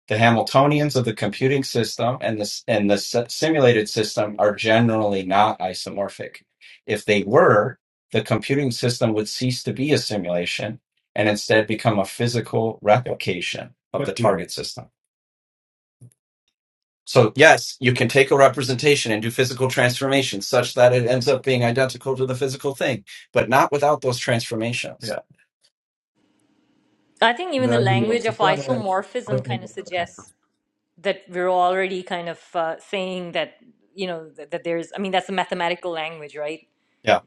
[SPEAKER 1] the Hamiltonians of the computing system and the s- and the s- simulated system are generally not isomorphic. If they were, the computing system would cease to be a simulation and instead become a physical replication of But the do target system. So, yes, you can take a representation and do physical transformations such that it ends up being identical to the physical thing, but not without those transformations.
[SPEAKER 4] I think even the language of isomorphism kind of suggests that we're already kind of uh, saying that you know that, that there's i mean that's a mathematical language right
[SPEAKER 1] Yeah.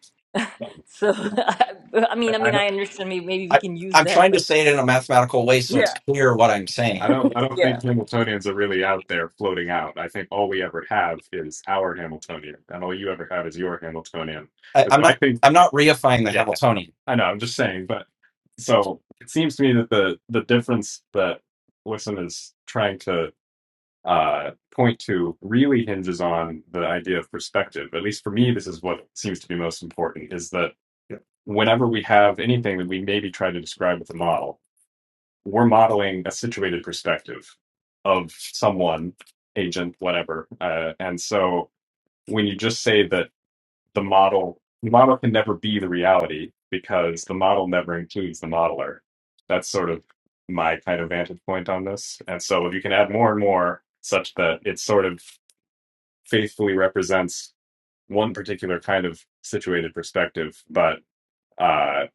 [SPEAKER 4] so i mean i
[SPEAKER 1] Yeah.
[SPEAKER 4] mean i understand maybe, maybe we
[SPEAKER 1] I,
[SPEAKER 4] can use
[SPEAKER 1] I'm
[SPEAKER 4] that
[SPEAKER 1] trying to
[SPEAKER 4] but
[SPEAKER 1] say it in a mathematical way so it's clear what I'm I saying. don't I don't think Hamiltonians are really out there floating out. I think all we ever have is our Hamiltonian, and all you ever have is your Hamiltonian. I, And I'm so I not think, I'm not reifying the yeah, Hamiltonian. I know. I'm just saying, but so it seems to me that the the difference that Wixon is trying to uh, point to really hinges on the idea of perspective. At least for me, this is what seems to be most important is that whenever we have anything that we maybe try to describe with a model, we're modeling a situated perspective of someone, agent, whatever. Uh, and so when you just say that the model the model can never be the reality because the model never includes the modeler that's sort of my kind of vantage point on this and so if you can add more and more such that it sort of faithfully represents one particular kind of situated perspective but uh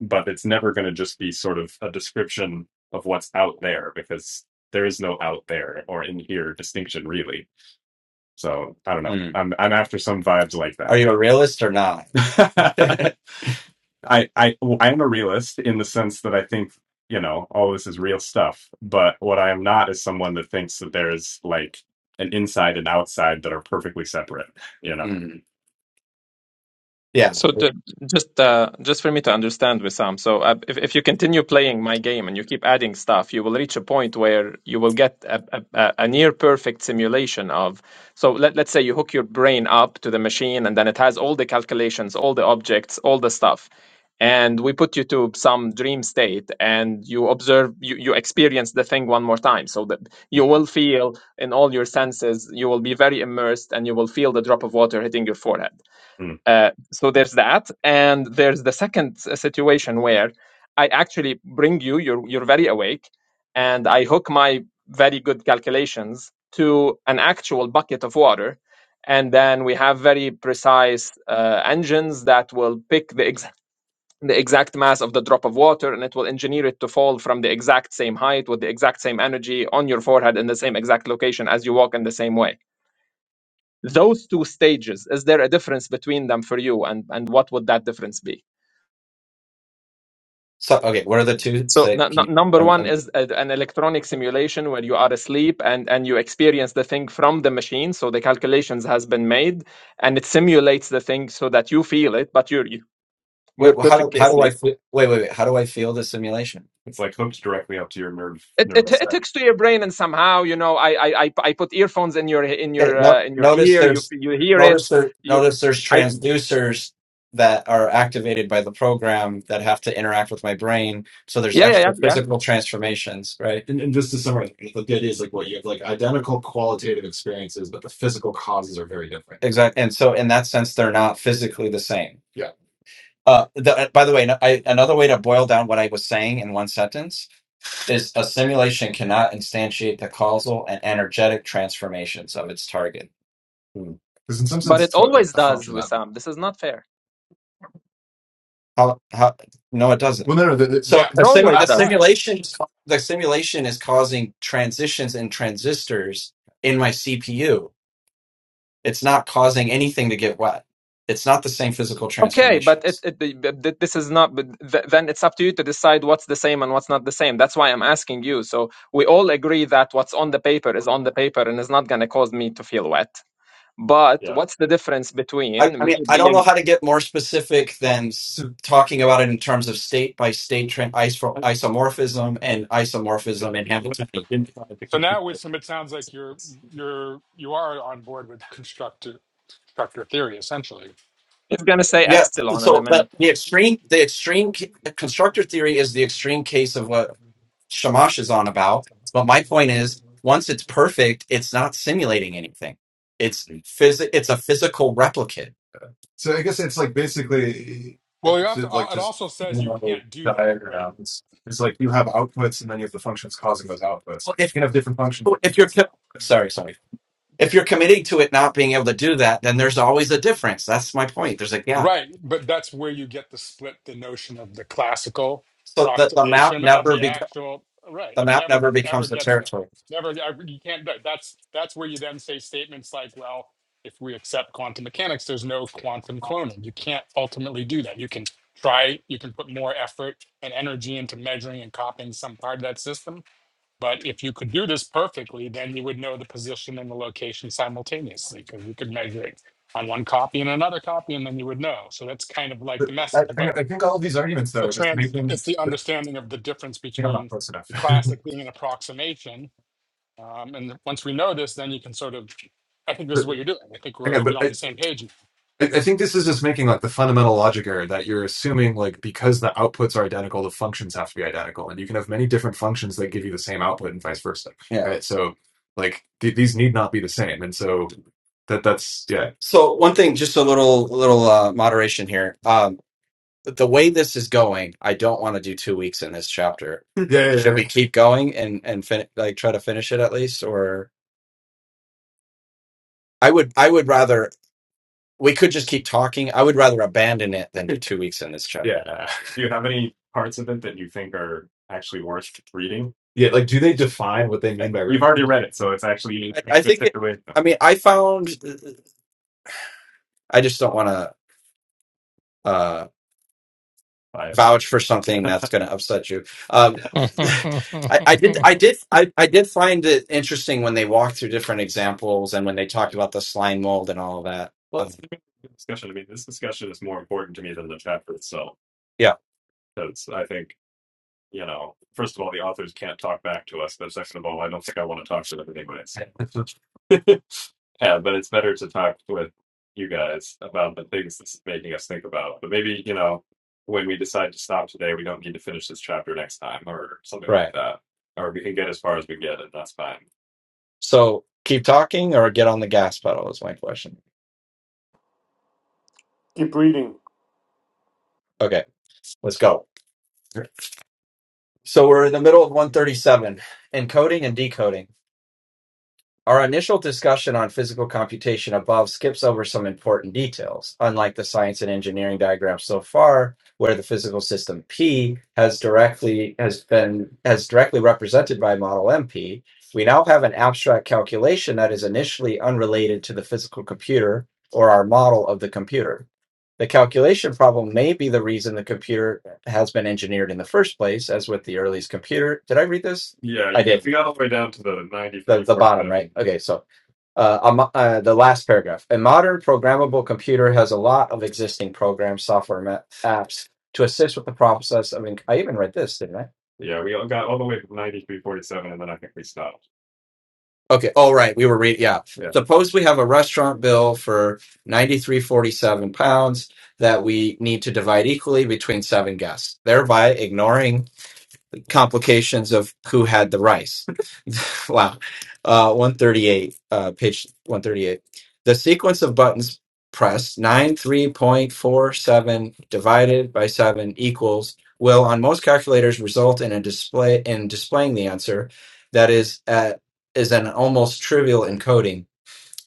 [SPEAKER 1] but it's never going to just be sort of a description of what's out there because there is no out there or in here distinction really so i don't know Mm. i'm i'm after some vibes like Are that you a realist or not? I I well, I am a realist in the sense that I think you know all this is real stuff. But what I am not is someone that thinks that there is like an inside and outside that are perfectly separate. You know. Mm. Yeah.
[SPEAKER 6] So ju- just uh, just for me to understand, Wissam, so uh, if if you continue playing my game and you keep adding stuff, you will reach a point where you will get a, a, a a near perfect simulation of. So let, let's say you hook your brain up to the machine and then it has all the calculations, all the objects, all the stuff. And we put you to some dream state and you observe, you, you experience the thing one more time. So that you will feel in all your senses, you will be very immersed and you will feel the drop of water hitting your forehead
[SPEAKER 1] Mm.
[SPEAKER 6] uh, so there's that, and there's the second situation where I actually bring you, you're you're very awake, and I hook my very good calculations to an actual bucket of water, and then we have very precise uh, engines that will pick the exact the exact mass of the drop of water and it will engineer it to fall from the exact same height with the exact same energy on your forehead in the same exact location as you walk in the same way those two stages is there a difference between them for you and and what would that difference be
[SPEAKER 1] So okay, what are the two?
[SPEAKER 6] so
[SPEAKER 1] Say,
[SPEAKER 6] n-
[SPEAKER 1] can you?
[SPEAKER 6] n- number
[SPEAKER 1] I'm,
[SPEAKER 6] one
[SPEAKER 1] I'm,
[SPEAKER 6] is a, an electronic simulation where you are asleep and and you experience the thing from the machine so the calculations has been made and it simulates the thing so that you feel it but you're you,
[SPEAKER 1] wait,
[SPEAKER 6] you're
[SPEAKER 1] how do
[SPEAKER 6] perfectly
[SPEAKER 1] how do I
[SPEAKER 6] asleep
[SPEAKER 1] fe- wait wait wait? How do I feel the simulation? It's like hooked directly up to your nerve
[SPEAKER 6] it, it
[SPEAKER 1] nerve.
[SPEAKER 6] it hooks to your brain and somehow you know i i i, I put earphones in your in
[SPEAKER 1] Okay,
[SPEAKER 6] your
[SPEAKER 1] no,
[SPEAKER 6] uh, in your
[SPEAKER 1] notice
[SPEAKER 6] ear you
[SPEAKER 1] there's
[SPEAKER 6] f- you hear it
[SPEAKER 1] notice there
[SPEAKER 6] you
[SPEAKER 1] notice there's
[SPEAKER 6] i
[SPEAKER 1] transducers that are activated by the program that have to interact with my brain. So there's
[SPEAKER 6] yeah yeah yeah
[SPEAKER 1] actual
[SPEAKER 6] yeah
[SPEAKER 1] physical transformations, right? And, and just to summarize, the the idea is like what you have like identical qualitative experiences, but the physical causes are very different. Exactly. And so in that sense, they're not physically the same. Yeah. Uh, the, uh, by the way, no- I, another way to boil down what I was saying in one sentence is a simulation cannot instantiate the causal and energetic transformations of its target. Because in some
[SPEAKER 6] but
[SPEAKER 1] sense,
[SPEAKER 6] it
[SPEAKER 1] it's what
[SPEAKER 6] always
[SPEAKER 1] like a
[SPEAKER 6] does
[SPEAKER 1] function that.
[SPEAKER 6] Wissam. this is not fair
[SPEAKER 1] How, how, no, it doesn't. Well, no, no, the, the,
[SPEAKER 5] Yeah,
[SPEAKER 1] So
[SPEAKER 6] it
[SPEAKER 1] the sim,
[SPEAKER 5] no,
[SPEAKER 1] the
[SPEAKER 6] always
[SPEAKER 1] that,
[SPEAKER 5] that's
[SPEAKER 6] does
[SPEAKER 5] right.
[SPEAKER 1] simulation the simulation is causing transitions and transistors in my CPU. It's not causing anything to get wet. It's not the same physical
[SPEAKER 6] Okay, but it,
[SPEAKER 1] transformations.
[SPEAKER 6] it, the- the- the- this is not. But th- then it's up to you to decide what's the same and what's not the same. That's why I'm asking you. So we all agree that what's on the paper is on the paper and is not going to cause me to feel wet. But what's the difference
[SPEAKER 1] I, I
[SPEAKER 6] between
[SPEAKER 1] mean,
[SPEAKER 6] me
[SPEAKER 1] I don't know
[SPEAKER 6] being?
[SPEAKER 1] how to get more specific than s- talking about it in terms of state by state trend iso- isomorphism and isomorphism and Hamiltonian.
[SPEAKER 5] So now, with some, it sounds like you're you're you are on board with constructive constructor theory essentially
[SPEAKER 6] It's going to say
[SPEAKER 1] Yeah,
[SPEAKER 6] epsilon in a
[SPEAKER 1] so
[SPEAKER 6] minute.
[SPEAKER 1] but the extreme, the extreme c- constructor theory is the extreme case of what Shamash is on about. But my point is, once it's perfect, it's not simulating anything. It's phys- It's a physical replicate. So I guess it's like basically
[SPEAKER 5] Well, you
[SPEAKER 1] it's
[SPEAKER 5] have to.
[SPEAKER 1] like
[SPEAKER 5] uh, It
[SPEAKER 1] just
[SPEAKER 5] also
[SPEAKER 1] you
[SPEAKER 5] says you
[SPEAKER 1] know,
[SPEAKER 5] can't do that, right?
[SPEAKER 1] diagrams. It's like you have outputs and then you have the functions causing those outputs. Well, You if can have different functions. if you're co- sorry, sorry, if you're committing to it not being able to do that, then there's always a difference. That's my point. There's a gap.
[SPEAKER 5] Right, but that's where you get the split the notion of the classical
[SPEAKER 1] So the, the map
[SPEAKER 5] approximation of
[SPEAKER 1] never
[SPEAKER 5] the
[SPEAKER 1] be,
[SPEAKER 5] actual. Right,
[SPEAKER 1] the
[SPEAKER 5] it
[SPEAKER 1] map never
[SPEAKER 5] never ever
[SPEAKER 1] becomes the
[SPEAKER 5] gets there.
[SPEAKER 1] territory.
[SPEAKER 5] Never, ever- you can't. do it. That's that's where you then say statements like, "Well, if we accept quantum mechanics, there's no quantum cloning. You can't ultimately do that. You can try. You can put more effort and energy into measuring and copying some part of that system, But if you could do this perfectly, then you would know the position and the location simultaneously because you could measure it on one copy and another copy, and then you would know. So that's kind of like
[SPEAKER 1] But
[SPEAKER 5] the
[SPEAKER 1] I,
[SPEAKER 5] message.
[SPEAKER 1] I
[SPEAKER 5] But
[SPEAKER 1] think all these arguments
[SPEAKER 5] it's
[SPEAKER 1] though
[SPEAKER 5] the
[SPEAKER 1] are just
[SPEAKER 5] trans,
[SPEAKER 1] making.
[SPEAKER 5] it's the
[SPEAKER 1] I
[SPEAKER 5] understanding of the difference
[SPEAKER 1] think I'm not
[SPEAKER 5] between
[SPEAKER 1] close enough.
[SPEAKER 5] the classic being an approximation. Um, and once we know this, then you can sort of, I think this
[SPEAKER 1] But,
[SPEAKER 5] is what you're doing. I think
[SPEAKER 1] hang
[SPEAKER 5] we're
[SPEAKER 1] on,
[SPEAKER 5] you're
[SPEAKER 1] but
[SPEAKER 5] on the same page.
[SPEAKER 1] I, think this is just making like the fundamental logic error that you're assuming like because the outputs are identical, the functions have to be identical, and you can have many different functions that give you the same output and vice versa, Yeah. right? So like th- these need not be the same, and so that that's yeah. So one thing, just a little little uh, moderation here. Um, the way this is going, I don't want to do two weeks in this chapter. yeah, yeah, Should yeah. we keep going and and fin- like try to finish it at least, or I would I would rather we could just keep talking. I would rather abandon it than do two weeks in this chat. Yeah. Do you have any parts of it that you think are actually worth reading? Yeah, like do they define what they mean by You've record? already read it, so it's actually I, I think it. I mean, I found. uh, I just don't want to. Five. vouch for something that's going to upset you. Um,
[SPEAKER 3] yeah,
[SPEAKER 1] I, I did, I did, I, I did find it interesting when they walked through different examples and when they talked about the slime mold and all of that. Well, Um, it's a good discussion. I mean, this discussion is more important to me than the chapter itself. yeah, Because I think you know, first of all, the authors can't talk back to us. But second of all, I don't think I want to talk to them anyways. yeah, but it's better to talk with you guys about the things that's making us think about. But maybe, you know, when we decide to stop today, we don't need to finish this chapter next time or something like Right. like that. Or we can get as far as we get, and that's fine. So keep talking or get on the gas pedal is my question.
[SPEAKER 2] Keep reading.
[SPEAKER 1] Okay, let's go. So we're in the middle of 137, encoding and decoding. Our initial discussion on physical computation above skips over some important details, unlike the science and engineering diagram so far, where the physical system P has directly has been as directly represented by model MP. We now have an abstract calculation that is initially unrelated to the physical computer or our model of the computer. The calculation problem may be the reason the computer has been engineered in the first place, as with the earliest computer. Did I read this? Yeah, I you, did. If you got all the way down to the ninety The, the bottom, right? Okay, so uh, a mo- uh, the last paragraph. A modern programmable computer has a lot of existing programs, software, ma- apps to assist with the process. I mean, I even read this, didn't I? Yeah, we all got all the way to ninety three forty seven, and then I think we stopped. Okay. Oh, right. We were reading. Yeah. Yeah. Suppose we have a restaurant bill for ninety three forty seven pounds that we need to divide equally between seven guests, thereby ignoring complications of who had the rice. wow. Uh, 138, uh, page 138. The sequence of buttons pressed nine three point four seven divided by 7 equals will on most calculators result in a display in displaying the answer that is at is an almost trivial encoding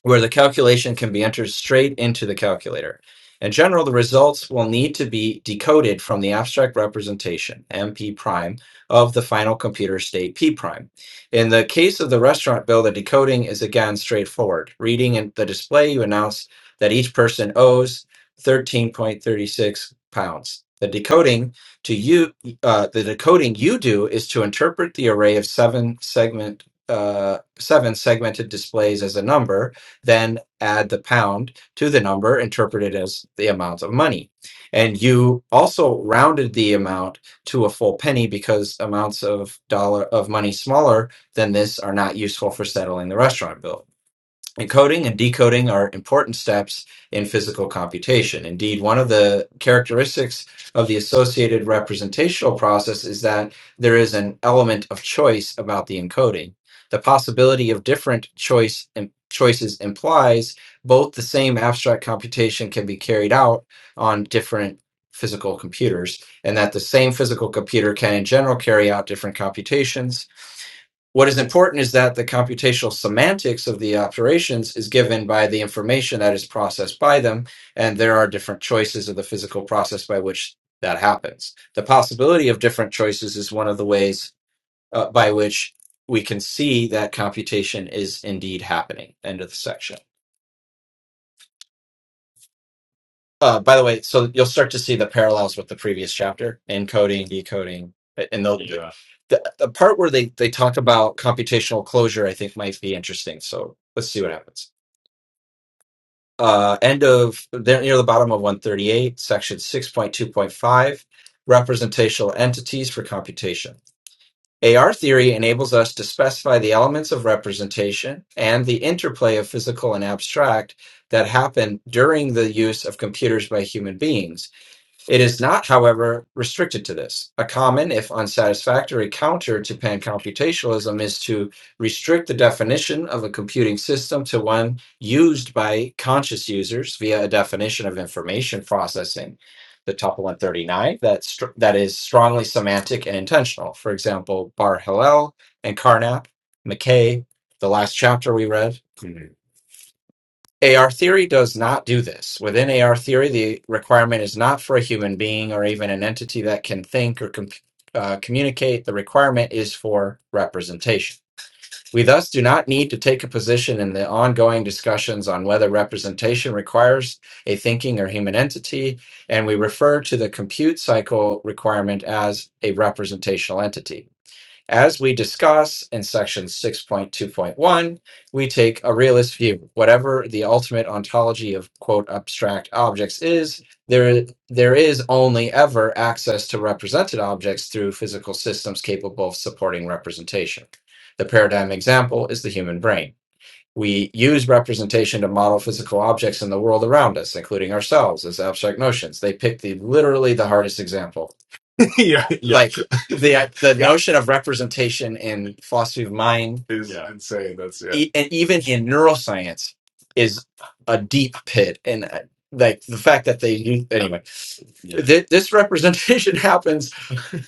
[SPEAKER 1] where the calculation can be entered straight into the calculator. In general, the results will need to be decoded from the abstract representation, MP prime, of the final computer state P prime. In the case of the restaurant bill, the decoding is again straightforward. Reading in the display, you announce that each person owes 13.36 pounds. The decoding to you, uh, the decoding you do is to interpret the array of seven segment, uh, seven segmented displays as a number then add the pound to the number interpreted as the amount of money. And you also rounded the amount to a full penny because amounts of dollar of money smaller than this are not useful for settling the restaurant bill. Encoding and decoding are important steps in physical computation. Indeed, one of the characteristics of the associated representational process is that there is an element of choice about the encoding. The possibility of different choice im- choices implies both the same abstract computation can be carried out on different physical computers and that the same physical computer can in general carry out different computations what is important is that the computational semantics of the operations is given by the information that is processed by them, and there are different choices of the physical process by which that happens. The possibility of different choices is one of the ways uh, by which we can see that computation is indeed happening. End of the section. Uh, by the way, so you'll start to see the parallels with the previous chapter, encoding, decoding, and they'll, Yeah. the, the part where they, they talk about computational closure, I think might be interesting. So let's see what happens. Uh, end of, they're near the bottom of 138, section 6.2.5, representational entities for computation. AR theory enables us to specify the elements of representation and the interplay of physical and abstract that happen during the use of computers by human beings it is not, however, restricted to this. A common, if unsatisfactory, counter to pancomputationalism is to restrict the definition of a computing system to one used by conscious users via a definition of information processing, the tuple 39, that, str- that is strongly semantic and intentional. For example, Bar Hillel and Carnap, McKay, the last chapter we read. AR theory does not do this. Within AR theory, the requirement is not for a human being or even an entity that can think or com- uh, communicate. The requirement is for representation. We thus do not need to take a position in the ongoing discussions on whether representation requires a thinking or human entity, and we refer to the compute cycle requirement as a representational entity. As we discuss in section 6.2.1, we take a realist view. Whatever the ultimate ontology of quote abstract objects is, there, there is only ever access to represented objects through physical systems capable of supporting representation. The paradigm example is the human brain. We use representation to model physical objects in the world around us, including ourselves, as abstract notions. They pick the literally the hardest example yeah, yeah, Like the uh, the yeah. notion of representation in philosophy of mind, Is Yeah. insane. That's yeah. e- and even in neuroscience, is a deep pit. And uh, like the fact that they use anyway, Yeah. th- this representation happens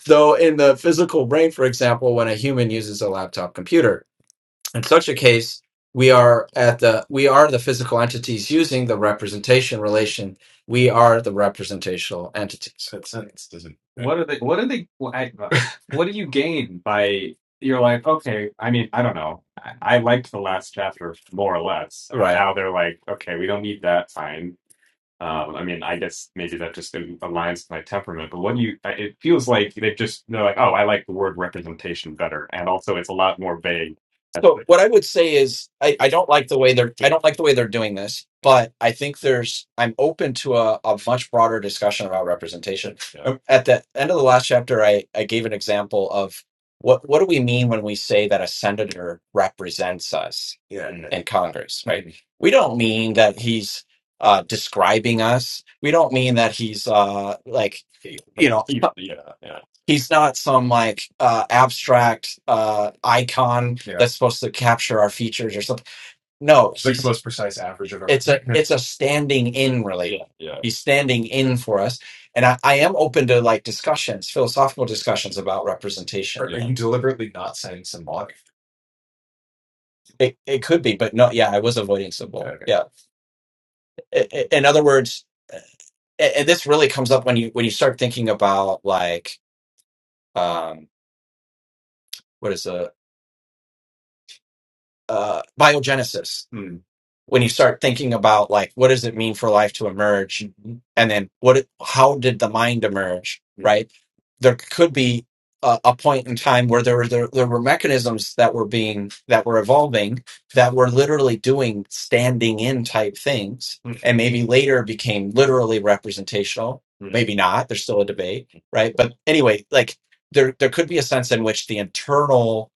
[SPEAKER 1] though in the physical brain. For example, when a human uses a laptop computer, in such a case, we are at the we are the physical entities using the representation relation. We are the representational entities. That sentence doesn't. uh, What are they? What are they? What, I, what do you gain by? You're like, okay. I mean, I don't know. I, I liked the last chapter more or less, and Right. now they're like, okay, we don't need that. Fine. Um, I mean, I guess maybe that just aligns with my temperament, but what do you, I- it feels like they've just, they're like, oh, I like the word representation better. And also it's a lot more vague. That's So the, what I would say is I, I don't like the way they're I don't like the way they're doing this, but I think there's I'm open to a, a much broader discussion about representation. Yeah. Um, At the end of the last chapter, I, I gave an example of what what do we mean when we say that a senator represents us Yeah. in Congress, right? Mhm. We don't mean that he's uh, describing us. We don't mean that he's uh, like, you know, Yeah. he's not some like uh, abstract uh, icon Yeah. that's supposed to capture our features or something. No, Sixth the most precise average of our. it's a it's a standing in yeah. relationship. Yeah. yeah. He's standing in for us, and I, I am open to like discussions, philosophical discussions about representation. Are, are You deliberately not saying symbolic? it it could be, but no, yeah, I was avoiding Yeah, symbol. okay. Yeah, I- I- in other words. and, and this really comes up when you when you start thinking about like um, what is a uh, biogenesis when you start thinking about like what does it mean for life to emerge Mhm. and then what it- how did the mind emerge right there could be a, a point in time where there were there, there were mechanisms that were being that were evolving that were literally doing standing in type things Mhm. and maybe later became literally representational Mhm. maybe not there's still a debate right but anyway like there there could be a sense in which the internal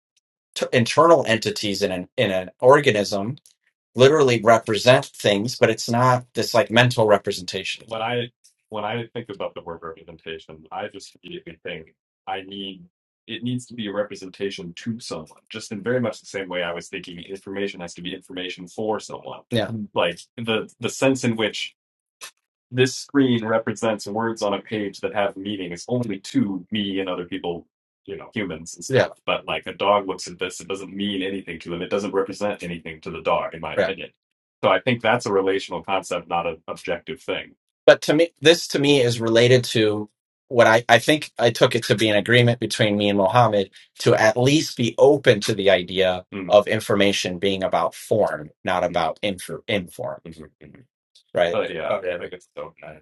[SPEAKER 1] t- internal entities in an in an organism literally represent things, but it's not this like mental representation. When I when I think about the word representation, I just immediately think I need it needs to be a representation to someone. Just in very much the same way I was thinking information has to be information for someone. Yeah. Like the the sense in which this screen represents words on a page that have meanings only to me and other people, you know, humans and stuff. Yeah, But like a dog looks at this, it doesn't mean anything to them. It doesn't represent anything to the dog, in my right. opinion. So I think that's a relational concept, not an objective thing. But to me, this to me is related to what I, I think I took it to be an agreement between me and Mohammed to at least be open to the idea Mm, of information being about form, not about infor, inform, mhm. right? But yeah, Okay, I guess so. nice.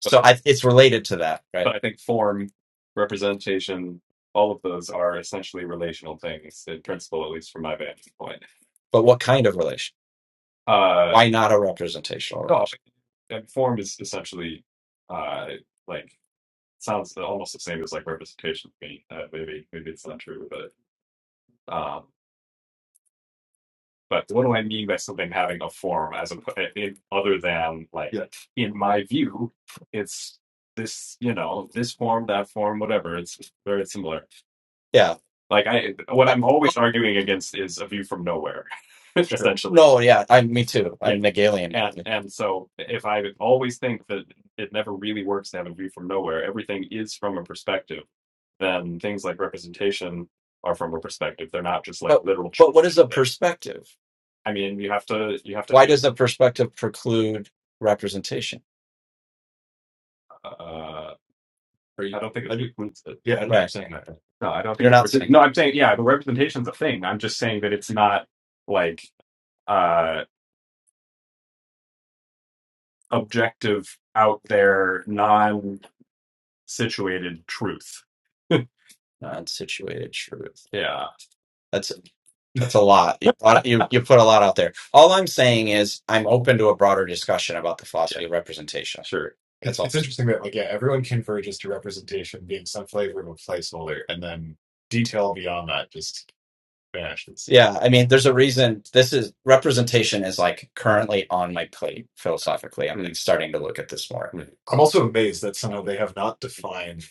[SPEAKER 1] So I, it's related to that, right? but I think form, representation, all of those are essentially relational things in principle, at least from my vantage point. But what kind of relation? Uh, Why not a representational oh, relation? gosh, and form is essentially uh, like sounds almost the same as like representation to me. Uh, maybe maybe it's not true, but. um, But what do I mean by something having a form as a, in, other than like, Yeah. in my view, it's this, you know, this form, that form, whatever. It's very similar. Yeah. Like I, what I'm always arguing against is a view from nowhere, essentially. No, yeah, I me too. Yeah. I'm yeah. Hegelian. And and so if I always think that it never really works to have a view from nowhere, everything is from a perspective then things like representation are from a perspective. They're not just like But literal but what is a they perspective? I mean, you have to you have to Why does a perspective preclude representation? Uh, I don't think it I do. precludes it. Yeah, I know what you're Right. saying. That. No, I don't think You're it. not precludes saying no, I'm saying yeah, the representation's a thing. I'm just saying that it's not like uh objective out there non situated truth. non-situated truth. yeah. That's a lot. You, you you put a lot out there. All I'm saying is I'm open to a broader discussion about the Yeah, philosophy of representation. sure. That's It's all. it's interesting that like yeah, everyone converges to representation being some flavor of a placeholder, and then detail beyond that just vanishes. Yeah, I mean, there's a reason this is representation is like currently on my plate philosophically. I'm Mm, like starting to look at this more. mm. mm. I'm also amazed that somehow they have not defined.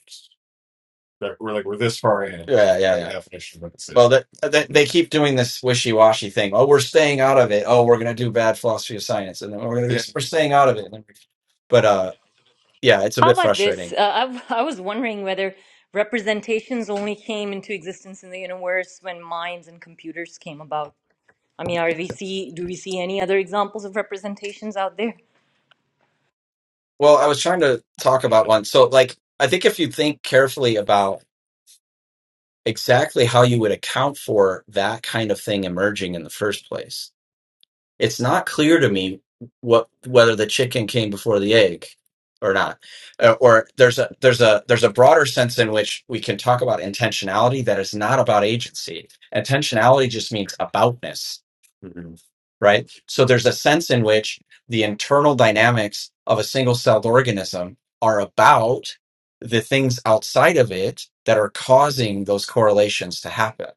[SPEAKER 1] That we're like we're this far in Yeah, yeah, yeah. definition of what this Well, that, that they keep doing this wishy-washy thing. Oh, we're staying out of it. Oh, we're going to do bad philosophy of science, and then we're going to do, Yeah. we're staying out of it. And then we- But uh, yeah, it's a
[SPEAKER 4] how
[SPEAKER 1] bit
[SPEAKER 4] about this
[SPEAKER 1] frustrating.
[SPEAKER 4] uh, I, I was wondering whether representations only came into existence in the universe when minds and computers came about i mean are we see do we see any other examples of representations out there
[SPEAKER 1] Well, I was trying to talk about one. So, like, I think if you think carefully about exactly how you would account for that kind of thing emerging in the first place, It's not clear to me what whether the chicken came before the egg or not. Uh, or there's a there's a there's a broader sense in which we can talk about intentionality that is not about agency. Intentionality just means aboutness. Mhm. Right? So there's a sense in which the internal dynamics of a single-celled organism are about the things outside of it that are causing those correlations to happen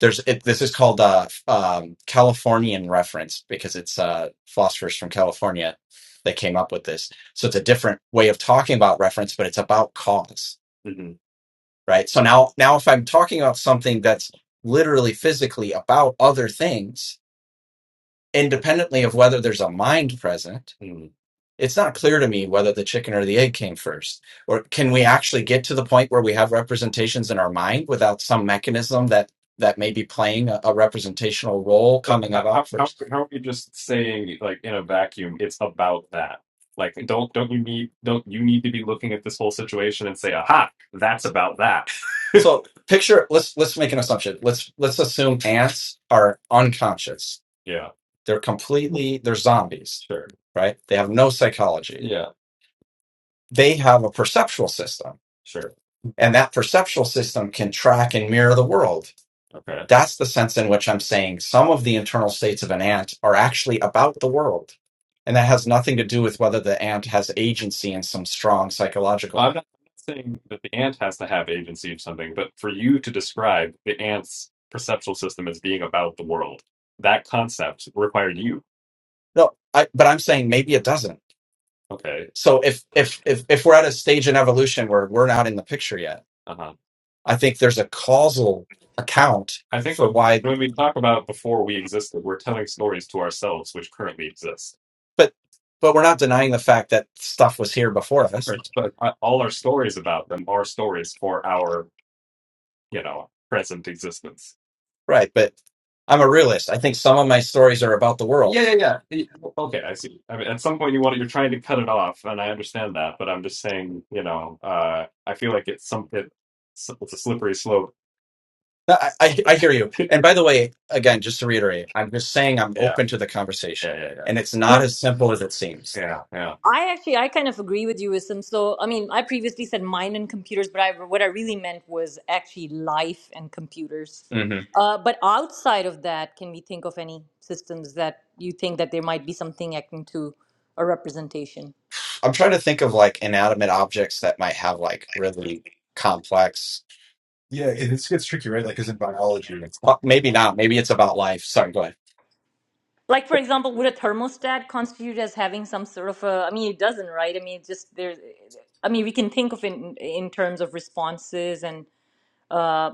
[SPEAKER 1] there's it, this is called uh, um, Californian reference because it's uh, philosophers from California that came up with this. So it's a different way of talking about reference, but it's about cause, hmm right? So now now if I'm talking about something that's literally physically about other things, independently of whether there's a mind present it's not clear to me whether the chicken or the egg came first. Or can we actually get to the point where we have representations in our mind without some mechanism that that may be playing a, a representational role So coming how, how about how first? how are you just saying like in a vacuum? It's about that. Like don't don't you need don't you need to be looking at this whole situation and say, aha, that's about that. So picture let's let's make an assumption. Let's let's assume ants are unconscious. Yeah, They're completely they're zombies right? They have no psychology. Yeah. They have a perceptual system, Sure. and that perceptual system can track and mirror the world. Okay. That's the sense in which I'm saying some of the internal states of an ant are actually about the world. And that has nothing to do with whether the ant has agency in some strong psychological Well, I'm not, I'm not saying that the ant has to have agency of something, but for you to describe the ant's perceptual system as being about the world, that concept required you. No, I, but I'm saying maybe it doesn't. Okay. So if if if if we're at a stage in evolution where we're not in the picture yet, Uh huh. I think there's a causal account I think for why. when we talk about before we existed, we're telling stories to ourselves which currently exist. But but we're not denying the fact that stuff was here before us. Right. But uh, all our stories about them are stories for our, you know, present existence. Right, but I'm a realist. I think some of my stories are about the world. Yeah, yeah, yeah. Y- Okay, I see. I mean, at some point you want you're trying to cut it off, and I understand that, but I'm just saying, you know, uh, I feel like it's some it, it's a slippery slope. No, I, I I hear you. And by the way, again, just to reiterate, I'm just saying I'm Yeah, open to the yeah, conversation, yeah, yeah, yeah, and it's not
[SPEAKER 4] No.
[SPEAKER 1] as simple as it seems. yeah, yeah.
[SPEAKER 4] I actually, I kind of agree with you, Isam. So, I mean, I previously said mind and computers, but I, what I really meant was actually life and computers.
[SPEAKER 1] hmm
[SPEAKER 4] Uh, but outside of that, can we think of any systems that you think that there might be something akin to a representation?
[SPEAKER 1] I'm trying to think of like inanimate objects that might have like really complex. Yeah, it it's- gets tricky, right? Like, because in biology, it's Well, maybe not. Maybe it's about life. Sorry, go ahead
[SPEAKER 4] Like, for example, would a thermostat constitute as having some sort of a? I mean, it doesn't, right? I mean, it's just there. I mean, we can think of it in, in terms of responses and uh,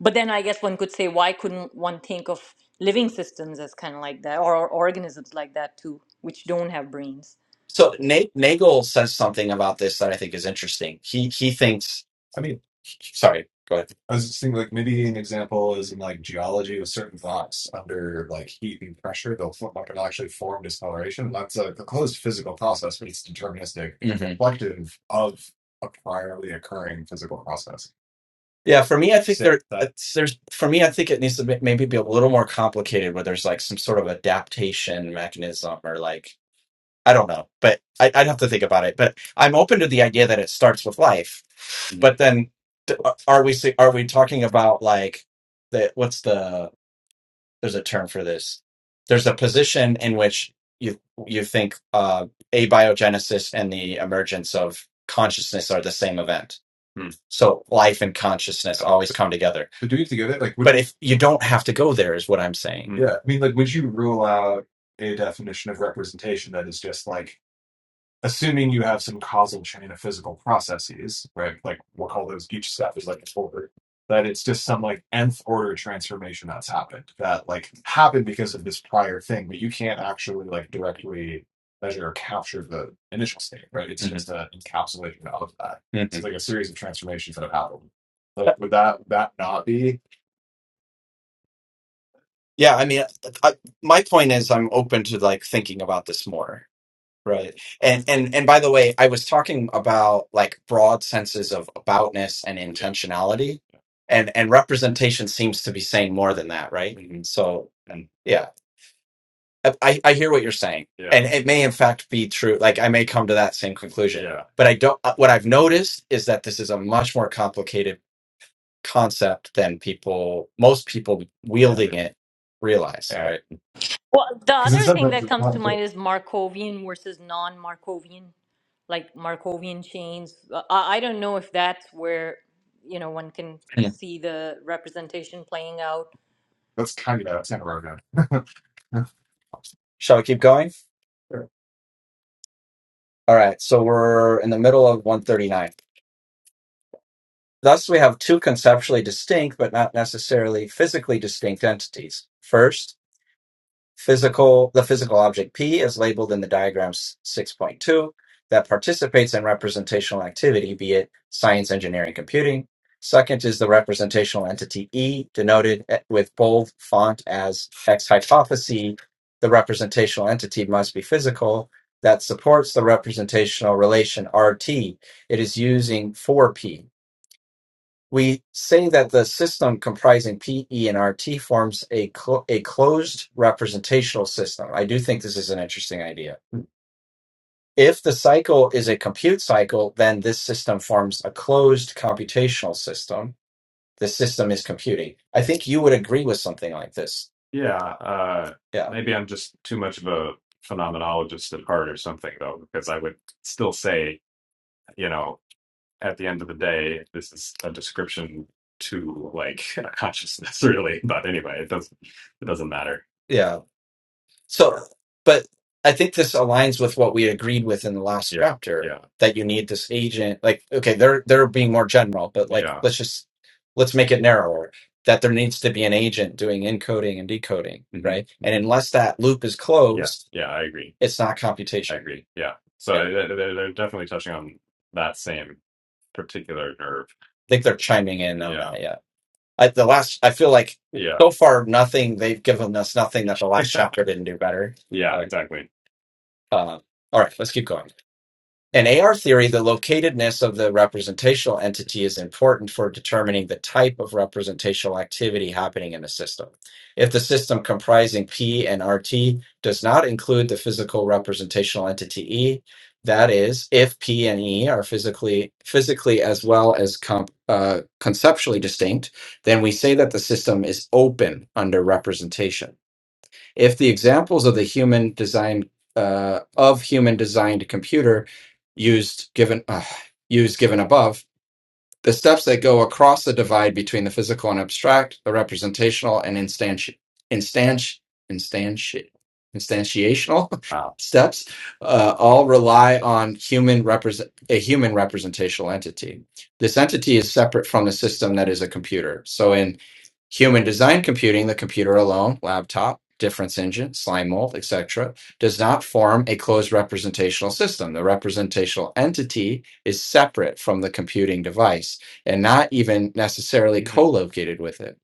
[SPEAKER 4] But then I guess one could say, why couldn't one think of living systems as kind of like that, or, or organisms like that too, which don't have brains?
[SPEAKER 1] so Na- Nagel says something about this that I think is interesting. He he thinks. I mean, Sorry, go ahead. I was just thinking like maybe an example is in like geology with certain rocks under like heat and pressure, they'll form, like, it'll actually form discoloration. That's a, a closed physical process, but it's deterministic and it's hmm reflective of a priorly occurring physical process. Yeah, for me, I think So there that it's, there's for me, I think it needs to be, maybe be a little more complicated, where there's like some sort of adaptation mechanism or like I don't know, but I, I'd have to think about it. But I'm open to the idea that it starts with life. But then, th- are we si- are we talking about like the what's the there's a term for this? There's a position in which you you think uh, abiogenesis and the emergence of consciousness are the same event. Hmm. So life and consciousness always come together. But do we have to go there? Like, would, But if you don't have to go there, is what I'm saying. yeah, I mean, like, would you rule out a definition of representation that is just like assuming you have some causal chain of physical processes, right? Like we'll call those each step is like a order. That it's just some like nth order transformation that's happened that like happened because of this prior thing, but you can't actually like directly measure or capture the initial state, right? It's mm-hmm. just an encapsulation of that. Mhm. Mhm. It's like a series of transformations that have happened. Like would that that not be Yeah, I mean, I, my point is, I'm open to like thinking about this more. Right. And and and by the way, I was talking about like broad senses of aboutness and Yeah. intentionality. And and representation seems to be saying more than that, right? hmm So um, yeah. I, I I hear what you're saying. Yeah. And it may in fact be true. Like I may come to that same conclusion. Yeah. But I don't uh, what I've noticed is that this is a much more complicated concept than people most people Yeah. wielding it realize, Yeah. right?
[SPEAKER 4] Well, the
[SPEAKER 1] Because in
[SPEAKER 4] other
[SPEAKER 1] some
[SPEAKER 4] thing
[SPEAKER 1] sense,
[SPEAKER 4] that
[SPEAKER 1] it's
[SPEAKER 4] comes to
[SPEAKER 1] not-
[SPEAKER 4] mind is Markovian versus non-Markovian, like Markovian chains. Uh, I, I don't know if that's where you know one can
[SPEAKER 1] Yeah.
[SPEAKER 4] see the representation playing out.
[SPEAKER 1] that's kind of that's kind of where I'm going. Shall we keep going? All right, so we're in the middle of 139. Thus, we have two conceptually distinct, but not necessarily physically distinct entities. First, Physical, the physical object P is labeled in the diagram 6.2 that participates in representational activity, be it science, engineering, computing. Second is the representational entity E, denoted e- with bold font as X hypothesis. The representational entity must be physical that supports the representational relation RT. It is using 4P. We say that the system comprising P, E, and RT forms a, clo- a closed representational system. I do think this is an interesting idea. If the cycle is a compute cycle, then this system forms a closed computational system. The system is computing. I think you would agree with something like this. Yeah, uh, Yeah. maybe I'm just too much of a phenomenologist at heart or something, though, because I would still say, you know at the end of the day, this is a description to like consciousness, really. But anyway, it doesn't it doesn't matter. Yeah. So, but I think this aligns with what we agreed with in the last Yeah, chapter yeah, that you need this agent. Like, okay, they're they're being more general, but like, yeah. let's just let's make it narrower. That there needs to be an agent doing encoding and decoding, hmm right? And unless that loop is Yeah, closed, yeah. I agree. it's not I computation. agree. Yeah. So Yeah. they they they're definitely touching on that same particular nerve. I think they're chiming in on Yeah. that. Yeah, I, the last I feel like Yeah. so far nothing they've given us nothing that the last chapter didn't do better. yeah, Uh, exactly. uh, all right, let's keep going. In AR theory, the locatedness of the representational entity is important for determining the type of representational activity happening in a system. If the system comprising P and RT does not include the physical representational entity E, that is, if P and E are physically physically as well as comp, uh, conceptually distinct, then we say that the system is open under representation if the examples of the human design uh, of human designed computer used given uh, used given above the steps that go across the divide between the physical and abstract, the representational and instanti- instanti- instanti- instantiational Wow. steps, uh, all rely on human represent a human representational entity. This entity is separate from the system that is a computer. So in human design computing, the computer alone, laptop, difference engine, slime mold, etc., does not form a closed representational system. The representational entity is separate from the computing device and not even necessarily Mhm. co-located with it.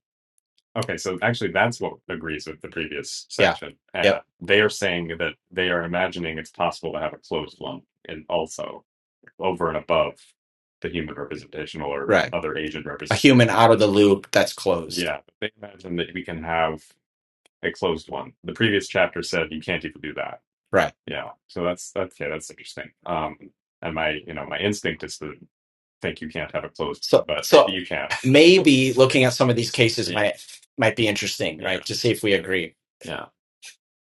[SPEAKER 1] Okay, so actually, that's what agrees with the previous Yeah. section. Uh, Yep. They are saying that they are imagining it's possible to have a closed one, and also over and above the human representational or Right. other agent A representation. human out of the loop that's closed. Yeah, they imagine that we can have a closed one. The previous chapter said you can't even do that. Right. Yeah, so that's that's yeah, that's interesting. Um, and my you know my instinct is to think you can't have it closed, So, but so you can. maybe looking at some of these cases Yeah, might might be interesting, yeah, right? To see if we agree. yeah.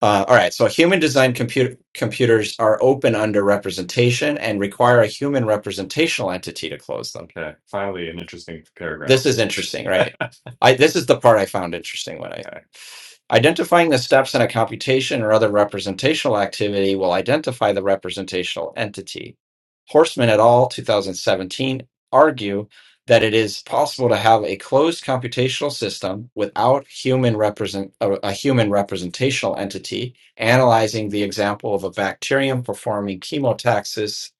[SPEAKER 1] Uh, all right. So, human designed computer computers are open under representation and require a human representational entity to close them. Okay, finally, an interesting paragraph. This is interesting, right? I this is the part I found interesting when I Identifying the steps in a computation or other representational activity will identify the representational entity. Horstman et al., 2017, argue that it is possible to have a closed computational system without human represent, a, a human representational entity, analyzing the example of a bacterium performing chemotaxis,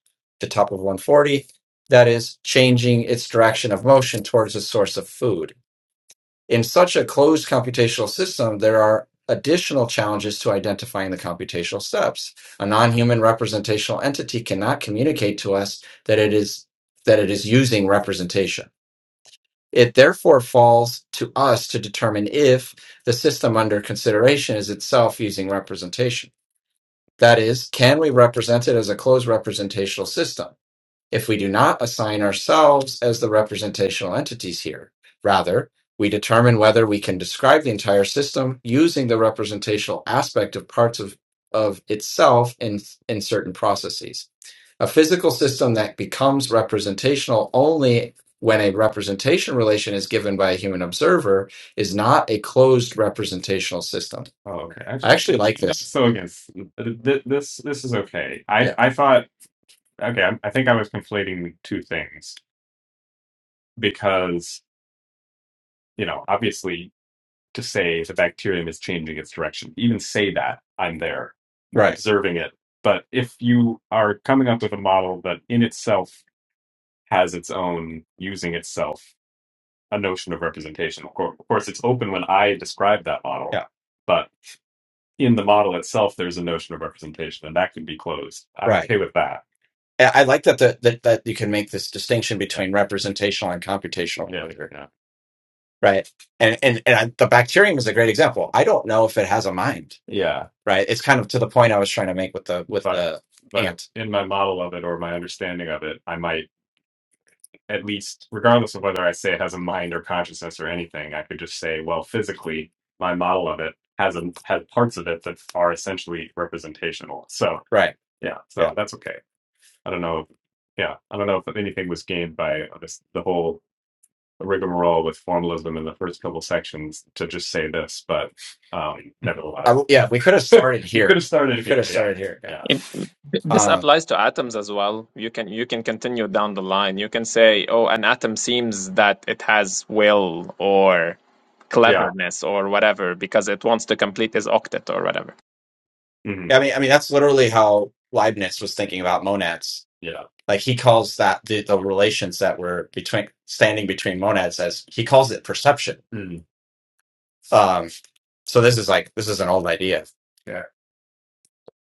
[SPEAKER 1] the top of 140, that is, changing its direction of motion towards a source of food. In such a closed computational system, there are additional challenges to identifying the computational steps. A non-human representational entity cannot communicate to us that it is that it is using representation. It therefore falls to us to determine if the system under consideration is itself using representation. That is, can we represent it as a closed representational system? if we do not assign ourselves as the representational entities here. Rather, we determine whether we can describe the entire system using the representational aspect of parts of, of itself in, in certain processes. A physical system that becomes representational only when a representation relation is given by a human observer is not a closed representational system. Oh, okay. I Actually, actually like this. so against th- th- this. This is okay. I Yeah. I thought okay, I'm, I think I was conflating two things because, you know, obviously to say the bacterium is changing its direction, even say that I'm there Right. observing it. But if you are coming up with a model that in itself has its own, using itself, a notion of representation, of cour- of course, it's open when I describe that model, Yeah. but in the model itself, there's a notion of representation, and that can be closed. I'm Right. okay with that. And I like that the, that that you can make this distinction between representational and computational Yeah. behavior, Yeah. right? And and and I, the bacterium is a great example. I don't know if it has a mind, Yeah. right? It's kind of to the point I was trying to make with the with But the but ant. in my model of it or my understanding of it, I might at least, regardless of whether I say it has a mind or consciousness or anything, I could just say, well, physically, my model of it has a, has parts of it that are essentially representational. So Right. yeah, Yeah. so that's okay. I don't know. Yeah, I don't know if anything was gained by this, the whole rigmarole with formalism in the first couple sections to just say this, but um, I, nevertheless, I, yeah, we could have we started could here. have started We could here. have Yeah, started here. Yeah.
[SPEAKER 6] It-
[SPEAKER 1] yeah,
[SPEAKER 6] this
[SPEAKER 1] Um,
[SPEAKER 6] applies to atoms as well. You can you can continue down the line. You can say, oh, an atom seems that it has will or
[SPEAKER 1] yeah,
[SPEAKER 6] cleverness or whatever because it wants to complete its octet or whatever.
[SPEAKER 1] hmm yeah, I mean, I mean, that's literally how Leibniz was thinking about monads. yeah, Like he calls that the, the relations that were between standing between monads as he calls it perception. mm Um, so this is like this is an old idea.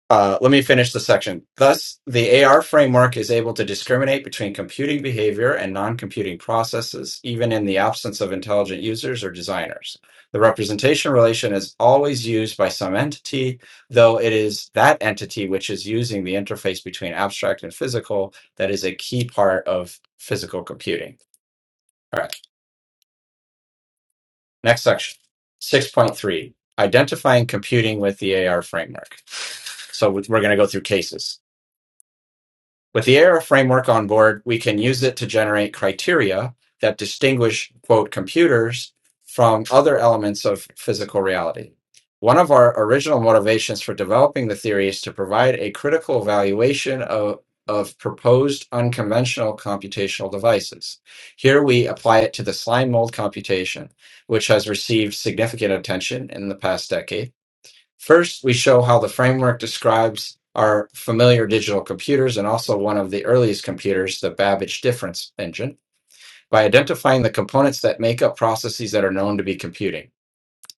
[SPEAKER 1] Uh, let me finish the section. Thus, the AR framework is able to discriminate between computing behavior and non computing processes, even in the absence of intelligent users or designers. The representation relation is always used by some entity, though it is that entity which is using the interface between abstract and physical that is a key part of physical computing. All right, next section 6.3 Identifying computing with the AR framework. So we- we're going to go through cases. With the Era framework on board, we can use it to generate criteria that distinguish, quote, computers from other elements of physical reality. One of our original motivations for developing the theory is to provide a critical evaluation of, of proposed unconventional computational devices. Here we apply it to the slime mold computation, which has received significant attention in the past decade First, we show how the framework describes our familiar digital computers and also one of the earliest computers, the Babbage difference engine, by identifying the components that make up processes that are known to be computing.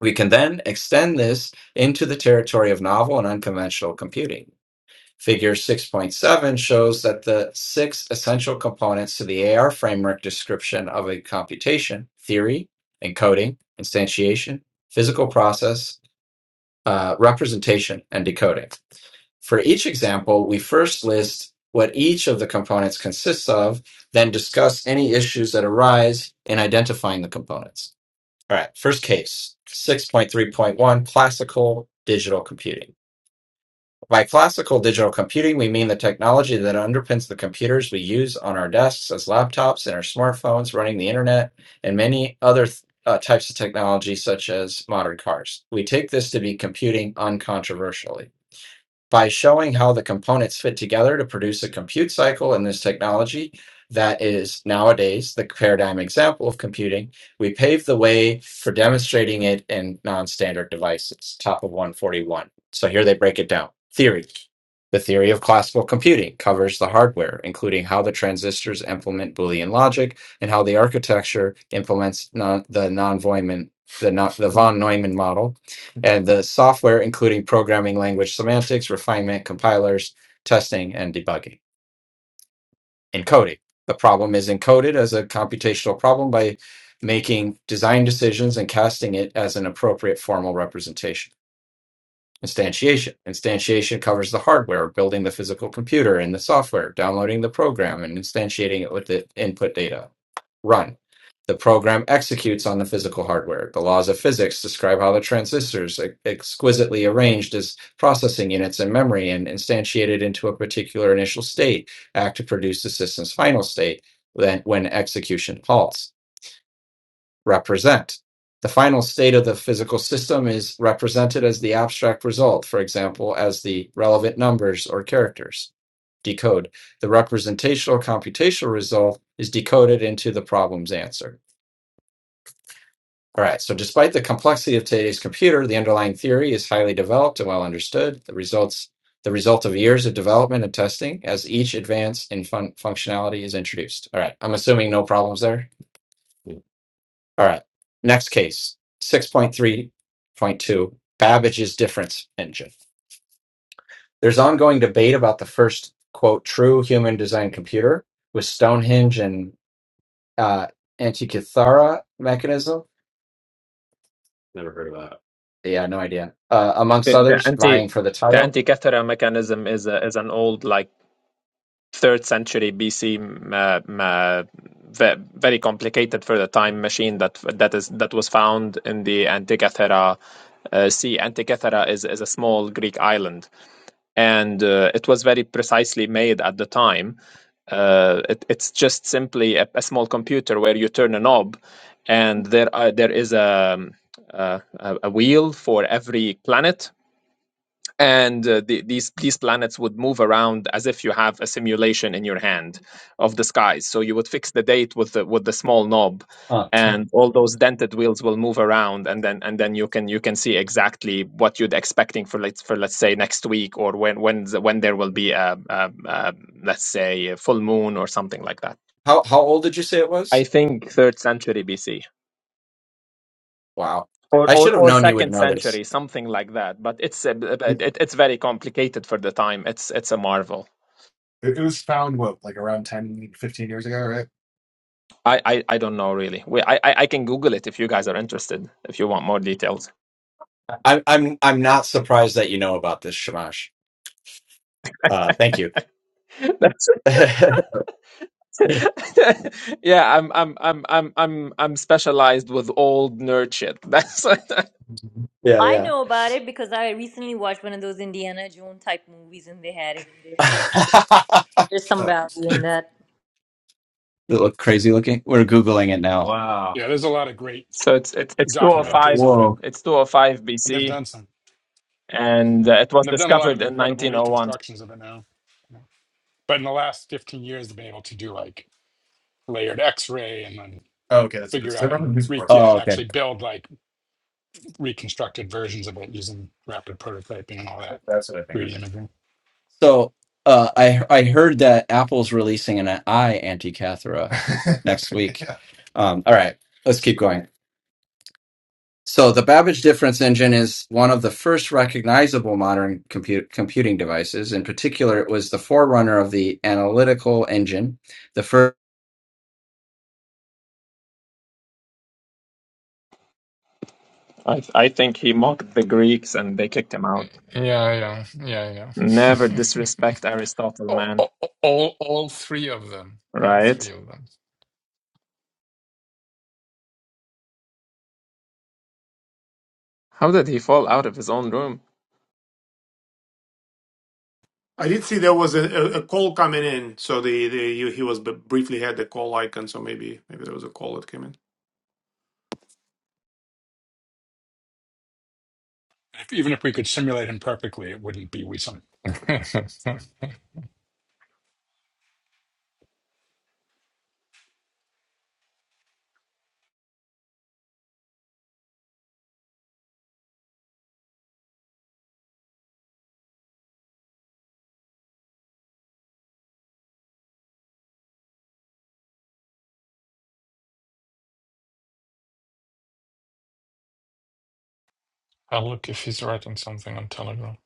[SPEAKER 1] We can then extend this into the territory of novel and unconventional computing. Figure 6.7 shows that the six essential components to the AR framework description of a computation theory, encoding, instantiation, physical process, uh, representation, and decoding. For each example, we first list what each of the components consists of, then discuss any issues that arise in identifying the components. All right, first case 6.3.1 classical digital computing. By classical digital computing, we mean the technology that underpins the computers we use on our desks as laptops and our smartphones, running the internet, and many other th- uh, types of technology, such as modern cars. We take this to be computing uncontroversially by showing how the components fit together to produce a compute cycle in this technology that is nowadays the paradigm example of computing we paved the way for demonstrating it in non-standard devices top of 141 so here they break it down theory the theory of classical computing covers the hardware including how the transistors implement boolean logic and how the architecture implements non- the non-voidman the, non- the von neumann model and the software, including programming language semantics, refinement, compilers, testing, and debugging. Encoding. The problem is encoded as a computational problem by making design decisions and casting it as an appropriate formal representation. Instantiation. Instantiation covers the hardware, building the physical computer and the software, downloading the program, and instantiating it with the input data. Run. The program executes on the physical hardware. The laws of physics describe how the transistors, e- exquisitely arranged as processing units in memory and instantiated into a particular initial state, act to produce the system's final state when execution halts represent. The final state of the physical system is represented as the abstract result, for example, as the relevant numbers or characters. Decode. The representational computational result is decoded into the problem's answer. All right, so despite the complexity of today's computer, the underlying theory is highly developed and well understood. The results the result of years of development and testing as each advance in fun- functionality is introduced. All right, I'm assuming no problems there. All right. Next case, 6.3.2 Babbage's difference engine. There's ongoing debate about the first, quote, true human designed computer with Stonehenge and uh, Antikythera mechanism Never heard of that. Yeah, no idea. Uh, amongst
[SPEAKER 6] The, the
[SPEAKER 1] others,
[SPEAKER 6] anti
[SPEAKER 1] vying for the
[SPEAKER 6] the
[SPEAKER 1] title.
[SPEAKER 6] anti-cathara mechanism is a, is an old like third century BC uh, m- uh, ve- very complicated for the time machine that that is that was found in the Antikythera uh, sea. Antikythera is is a small Greek island, and uh, it was very precisely made at the time. Uh, it, it's just simply a, a small computer where you turn a knob, and there are, there is a, um, a a a wheel for every planet and uh, the, these these planets would move around as if you have a simulation in your hand of the skies. So you would fix the date with the with the small knob,
[SPEAKER 1] Huh.
[SPEAKER 6] and all those dented wheels will move around, and then and then you can you can see exactly what you'd expecting for let's for let's say next week or when when the- when there will be a, a, a let's say a full moon or something like that.
[SPEAKER 1] How how old did you say it
[SPEAKER 6] I
[SPEAKER 1] was?
[SPEAKER 6] think third century BC
[SPEAKER 1] Wow.
[SPEAKER 6] or
[SPEAKER 1] I
[SPEAKER 6] or,
[SPEAKER 1] should have
[SPEAKER 6] or
[SPEAKER 1] known you would
[SPEAKER 6] second
[SPEAKER 1] know this.
[SPEAKER 6] century, something like that. But it's a,
[SPEAKER 1] It,
[SPEAKER 6] it, it's very complicated for the time. It's it's a marvel.
[SPEAKER 1] it was found, what, like around 10, 15 years ago, right?
[SPEAKER 6] I, I, I don't know really. We, I, I I can Google it if you guys are interested. If you want more details,
[SPEAKER 1] I'm I'm I'm not surprised that you know about this, Shamash. Uh thank you.
[SPEAKER 6] That's,
[SPEAKER 1] yeah,
[SPEAKER 6] yeah, I'm I'm I'm I'm I'm I'm specialized with old nerd shit. That's
[SPEAKER 4] I
[SPEAKER 1] yeah.
[SPEAKER 4] know about it because I recently watched one of those Indiana Jones type movies, and they had it. in there. So there's some
[SPEAKER 1] Oh,
[SPEAKER 4] value in that.
[SPEAKER 1] They look crazy looking. We're Googling it now. wow.
[SPEAKER 5] Yeah, there's a lot of great
[SPEAKER 6] so it's it's it's two
[SPEAKER 1] Look
[SPEAKER 6] hundred
[SPEAKER 1] at that.
[SPEAKER 6] five.
[SPEAKER 5] documentaries on it,
[SPEAKER 1] Whoa.
[SPEAKER 6] It's two hundred five
[SPEAKER 5] and they've
[SPEAKER 6] BC,
[SPEAKER 5] done some,
[SPEAKER 6] and uh, it was
[SPEAKER 5] and they've done a lot of
[SPEAKER 6] discovered in
[SPEAKER 5] incredible
[SPEAKER 6] nineteen oh one.
[SPEAKER 5] reconstructions of it now. But in the last 15 years, they've been able to do like layered X-ray and then
[SPEAKER 1] Oh, okay, that's what it is.
[SPEAKER 5] figure
[SPEAKER 1] 'Cause I
[SPEAKER 5] out
[SPEAKER 1] remember the
[SPEAKER 5] and
[SPEAKER 1] news
[SPEAKER 5] re-
[SPEAKER 1] reports about
[SPEAKER 5] yeah,
[SPEAKER 1] Oh,
[SPEAKER 5] and
[SPEAKER 1] okay.
[SPEAKER 5] actually
[SPEAKER 1] it.
[SPEAKER 5] build like reconstructed versions of it using rapid prototyping and all that
[SPEAKER 1] That's what I think. I
[SPEAKER 5] 3D
[SPEAKER 1] remember.
[SPEAKER 5] imaging.
[SPEAKER 1] So uh, I I heard that Apple's releasing an eye anti-cathra next week. Um, all right, let's keep going. So the Babbage difference engine is one of the first recognizable modern compute, computing devices. In particular, it was the forerunner of the analytical engine, the first.
[SPEAKER 6] I I think he mocked the Greeks and they kicked him out.
[SPEAKER 3] yeah, yeah, yeah.
[SPEAKER 6] Never disrespect Aristotle,
[SPEAKER 3] all,
[SPEAKER 6] man.
[SPEAKER 3] all, all three of them. All three
[SPEAKER 6] Right?
[SPEAKER 3] of them.
[SPEAKER 6] How did he fall out of his own room?
[SPEAKER 2] I did see there was a, a, a call coming in, so the, the you, he was b- briefly had the call icon, so maybe maybe there was a call that came in.
[SPEAKER 5] If, even if we could simulate them perfectly, it wouldn't be Wisdom.
[SPEAKER 3] I'll look if he's writing something on Telegram.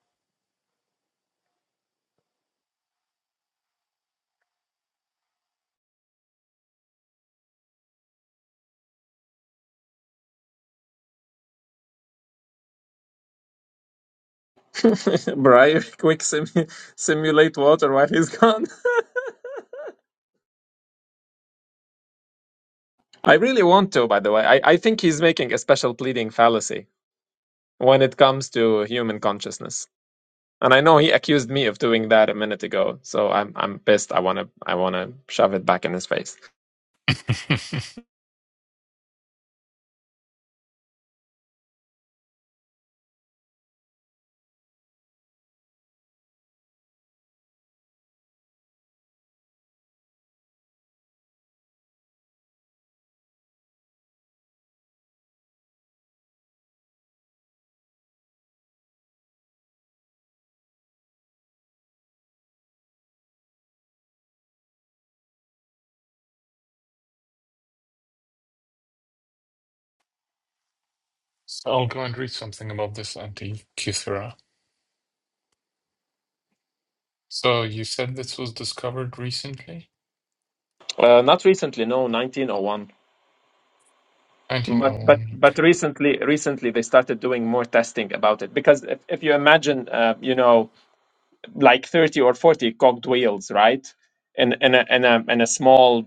[SPEAKER 6] Briar, quick simu- simulate water while he's gone. I really want to, by the way. I, I think he's making a special pleading fallacy when it comes to human consciousness. And I know he accused me of doing that a minute ago, so I'm I'm pissed. I wanna I wanna shove it back in his face.
[SPEAKER 3] So I'll go and read something about this anti So you said this was discovered recently?
[SPEAKER 6] Uh, not recently, no, 1901. But but
[SPEAKER 3] 1901. Okay.
[SPEAKER 6] but recently recently they started doing more testing about it because if, if you imagine uh, you know like 30 or 40 cocked wheels, right? And, and, a, and, a, and a small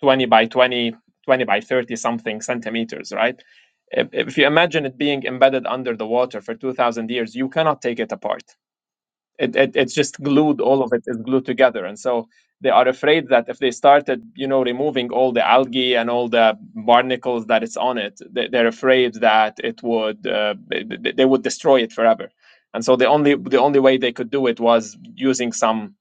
[SPEAKER 6] 20 by 20 20 by 30 something centimeters, right? If, if you imagine it being embedded under the water for 2,000 years, you cannot take it apart it, it it's just glued all of it is glued together and so they are afraid that if they started you know removing all the algae and all the barnacles that it's on it they, they're afraid that it would uh, they they- they would destroy it forever and so the only the only way they could do it was using some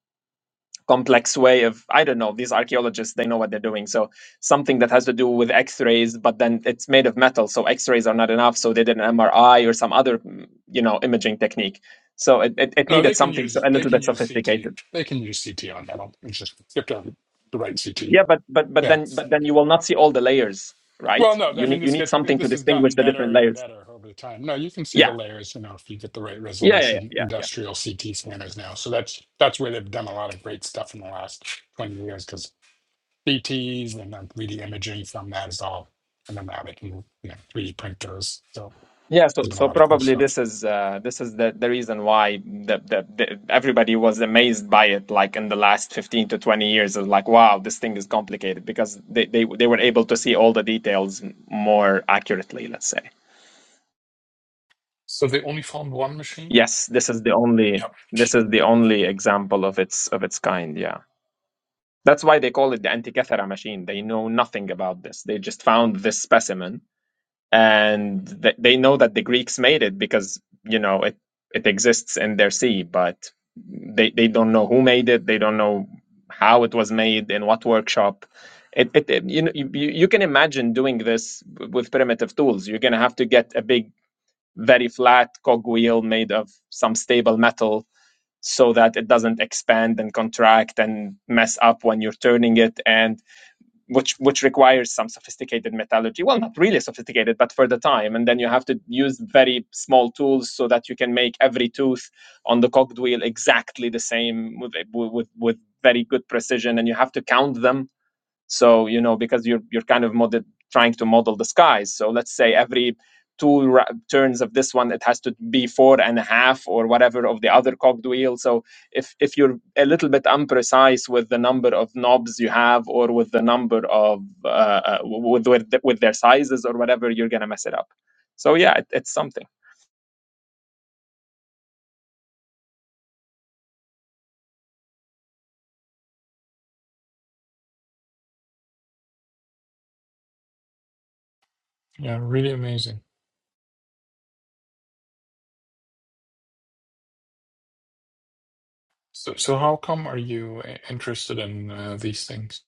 [SPEAKER 6] complex way of i don't know these archaeologists they know what they're doing so something that has to do with x-rays but then it's made of metal so x-rays are not enough so they did an mri or some other mm, you know imaging technique so it, it, it
[SPEAKER 5] No, they
[SPEAKER 6] needed
[SPEAKER 5] can
[SPEAKER 6] something so
[SPEAKER 5] use
[SPEAKER 6] a
[SPEAKER 5] they
[SPEAKER 6] little
[SPEAKER 5] can
[SPEAKER 6] bit
[SPEAKER 5] use CT.
[SPEAKER 6] sophisticated
[SPEAKER 5] They can use CT on metal. It's just you have to have the right CT.
[SPEAKER 6] yeah but but but
[SPEAKER 5] Yeah.
[SPEAKER 6] then but then you will not see all the layers
[SPEAKER 5] Well,
[SPEAKER 6] right
[SPEAKER 5] no, I
[SPEAKER 6] you
[SPEAKER 5] mean
[SPEAKER 6] need you
[SPEAKER 5] this
[SPEAKER 6] need
[SPEAKER 5] gets
[SPEAKER 6] something to
[SPEAKER 5] this has
[SPEAKER 6] distinguish
[SPEAKER 5] gotten
[SPEAKER 6] the different
[SPEAKER 5] better and
[SPEAKER 6] layers
[SPEAKER 5] better over the time. No, you can see the
[SPEAKER 6] yeah
[SPEAKER 5] layers, you know, if you get the right
[SPEAKER 6] yeah yeah yeah yeah,
[SPEAKER 5] resolution,
[SPEAKER 6] yeah.
[SPEAKER 5] industrial CT scanners now. So that's that's where they've done a lot of great stuff in the last 20 years because CTs and then 3D imaging from that is all, and then now they can you know 3D printers. So
[SPEAKER 6] Yeah, so
[SPEAKER 5] there's been a
[SPEAKER 6] so
[SPEAKER 5] lot of cool
[SPEAKER 6] probably this
[SPEAKER 5] stuff.
[SPEAKER 6] is uh, this is the, the reason why the, the, the everybody was amazed by it like in the last 15 to 20 years is like wow this thing is complicated because they, they they were able to see all the details more accurately let's say.
[SPEAKER 3] So they only found one machine?
[SPEAKER 6] Yes, this is the only
[SPEAKER 5] Yep.
[SPEAKER 6] this is the only example of its of its kind, yeah. That's why they call it the Antikythera machine. They know nothing about this. They just found this specimen and th- they know that the Greeks made it because you know it it exists in their sea, but they they don't know who made it. They don't know how it was made in what workshop. It, it, it- you know you, you you can imagine doing this with primitive tools. You're gonna have to get a big, very flat cogwheel made of some stable metal so that it doesn't expand and contract and mess up when you're turning it and which which requires some sophisticated metallurgy well not really sophisticated but for the time and then you have to use very small tools so that you can make every tooth on the cogged wheel exactly the same with with, with very good precision and you have to count them so you know because you're you're kind of model, trying to model the skies so let's say every two ra- turns of this one it has to be four and a half or whatever of the other cogged wheel so if if you're a little bit imprecise with the number of knobs you have or with the number of uh, uh, with with, the, with their sizes or whatever you're gonna mess it up so yeah it, it's something
[SPEAKER 3] Yeah, really amazing. So, so how come are you i- interested in uh, these things?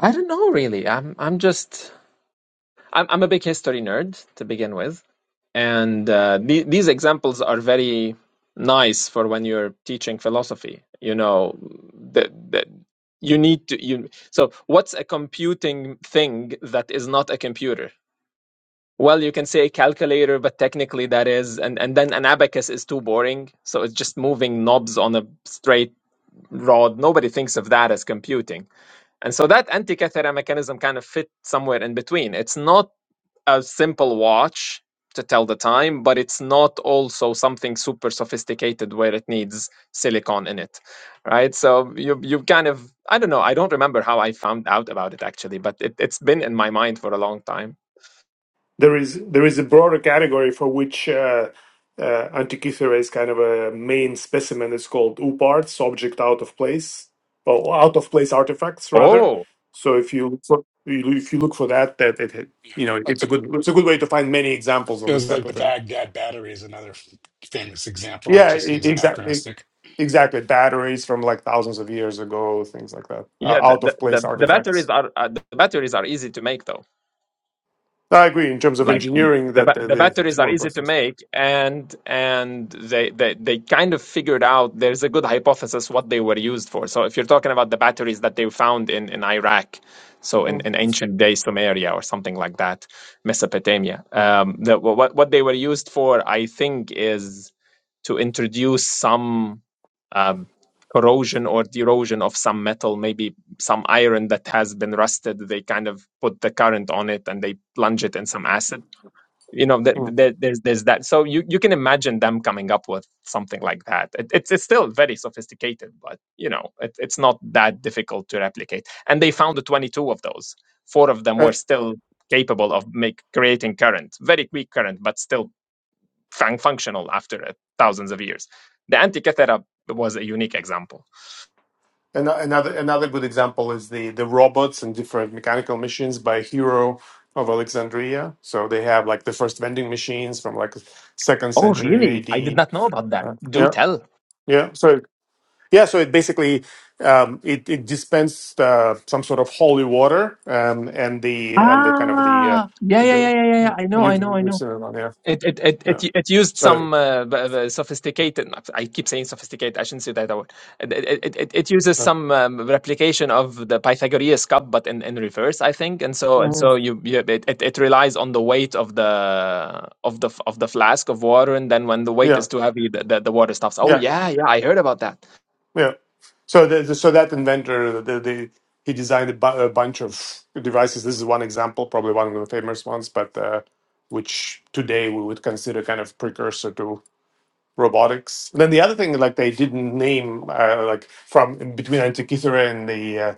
[SPEAKER 6] I don't know really. I'm I'm just I'm, I'm a big history nerd to begin with, and uh, the, these examples are very nice for when you're teaching philosophy. You know, the, the, you need to you. So, what's a computing thing that is not a computer? Well, you can say a calculator, but technically that is, and, and then an abacus is too boring. So it's just moving knobs on a straight rod. Nobody thinks of that as computing. And so that antikythera mechanism kind of fit somewhere in between. It's not a simple watch to tell the time, but it's not also something super sophisticated where it needs silicon in it, right? So you you kind of I don't know I don't remember how I found out about it actually, but it, it's been in my mind for a long time.
[SPEAKER 2] there is there is a broader category for which uh, uh, Antikythera is kind of a main specimen. It's called uparts, object out of place, or out of place artifacts rather.
[SPEAKER 6] Oh
[SPEAKER 2] So if you look for, if you look for that, that it
[SPEAKER 5] Yeah.
[SPEAKER 2] you know
[SPEAKER 5] Like
[SPEAKER 2] it's a
[SPEAKER 5] the
[SPEAKER 2] good it's a good way to find many examples
[SPEAKER 5] it
[SPEAKER 2] of this
[SPEAKER 5] was like
[SPEAKER 2] type
[SPEAKER 5] the
[SPEAKER 2] of thing.
[SPEAKER 5] Baghdad battery is another f- famous example. It
[SPEAKER 2] Yeah,
[SPEAKER 5] just seems
[SPEAKER 2] exactly.
[SPEAKER 5] anachronistic.
[SPEAKER 2] Exactly, batteries from like thousands of years ago, things like that, uh,
[SPEAKER 6] yeah, the
[SPEAKER 2] out
[SPEAKER 6] the,
[SPEAKER 2] of
[SPEAKER 6] the,
[SPEAKER 2] place
[SPEAKER 6] the batteries
[SPEAKER 2] artifacts.
[SPEAKER 6] are uh, the batteries are easy to make though.
[SPEAKER 2] I agree. In terms of
[SPEAKER 6] like
[SPEAKER 2] engineering,
[SPEAKER 6] the
[SPEAKER 2] that
[SPEAKER 6] ba-
[SPEAKER 2] uh,
[SPEAKER 6] the
[SPEAKER 2] the, it's
[SPEAKER 6] batteries are
[SPEAKER 2] more
[SPEAKER 6] easy to
[SPEAKER 2] impressive.
[SPEAKER 6] make and and they, they they kind of figured out there's a good hypothesis what they were used for so if you're talking about the batteries that they found in in iraq so in,
[SPEAKER 2] Mm,
[SPEAKER 6] in ancient day sumeria or something like that mesopotamia um the, what what they were used for i think is to introduce some um corrosion or erosion of some metal maybe some iron that has been rusted they kind of put the current on it and they plunge it in some acid you know that
[SPEAKER 2] mm.
[SPEAKER 6] that- there's there's that so you you can imagine them coming up with something like that it, it's it's still very sophisticated but you know it, it's not that difficult to replicate and they found 22 of those four of them
[SPEAKER 2] Uh,
[SPEAKER 6] were still capable of make creating current very quick current but still fun- functional after uh, thousands of years the antikythera was a unique example
[SPEAKER 2] An- Another another good example is the the robots and different mechanical machines by Hero of Alexandria. So they have like the first vending machines from like second
[SPEAKER 6] Oh,
[SPEAKER 2] century
[SPEAKER 6] really? I did
[SPEAKER 2] AD.
[SPEAKER 6] not know about that.
[SPEAKER 2] Uh,
[SPEAKER 6] do
[SPEAKER 2] yeah,
[SPEAKER 6] tell
[SPEAKER 2] yeah. So yeah, so it basically um, it it dispensed uh, some sort of holy water um, and the and the kind of the uh,
[SPEAKER 6] Ah, yeah, yeah, yeah,
[SPEAKER 2] the
[SPEAKER 6] yeah, yeah.
[SPEAKER 2] uh,
[SPEAKER 6] yeah. I know, I
[SPEAKER 2] you've,
[SPEAKER 6] know, I know.
[SPEAKER 2] you've seen it on there.
[SPEAKER 6] It it it
[SPEAKER 2] Yeah.
[SPEAKER 6] it, it used
[SPEAKER 2] So
[SPEAKER 6] some uh, b- b- sophisticated. I keep saying sophisticated. I shouldn't say that word. It it, it, it uses
[SPEAKER 2] uh,
[SPEAKER 6] some um, replication of the Pythagorean cup, but in, in reverse, I think. And so and
[SPEAKER 2] mhm.
[SPEAKER 6] so you, you it, it it relies on the weight of the of the f- of the flask of water, and then when the weight
[SPEAKER 2] yeah.
[SPEAKER 6] is too heavy, the, the, the water stops. Oh
[SPEAKER 2] Yeah.
[SPEAKER 6] yeah, yeah, I heard about that.
[SPEAKER 2] Yeah. So the, the- so that inventor, the, the he designed a, bu- a bunch of devices. This is one example, probably one of the famous ones, but uh, which today we would consider kind of precursor to robotics. And then the other thing, like they didn't name, uh, like from in between Antikythera and the uh,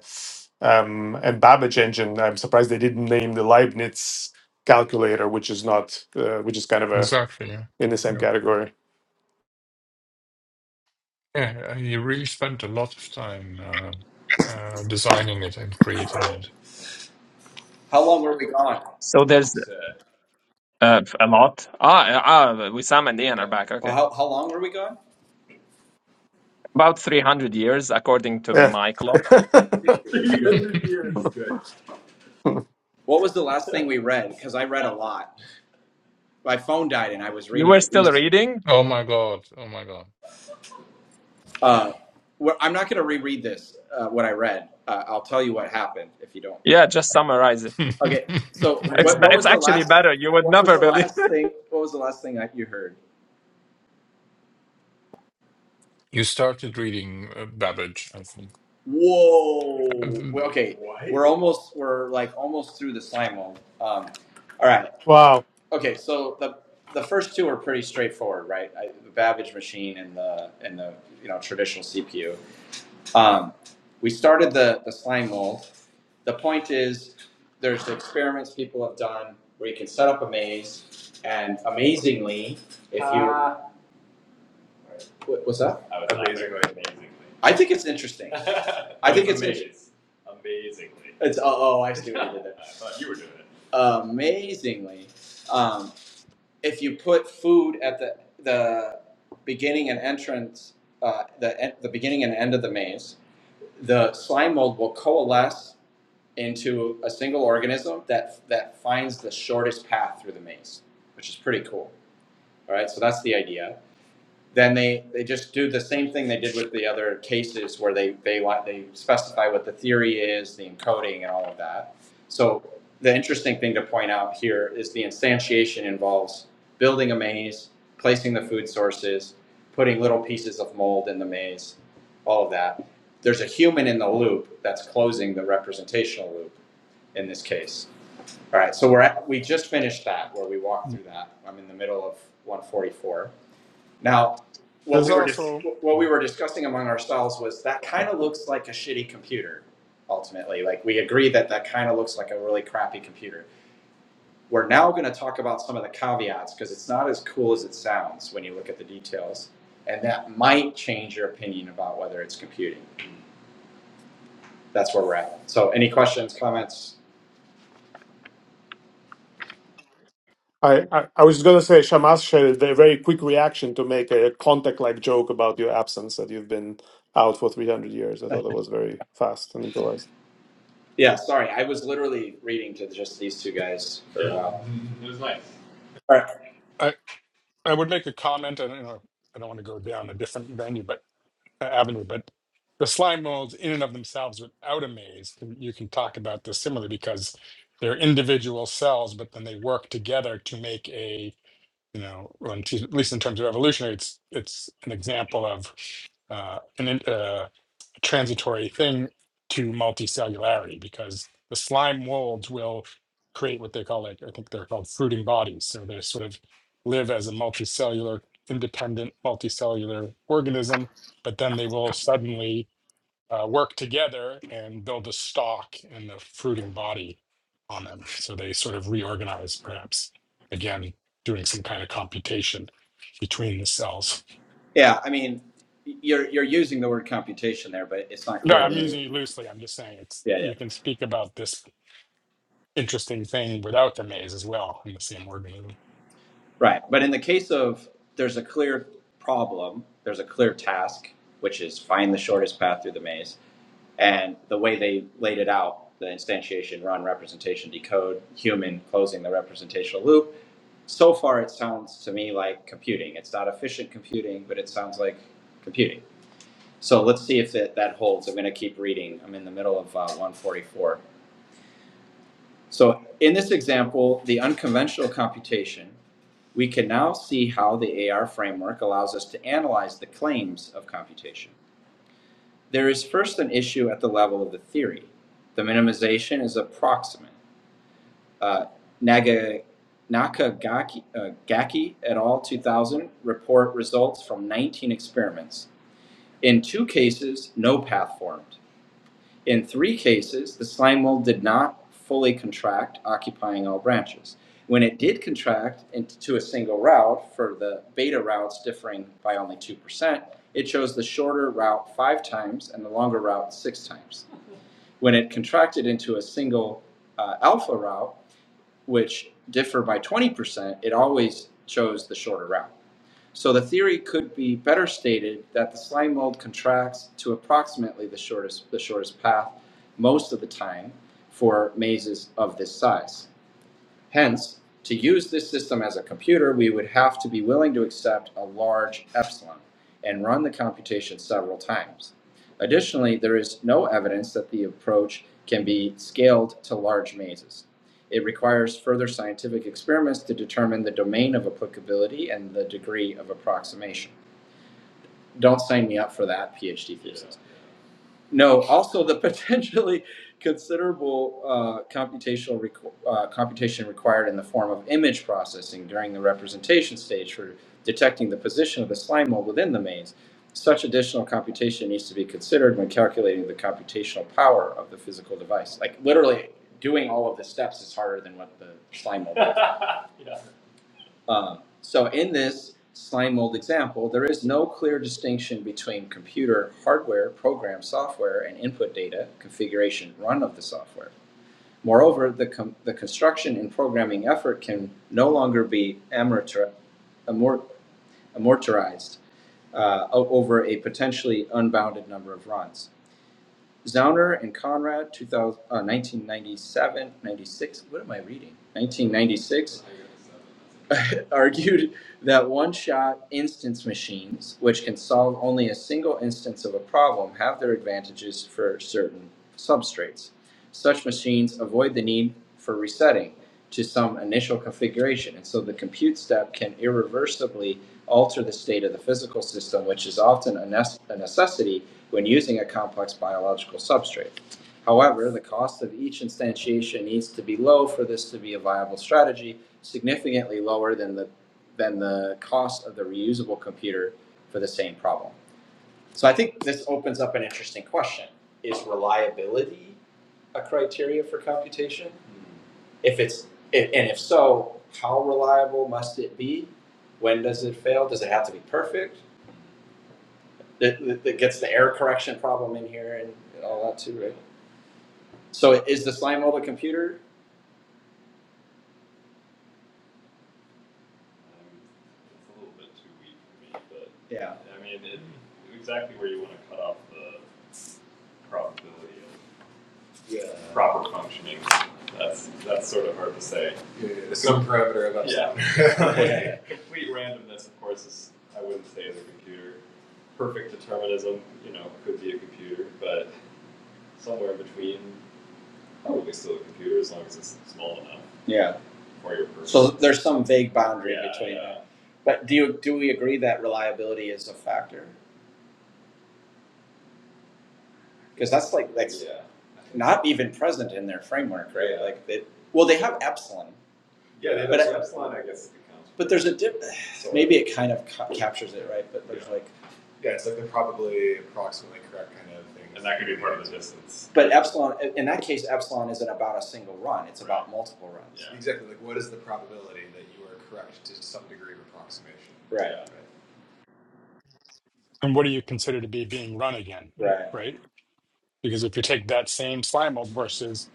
[SPEAKER 2] um, and Babbage engine. I'm surprised they didn't name the Leibniz calculator, which is not, uh, which is kind of a
[SPEAKER 3] Exactly. Yeah.
[SPEAKER 2] in the same
[SPEAKER 3] Yeah.
[SPEAKER 2] category.
[SPEAKER 3] Yeah. uh, You really spent a lot of time uh, uh, designing it and creating it.
[SPEAKER 7] How long were we gone?
[SPEAKER 6] So there's
[SPEAKER 7] Just uh,
[SPEAKER 6] uh, a lot. Ah, ah, Wissam and Ian are back.
[SPEAKER 7] Well,
[SPEAKER 6] Okay,
[SPEAKER 7] how, how long were we gone?
[SPEAKER 6] about three hundred years according to
[SPEAKER 2] Yeah.
[SPEAKER 6] my clock.
[SPEAKER 7] 300 years. good. What was the last thing we read? Because I read a lot. My phone died and I was
[SPEAKER 6] You were
[SPEAKER 7] reading these
[SPEAKER 6] still
[SPEAKER 7] two.
[SPEAKER 6] reading.
[SPEAKER 3] oh my God. Oh my God.
[SPEAKER 7] Uh, well, I'm not going to reread this, uh, what I read. Uh, I'll tell you what happened if you don't.
[SPEAKER 6] Yeah, just summarize it.
[SPEAKER 7] Okay. So Oh, yeah,
[SPEAKER 6] It's
[SPEAKER 7] what,
[SPEAKER 6] be-
[SPEAKER 7] what yeah.
[SPEAKER 6] it's
[SPEAKER 7] was the
[SPEAKER 6] actually
[SPEAKER 7] last,
[SPEAKER 6] better. You would
[SPEAKER 7] what was
[SPEAKER 6] never
[SPEAKER 7] the
[SPEAKER 6] believe.
[SPEAKER 7] last thing, what was the last thing that you heard?
[SPEAKER 3] You started reading uh, Babbage, I think.
[SPEAKER 7] Whoa. Well,
[SPEAKER 3] Uh,
[SPEAKER 7] okay. What? We're almost, we're like almost through the Simon. Um, all right.
[SPEAKER 2] wow.
[SPEAKER 7] Okay, so the the first two are pretty straightforward, right? I, the Babbage machine and the and the you know traditional CPU. Um, we started the the slime mold. The point is, there's experiments people have done where you can set up a maze, and amazingly, if you Ah. wha- what's that? I was laughing. Amazingly. Amazingly. I think it's interesting. I think it's inter- Amazingly. it's oh, oh I see what you did there. I thought you were doing it. amazingly, um, if you put food at the the beginning and entrance, uh, the the beginning and end of the maze, the slime mold will coalesce into a single organism that that finds the shortest path through the maze, which is pretty cool. All right, so that's the idea then they, they just do the same thing they did with the other cases where they, they want they specify what the theory is, the encoding and all of that. So the interesting thing to point out here is the instantiation involves building a maze, placing the food sources, putting little pieces of mold in the maze, all of that. There's a human in the loop that's closing the representational loop in this case. All right, so we're at, we just finished that where we walked through that. I'm in the middle of 144. Now, what
[SPEAKER 5] There's
[SPEAKER 7] we were dis-
[SPEAKER 5] also
[SPEAKER 7] what we
[SPEAKER 5] um,
[SPEAKER 7] were discussing among ourselves was that kind of looks like a shitty computer. Ultimately, like we agree that that kind of looks like a really crappy computer. We're now going to talk about some of the caveats because it's not as cool as it sounds when you look at the details, and that might change your opinion about whether it's computing. That's where we're at. So, any questions, comments?
[SPEAKER 2] I, I, I was going to say, Shamas shared a very quick reaction to make a contact like joke about your absence that you've been out for 300 years. I thought that was very fast and improvised.
[SPEAKER 7] Yeah, sorry, I was literally reading to just these two guys for a Yeah. while. It was nice. All right.
[SPEAKER 5] I I would make a comment and you know I don't want to go down a different venue but uh, avenue, but the slime molds in and of themselves without a maze, can- you can talk about this similarly because they're individual cells, but then they work together to make a you know, well, in at least in terms of evolutionary, it's it's an example of uh, an in- uh, a transitory thing to multicellularity because the slime molds will create what they call like I think they're called fruiting bodies. So they sort of live as a multicellular, independent multicellular organism, but then they will suddenly uh, work together and build a stalk and the fruiting body on them. So they sort of reorganize, perhaps, again, doing some kind of computation between the cells.
[SPEAKER 7] Yeah, I mean, you're you're using the word computation there, but it's not
[SPEAKER 5] No,
[SPEAKER 7] clear
[SPEAKER 5] I'm
[SPEAKER 7] to me.
[SPEAKER 5] using it loosely. I'm just saying it's
[SPEAKER 7] Yeah, yeah,
[SPEAKER 5] you can speak about this interesting thing without the maze as well in the same organism.
[SPEAKER 7] right. But in the case of there's a clear problem, there's a clear task, which is find the shortest path through the maze, and the way they laid it out, the instantiation, run, representation, decode, human, closing the representational loop. So far, it sounds to me like computing. It's not efficient computing, but it sounds like computing. So let's see if that, that holds. I'm going to keep reading. I'm in the middle of uh, 144. So in this example, the unconventional computation, we can now see how the AR framework allows us to analyze the claims of computation. There is first an issue at the level of the theory. The minimization is approximate. Uh, Naga, Nakagaki uh, Gaki et al. 2000 report results from 19 experiments. In two cases, no path formed. In three cases, the slime mold did not fully contract, occupying all branches. When it did contract into a single route, for the beta routes differing by only 2%, it chose the shorter route five times and the longer route six times. When it contracted into a single uh, alpha route, which differ by 20%, it always chose the shorter route. So the theory could be better stated that the slime mold contracts to approximately the shortest, the shortest path most of the time for mazes of this size. Hence, to use this system as a computer, we would have to be willing to accept a large epsilon and run the computation several times. Additionally, there is no evidence that the approach can be scaled to large mazes. It requires further scientific experiments to determine the domain of applicability and the degree of approximation. Don't sign me up for that PhD thesis. No, also the potentially considerable uh, computational requ- uh, computation required in the form of image processing during the representation stage for detecting the position of the slime mold within the maze. Such additional computation needs to be considered when calculating the computational power of the physical device. Like literally doing all of the steps is harder than what the slime mold. Is. Um, so in this slime mold example, there is no clear distinction between computer hardware, program software, and input data configuration run of the software. Moreover, the, com- the construction and programming effort can no longer be amorti- amort- amortized uh, over a potentially unbounded number of runs. Zauner and Conrad, 2000, uh, 1997, what am I reading? 1996, argued that one shot instance machines, which can solve only a single instance of a problem, have their advantages for certain substrates. Such machines avoid the need for resetting to some initial configuration, and so the compute step can irreversibly alter the state of the physical system, which is often a, nece- a necessity when using a complex biological substrate. However, the cost of each instantiation needs to be low for this to be a viable strategy, significantly lower than the than the cost of the reusable computer for the same problem. So I think this opens up an interesting question. Is reliability a criteria for computation? Mm-hmm. If it's if, and if so, how reliable must it be? When does it fail? Does it have to be perfect? that, that, gets the error correction problem in here and, all that too, right? So is the slime mold a computer? It's a little bit too weak for me, but Yeah. I mean, it, exactly where you want to cut off the probability of Yeah. proper functioning. That's that's sort of hard to say. yeah, yeah, Some parameter about Yeah. something. Complete randomness, of course, is I wouldn't say is a computer. Perfect determinism, you know, could be a computer, but somewhere in between probably still a computer as long as it's small enough Yeah. for your person. So there's some vague boundary Yeah, between yeah, that. But do you, do we agree that reliability is a factor? Because that's like that's yeah. not even present in their framework, right? Yeah. Like it, well, they have Epsilon, Yeah, they But I- have a line, I guess, But there's a dip. So- Maybe it kind of ca- captures it, right? But there's yeah. like, Yeah, it's like the probably approximately correct kind of thing. And that could be part of the distance. but epsilon. in- that case, epsilon isn't about a single run. It's right. about multiple runs. Yeah. Exactly. Like, what is the probability that you are correct to some degree of approximation? Right. Yeah.
[SPEAKER 5] And what do you consider to be being run again,
[SPEAKER 7] Right.
[SPEAKER 5] right? Because if you take that same slime mold versus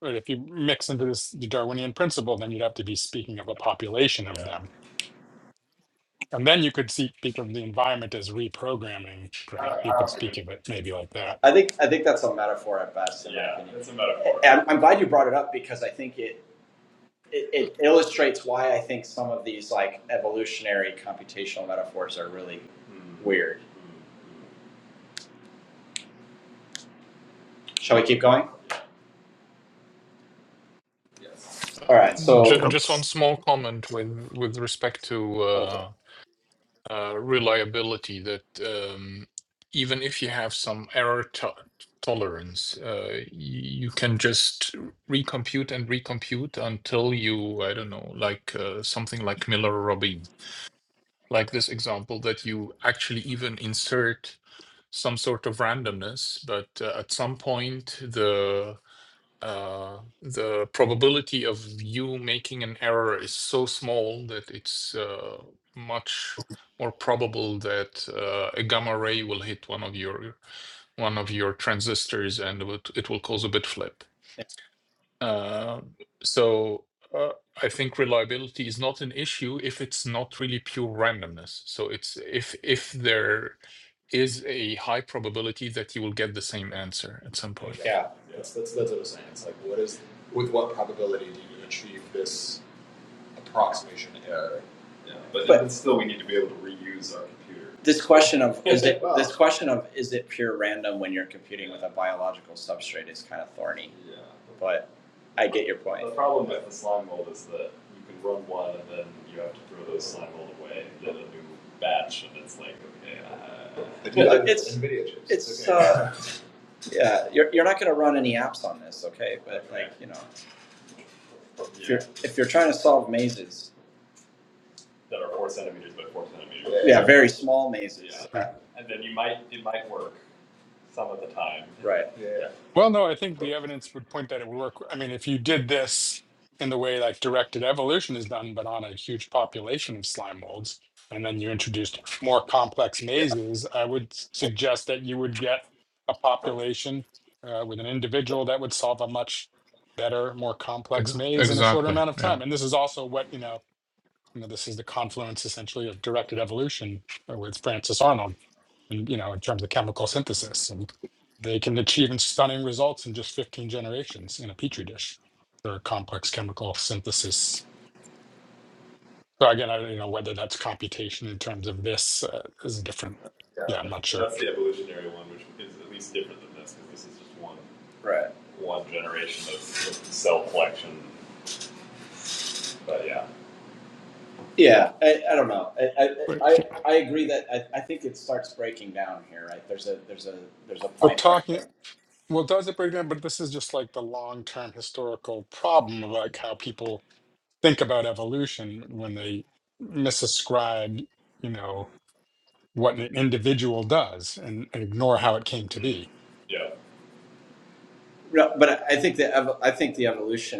[SPEAKER 5] but if you mix into this the Darwinian principle, then you'd have to be speaking of a population of
[SPEAKER 7] Yeah,
[SPEAKER 5] them And then you could see, speak of the environment as reprogramming.
[SPEAKER 7] I don't,
[SPEAKER 5] Perhaps
[SPEAKER 7] I,
[SPEAKER 5] you could
[SPEAKER 7] don't.
[SPEAKER 5] speak of it maybe like that.
[SPEAKER 7] I think I think that's a metaphor at best. In my yeah, my opinion. it's a metaphor. And I'm glad you brought it up because I think it it, it illustrates why I think some of these like evolutionary computational metaphors are really Mm. weird. Mm. Shall we keep going? All right. So,
[SPEAKER 3] j-
[SPEAKER 2] Yep.
[SPEAKER 3] Just one small comment with with respect to.
[SPEAKER 7] oh,
[SPEAKER 3] uh, uh, reliability that um, even if you have some error to- tolerance, uh, y- you can just recompute and recompute until you, I don't know, like uh, something like Miller-Robbin, like this example that you actually even insert some sort of randomness, but uh, at some point the uh, the probability of you making an error is so small that it's uh, much more probable that uh, a gamma ray will hit one of your one of your transistors and it would- it will cause a bit flip.
[SPEAKER 7] yeah,
[SPEAKER 3] Uh, so uh, I think reliability is not an issue if it's not really pure randomness. So it's if if there is a high probability that you will get the same answer at some
[SPEAKER 7] Exactly.
[SPEAKER 3] point.
[SPEAKER 7] yeah, That's, that's that's what I'm saying. It's like, what is with what probability do you achieve this approximation error. Yeah, but, But- still, we need to be able to reuse our computer. This question of is it Wow. this question of is it pure random when you're computing with a biological substrate is kind of thorny, Yeah. but I get your point. The problem with the slime mold is that you can run one and then you have to throw those slime mold away and then a new batch, and it's like, okay, uh, It's- NVIDIA chips. It's okay. uh, yeah, you're you're not going to run any apps on this, okay? But okay. like you know, if yeah. you're if you're trying to solve mazes, that are four centimeters by four centimeters. Yeah, yeah, very small mazes. Yeah.
[SPEAKER 5] Right.
[SPEAKER 7] Yeah. And then you might, it might work some of the time. Right. Yeah. Yeah.
[SPEAKER 5] Well, no, I think the evidence would point that it would work. I mean, if you did this in the way like directed evolution is done, but on a huge population of slime molds, and then you introduced more complex mazes, I would s- suggest that you would get a population uh, with an individual that would solve a much better, more
[SPEAKER 3] Ex-
[SPEAKER 5] complex maze in a shorter
[SPEAKER 3] Exactly.
[SPEAKER 5] amount of
[SPEAKER 3] Yeah.
[SPEAKER 5] time. And this is also what you know you know, this is the confluence essentially of directed evolution uh, with Francis Arnold, and you know, in terms of chemical synthesis, and they can achieve stunning results in just 15 generations in a petri dish for complex chemical synthesis. So again, I don't know whether that's computation in terms of this uh, is different. Yeah, I'm not sure.
[SPEAKER 7] That's the evolutionary one, which is at least different than this, because this is just one, Right. one generation of, of cell collection. But yeah, Yeah. I, I don't know. I, I,
[SPEAKER 5] But
[SPEAKER 7] I, agree that I, I think it starts breaking down here. Right. There's a there's a there's a
[SPEAKER 5] but
[SPEAKER 7] point where.
[SPEAKER 5] talking well, does it break down? But this is just like the long-term historical problem of like how people think about evolution when they misascribe, you know, what an individual does and, and ignore how it came to
[SPEAKER 7] Hmm.
[SPEAKER 5] be.
[SPEAKER 7] yeah, No, but I think the I think the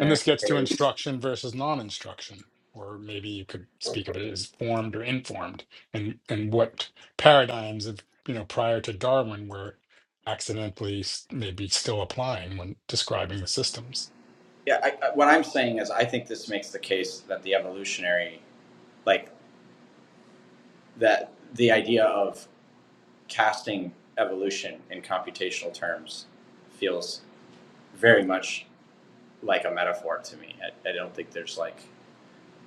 [SPEAKER 5] And this gets to
[SPEAKER 7] case
[SPEAKER 5] instruction versus non-instruction, or maybe you could speak of it as formed or informed, and and what paradigms of you know prior to Darwin were accidentally s- maybe still applying when describing the systems.
[SPEAKER 7] Yeah, I, I, what I'm saying is, I think this makes the case that the evolutionary, like that, the idea of casting evolution in computational terms feels very much like a metaphor to me. I, I don't think there's like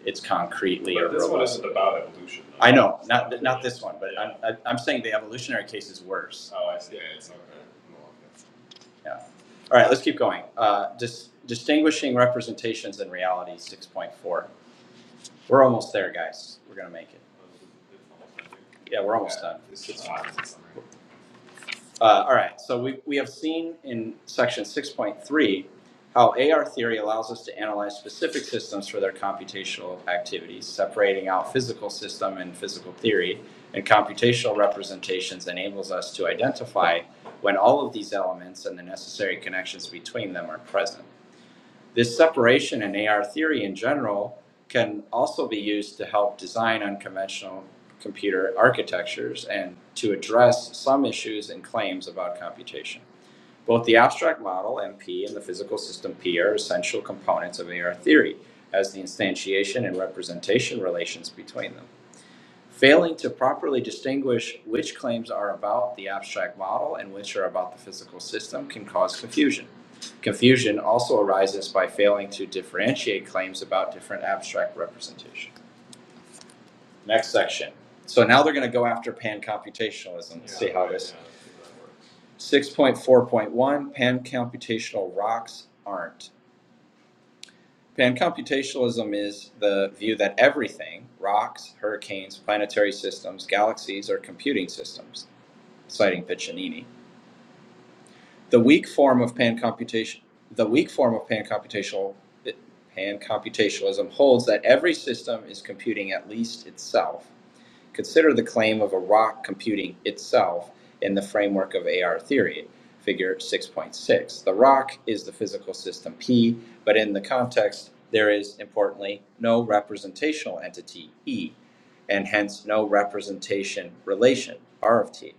[SPEAKER 7] it's concretely But or this robust. one isn't about evolution. though. I know, it's not not this one, but yeah. I'm I, am i am saying the evolutionary case is worse. Oh, I see. Yeah, it's okay. Yeah. All right, let's keep going. Uh, dis- distinguishing representations and reality, six point four. We're almost there, guys. We're gonna make it. Yeah, we're almost done. right. Uh, all right, so we, we have seen in section six point three how AR theory allows us to analyze specific systems for their computational activities, separating out physical system and physical theory. And computational representations enables us to identify when all of these elements and the necessary connections between them are present. This separation in AR theory in general can also be used to help design unconventional computer architectures and to address some issues and claims about computation. Both the abstract model, MP, and the physical system, P, are essential components of AR theory, as the instantiation and representation relations between them failing to properly distinguish which claims are about the abstract model and which are about the physical system can cause confusion. Confusion also arises by failing to differentiate claims about different abstract representation. Next section. So now they're going to go after pan-computationalism. Let's yeah, see how this. 6.4.1 Pan-computational rocks aren't. Pan-computationalism is the view that everything, rocks, hurricanes, planetary systems, galaxies, are computing systems. citing Piccinini. The weak form of pan-computation, the weak form of pan-computational, pan-computationalism, holds that every system is computing at least itself. Consider the claim of a rock computing itself in the framework of AR theory, figure 6.6. The rock is the physical system P, but in the context there is importantly no representational entity E, and hence no representation relation R of T.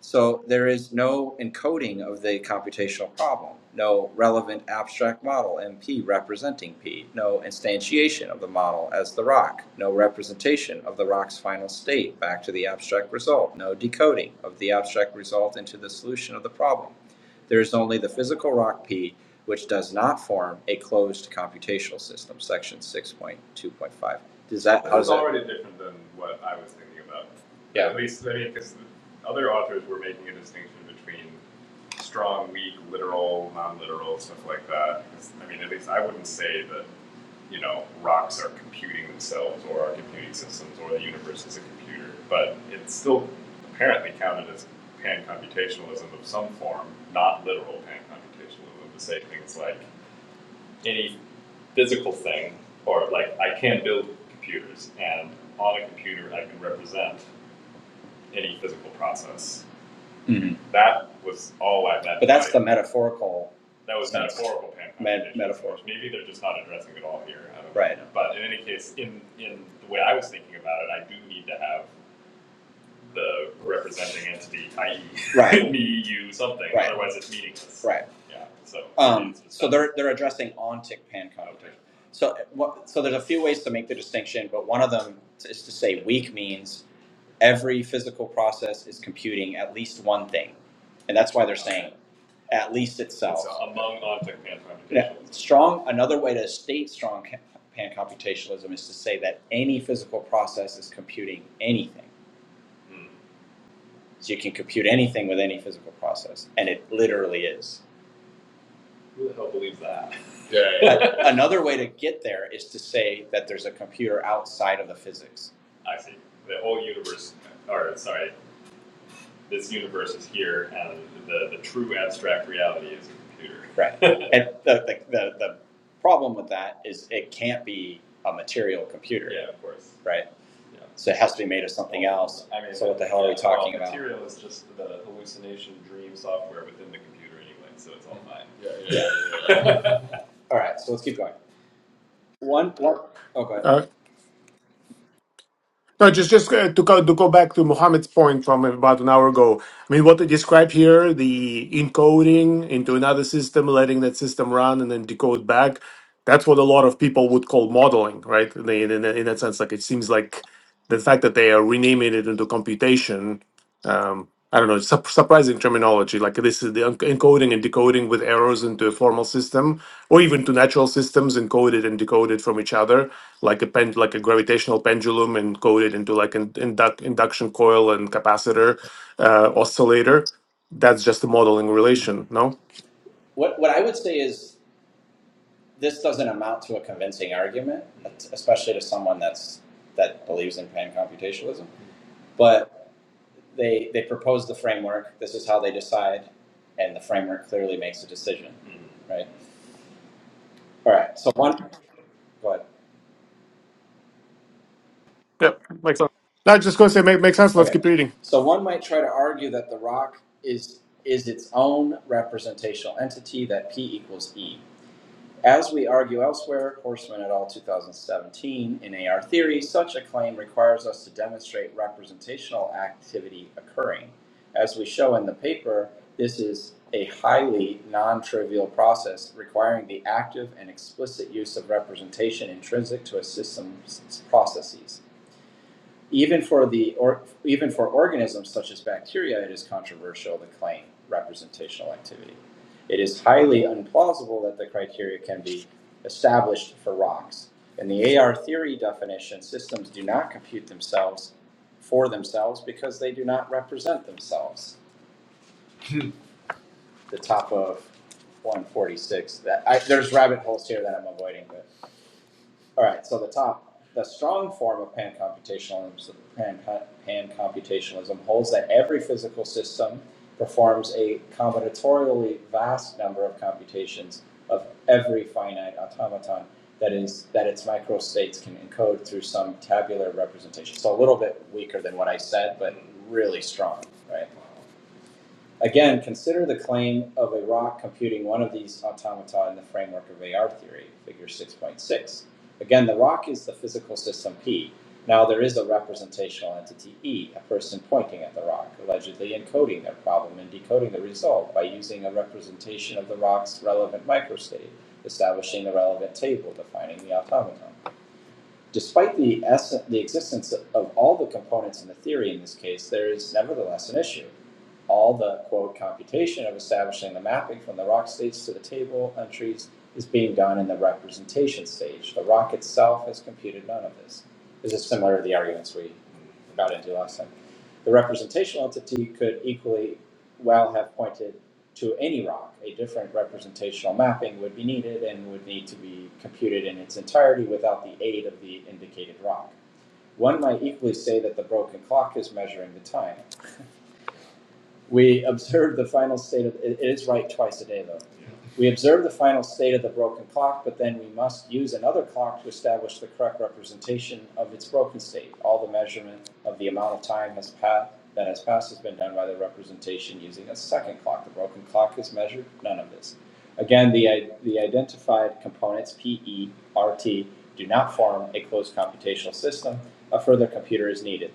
[SPEAKER 7] So there is no encoding of the computational problem, no relevant abstract model MP representing P, no instantiation of the model as the rock, no representation of the rock's final state back to the abstract result, no decoding of the abstract result into the solution of the problem. There is only the physical rock P, which does not form a closed computational system, section 6.2.5. Does that, how does is that? It's already different than what I was thinking about. Yeah. At least, I mean, because other authors were making a distinction between strong, weak, literal, non-literal, stuff like that. I mean, at least I wouldn't say that, you know, rocks are computing themselves or our computing systems or the universe is a computer. But it's still apparently counted as pan-computationalism of some form, not literal pan-computationalism, to say things like any physical thing or like I can build computers and on a computer I can represent any physical process. Mhm. That was all I meant. But that's the metaphorical, that was sense. metaphorical pan Met- metaphor. Maybe they're just not addressing it all here. I don't Right. Know. But in any case, in in the way I was thinking about it, I do need to have the representing entity, i.e., Right. me, you, something. Right. Otherwise, it's meaningless. right? Yeah. So. Um, so that- they're they're addressing ontic pan So uh, what, so there's a few ways to make the distinction, but one of them is to say weak means every physical process is computing at least one thing. And that's why they're saying at least itself. It's Among object man Yeah, computations. strong, another way to state strong ca- pan computationalism is to say that any physical process is computing anything. Hmm. So you can compute anything with any physical process, and it literally is. Who the hell believes that? Yeah, yeah, But yeah. another way to get there is to say that there's a computer outside of the physics. I see. The whole universe, or sorry, this universe is here, and the, the true abstract reality is a computer. Right. And the, the, the, the problem with that is it can't be a material computer, Yeah, of course. right? Yeah. So it has to be made of something well, else. I mean, So what the hell yeah, are we yeah, well, talking about? Material is just the hallucination dream software within the computer anyway, so it's all fine. Yeah, yeah. yeah. All right, so let's keep going. One, one, oh, go ahead.
[SPEAKER 2] Uh, no, just just uh, to go to go back to Mohammed's point from about an hour ago. I mean, what they describe here, the encoding into another system, letting that system run, and then decode back. That's what a lot of people would call modeling, right? In, in, in that sense, like it seems like the fact that they are renaming it into computation um, I don't know, sup- surprising terminology. Like this is the un- encoding and decoding with errors into a formal system, or even to natural systems encoded and decoded from each other, like a pen, like a gravitational pendulum encoded into like an induc- induction coil and capacitor, uh, oscillator. That's just a modeling
[SPEAKER 7] Mm-hmm.
[SPEAKER 2] relation. No.
[SPEAKER 7] What, what I would say is this doesn't amount to a convincing argument, especially to someone that's that believes in pan-computationalism. But they they propose the framework. This is how they decide, and the framework clearly makes a decision, mm-hmm. right? All right. So one, go ahead.
[SPEAKER 2] Yep, makes sense. I just gonna say make makes sense. Let's
[SPEAKER 7] Okay.
[SPEAKER 2] keep reading.
[SPEAKER 7] So one might try to argue that the rock is is its own representational entity that P equals E. As we argue elsewhere, Horseman et al. 2017, in AR theory, such a claim requires us to demonstrate representational activity occurring. As we show in the paper, this is a highly non trivial process requiring the active and explicit use of representation intrinsic to a system's processes. Even for the or even for organisms such as bacteria, it is controversial to claim representational activity. It is highly implausible that the criteria can be established for rocks. In the AR theory definition, systems do not compute themselves for themselves because they do not represent themselves. The top of 146. That I, there's rabbit holes here that I'm avoiding, but all right, so the top, the strong form of pan computationalism, pan, computationalism holds that every physical system performs a combinatorially vast number of computations of every finite automaton that is that its microstates can encode through some tabular representation. So a little bit weaker than what I said, but really strong, right? Again, consider the claim of a rock computing one of these automata in the framework of AR theory, figure 6.6. Again, the rock is the physical system P. Now there is a representational entity E, a person pointing at the rock, allegedly encoding their problem and decoding the result by using a representation of the rock's relevant microstate, establishing the relevant table, defining the automaton. Despite the essence, the existence of all the components in the theory in this case, there is nevertheless an issue. All the quote computation of establishing the mapping from the rock states to the table entries is being done in the representation stage. The rock itself has computed none of this. This is similar to the arguments we got into last time. The representational entity could equally well have pointed to any rock. A different representational mapping would be needed and would need to be computed in its entirety without the aid of the indicated rock. One might equally say that the broken clock is measuring the time. We observe the final state of, it is right twice a day though. We observe the final state of the broken clock, but then we must use another clock to establish the correct representation of its broken state. All the measurement of the amount of time has pa- that has passed has been done by the representation using a second clock. The broken clock is measured, none of this. Again, the, the identified components, P E R T do not form a closed computational system. A further computer is needed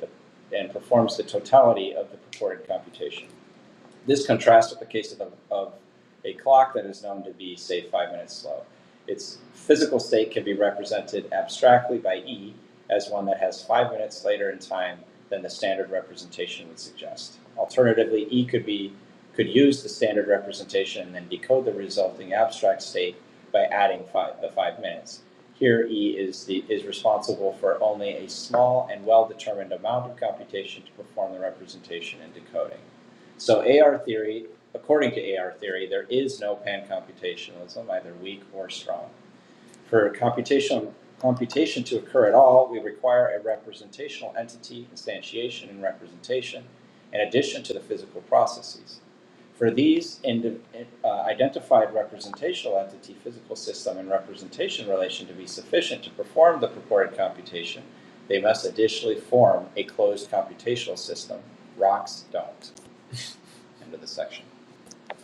[SPEAKER 7] and performs the totality of the purported computation. This contrasts with the case of, a- of a clock that is known to be, say, five minutes slow. Its physical state can be represented abstractly by E as one that has five minutes later in time than the standard representation would suggest. Alternatively, E could be could use the standard representation and then decode the resulting abstract state by adding five, the five minutes. Here, E is the is responsible for only a small and well-determined amount of computation to perform the representation and decoding. So AR theory, according to AR theory, there is no pan-computationalism, either weak or strong. For computational computation to occur at all, we require a representational entity, instantiation, and representation, in addition to the physical processes. For these indi- uh, identified representational entity, physical system, and representation relation to be sufficient to perform the purported computation, they must additionally form a closed computational system. Rocks don't end of the section.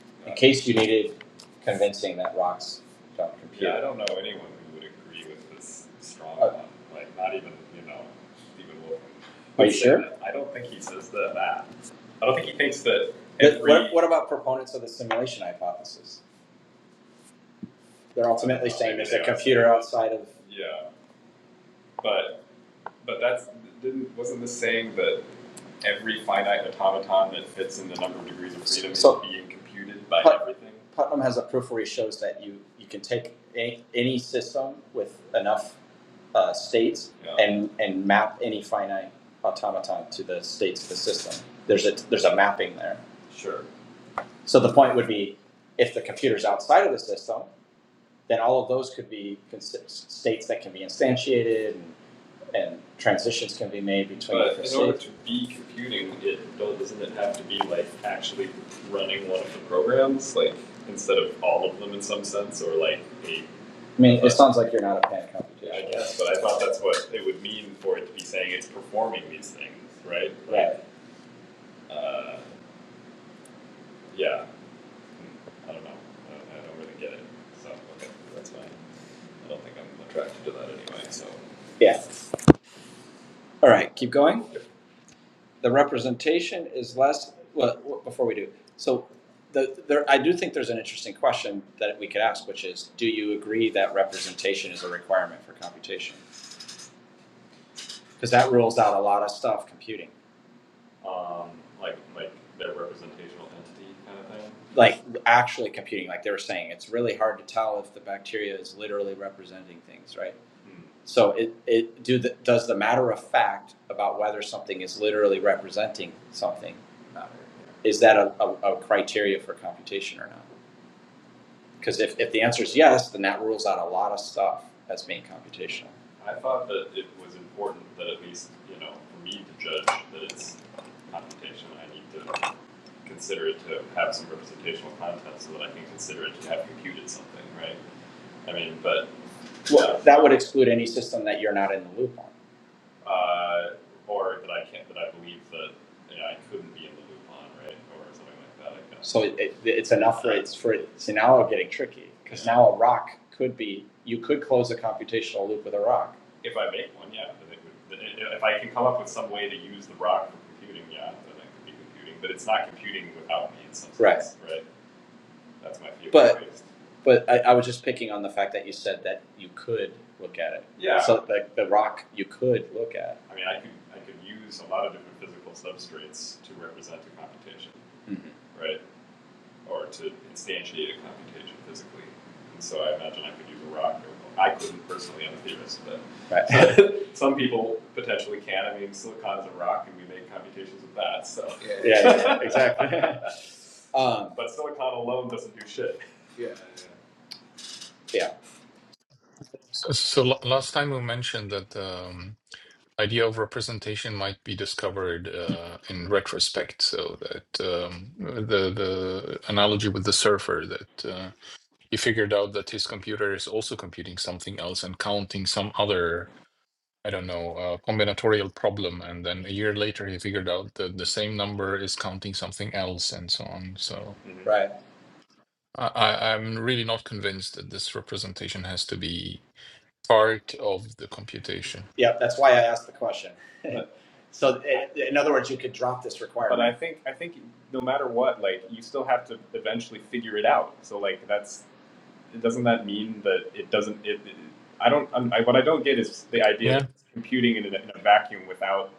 [SPEAKER 7] In case you needed convincing that rocks don't compute. Yeah, I don't know anyone who would agree with this strong Oh. one. Like, not even, you know, Stephen Wolfman. Are you sure? that. I don't think he says that, that. I don't think he thinks that every. what, what about proponents of the simulation hypothesis? They're ultimately uh, saying there's a computer outside of, Yeah, but but that's didn't wasn't this saying that every finite automaton that fits in the number of degrees of freedom So- is being computed by But- everything. Putnam has a proof where he shows that you, you can take any, any system with enough uh, states Yeah. and, and map any finite automaton to the states of the system. There's a, there's a mapping there. Sure. So the point would be if the computer's outside of the system, then all of those could be states that can be instantiated and, and transitions can be made between But different states. But in order to be computing, it doesn't it have to be like actually running one of the programs, like instead of all of them in some sense, or like a, I mean, it sounds like you're not a pan computation. I guess, but I thought that's what it would mean for it to be saying it's performing these things, right? Like, Right. Uh, yeah, I don't know, I don't, I don't really get it, so, okay, that's fine. I don't think I'm attracted to that anyway, so. Yeah. All right, keep going. The representation is less, well, w- before we do, so the, there, I do think there's an interesting question that we could ask, which is, do you agree that representation is a requirement for computation? Because that rules out a lot of stuff, computing. um, like, like their representational entity kind of thing? like actually computing like they were saying it's really hard to tell if the bacteria is literally representing things right Hmm. so it, it do the, does the matter of fact about whether something is literally representing something Matter, is that a, a, a criteria for computation or not because if, if the answer is yes, then that rules out a lot of stuff as being computational. I thought that it was important that at least, you know, for me to judge that it's computational. I need to consider it to have some representational content so that I can consider it to have computed something, right? I mean, but, Well, yeah, That would exclude any system that you're not in the loop on uh, or that I can't, that I believe that, you know, I couldn't be in the loop on, right, or something like that, I guess. So it, it's enough for it's for see now we're getting tricky because yeah. now a rock could be you could close a computational loop with a rock. If I make one, yeah, then it would, then i- if I can come up with some way to use the rock for computing, yeah, then I could be computing, but it's not computing without me in some Right. sense, right? right? That's my favorite. But- But I, I was just picking on the fact that you said that you could look at it. yeah, So like the rock you could look at. I mean, I could I could use a lot of different physical substrates to represent a computation, right? Or to instantiate a computation physically. And so I imagine I could use a rock. Or, I couldn't personally. I'm a theorist, but Right. so, some people potentially can. I mean, silicon's a rock, and we make computations with that. So yeah, yeah, yeah exactly. Um, But Silicon alone doesn't do shit. Yeah. Yeah. yeah.
[SPEAKER 3] So, so la- last time we mentioned that um, idea of representation might be discovered uh, in retrospect. So that um, the the analogy with the surfer that uh, he figured out that his computer is also computing something else and counting some other I don't know uh, combinatorial problem, and then a year later he figured out that the same number is counting something else, and so on. So
[SPEAKER 7] Mm-hmm. right.
[SPEAKER 3] I, I, I'm really not convinced that this representation has to be part of the computation.
[SPEAKER 7] Yeah, that's why I asked the question. So, in other words, you could drop this requirement. But I think I think no matter what, like you still have to eventually figure it out. So like that's doesn't that mean that it doesn't? It, it- I don't. I, what I don't get is the idea that
[SPEAKER 3] Yeah.
[SPEAKER 7] it's computing in a, in a vacuum without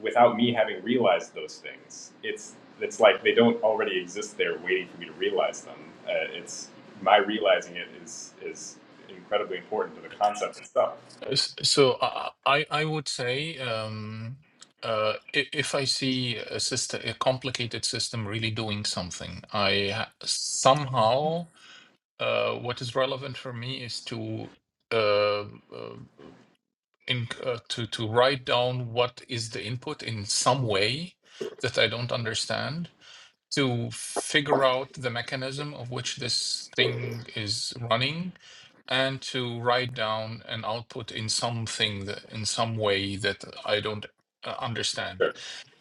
[SPEAKER 7] without me having realized those things. It's it's like they don't already exist there, waiting for me to realize them. Uh, it's my realizing it is is incredibly important to the concept itself.
[SPEAKER 3] S- So I I I would say um, uh, i- if I see a system, a complicated system really doing something, I ha- somehow uh, what is relevant for me is to. Uh, uh, in uh, to to write down what is the input in some way that I don't understand to figure out the mechanism of which this thing is running and to write down an output in something that, in some way that I don't uh, understand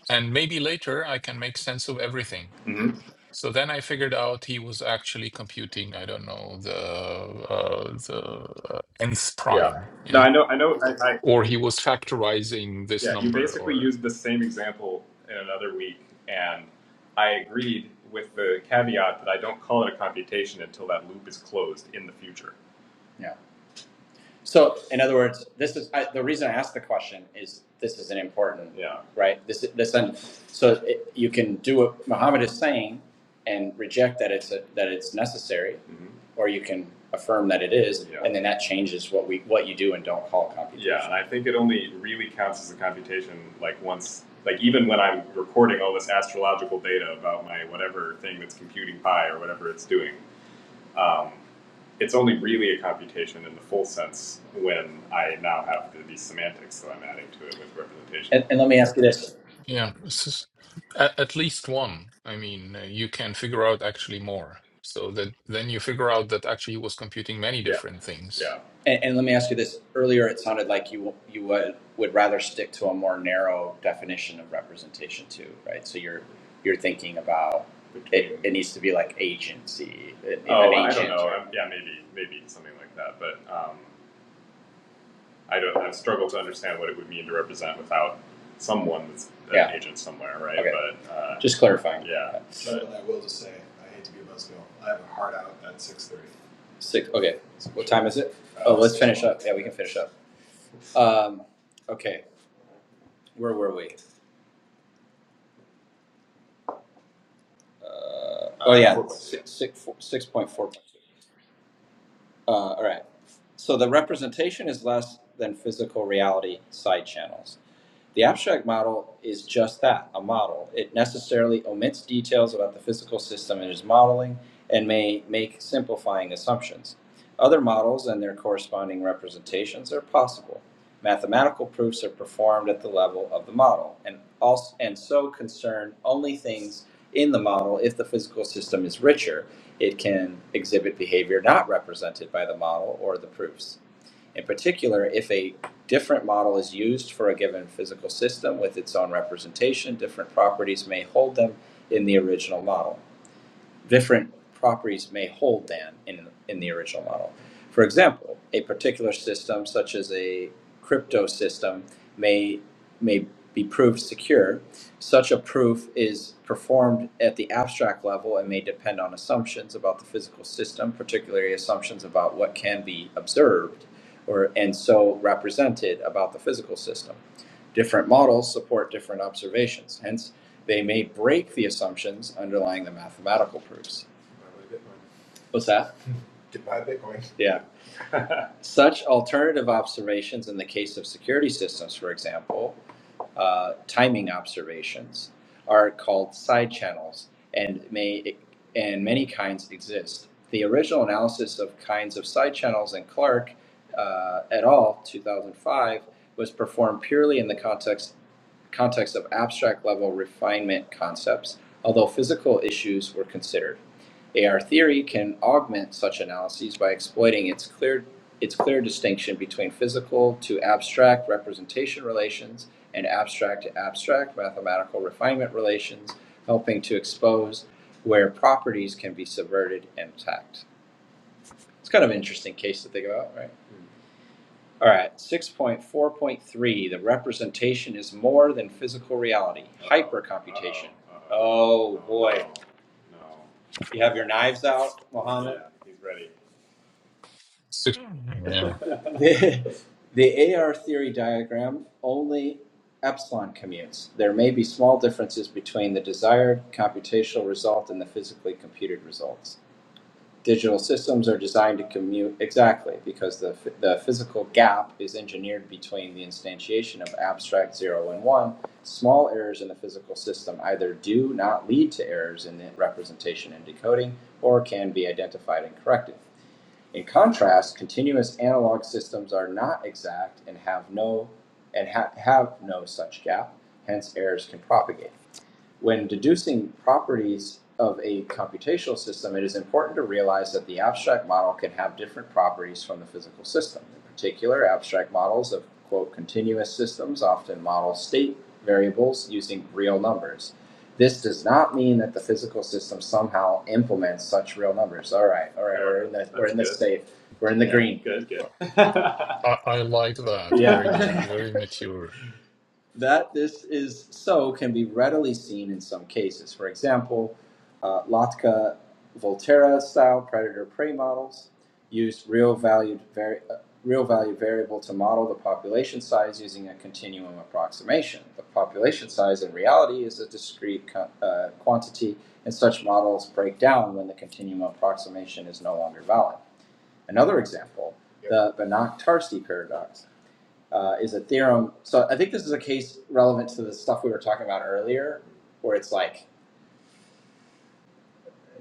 [SPEAKER 3] and maybe later I can make sense of everything
[SPEAKER 7] hmm
[SPEAKER 3] so then I figured out he was actually computing I don't know the uh, the uh, nth
[SPEAKER 7] Yeah.
[SPEAKER 3] prime yeah
[SPEAKER 7] No, I know, I know, I, I
[SPEAKER 3] or he was factorizing this
[SPEAKER 7] yeah. You
[SPEAKER 3] number
[SPEAKER 7] basically
[SPEAKER 3] or
[SPEAKER 7] used the same example in another week, and I agreed with the caveat that I don't call it a computation until that loop is closed in the future. Yeah. So, in other words, this is, I, the reason I asked the question is this is an important, Yeah, right? This, this, and so it, you can do what Muhammad is saying and reject that it's, a, that it's necessary, Mhm. or you can affirm that it is, Yeah. and then that changes what we, what you do and don't call computation. yeah, and computation. I think it only really counts as a computation like once, like even when I'm recording all this astrological data about my whatever thing that's computing pi or whatever it's doing, um, it's only really a computation in the full sense when I now have the, these semantics that I'm adding to it with representation. And, and let me ask you this.
[SPEAKER 3] yeah this is at, at least one i mean uh, you can figure out actually more so that then you figure out that actually he was computing many
[SPEAKER 7] Yeah,
[SPEAKER 3] different things
[SPEAKER 7] yeah. And, and let me ask you this. Earlier, it sounded like you you would, would rather stick to a more narrow definition of representation too, right? So you're you're thinking about it. It needs to be like agency, an oh, agent I don't know. or yeah, maybe maybe something like that. But um, I don't. I struggle to understand what it would mean to represent without someone that's an Yeah. agent somewhere, right? Okay. But uh, Just clarifying. yeah, But I will just say, I hate to be a buzzkill. I have a hard out at six thirty. Six. Okay. What time is it? Uh, Oh, let's finish up. Yeah, we can finish up. Um, okay. Where were we? Uh, oh yeah, Four. six six four six point four point two. Uh, all right. So the representation is less than physical reality side channels. The abstract model is just that a model. It necessarily omits details about the physical system it is modeling and may make simplifying assumptions. Other models and their corresponding representations are possible. Mathematical proofs are performed at the level of the model and, also, and so concern only things in the model if the physical system is richer. It can exhibit behavior not represented by the model or the proofs. In particular, if a different model is used for a given physical system with its own representation, different properties may hold them in the original model different properties may hold than in, in the original model. For example, a particular system such as a crypto system may, may be proved secure. Such a proof is performed at the abstract level and may depend on assumptions about the physical system, particularly assumptions about what can be observed or and so represented about the physical system. Different models support different observations, hence, they may break the assumptions underlying the mathematical proofs. Buy my Bitcoin. What's that? To buy Bitcoin. Yeah. Such alternative observations in the case of security systems, for example, uh, timing observations are called side channels and may and many kinds exist. The original analysis of kinds of side channels in Clark uh, et al. 2005 was performed purely in the context context of abstract level refinement concepts, although physical issues were considered. AR theory can augment such analyses by exploiting its clear, its clear distinction between physical to abstract representation relations and abstract to abstract mathematical refinement relations, helping to expose where properties can be subverted and attacked. It's kind of an interesting case to think about, right? All right, six point four point three, the representation is more than physical reality, hypercomputation. Uh-oh. Uh-oh. Oh boy, No. No. you have your knives out, Mohammed? Yeah, he's ready.
[SPEAKER 3] So- yeah
[SPEAKER 7] The, the AR theory diagram, only epsilon commutes. There may be small differences between the desired computational result and the physically computed results. digital systems are designed to commute exactly because the, the physical gap is engineered between the instantiation of abstract 0 and 1 small errors in the physical system either do not lead to errors in the representation and decoding or can be identified and corrected in contrast continuous analog systems are not exact and have no and ha- have no such gap hence errors can propagate when deducing properties of a computational system, it is important to realize that the abstract model can have different properties from the physical system. In particular, abstract models of quote continuous systems often model state variables using real numbers. This does not mean that the physical system somehow implements such real numbers. All right, all right, yeah, we're in the we're in the safe. We're in the Yeah, green. good, good.
[SPEAKER 3] I, I like that
[SPEAKER 7] Yeah.
[SPEAKER 3] very good very mature
[SPEAKER 7] that this is so can be readily seen in some cases. For example, uh, Latka Volterra style predator prey models used real valued vari- uh, real value variable to model the population size using a continuum approximation. The population size in reality is a discrete uh, quantity, and such models break down when the continuum approximation is no longer valid. Another example, yep. the Banach-Tarski paradox, uh, is a theorem. So I think this is a case relevant to the stuff we were talking about earlier, where it's like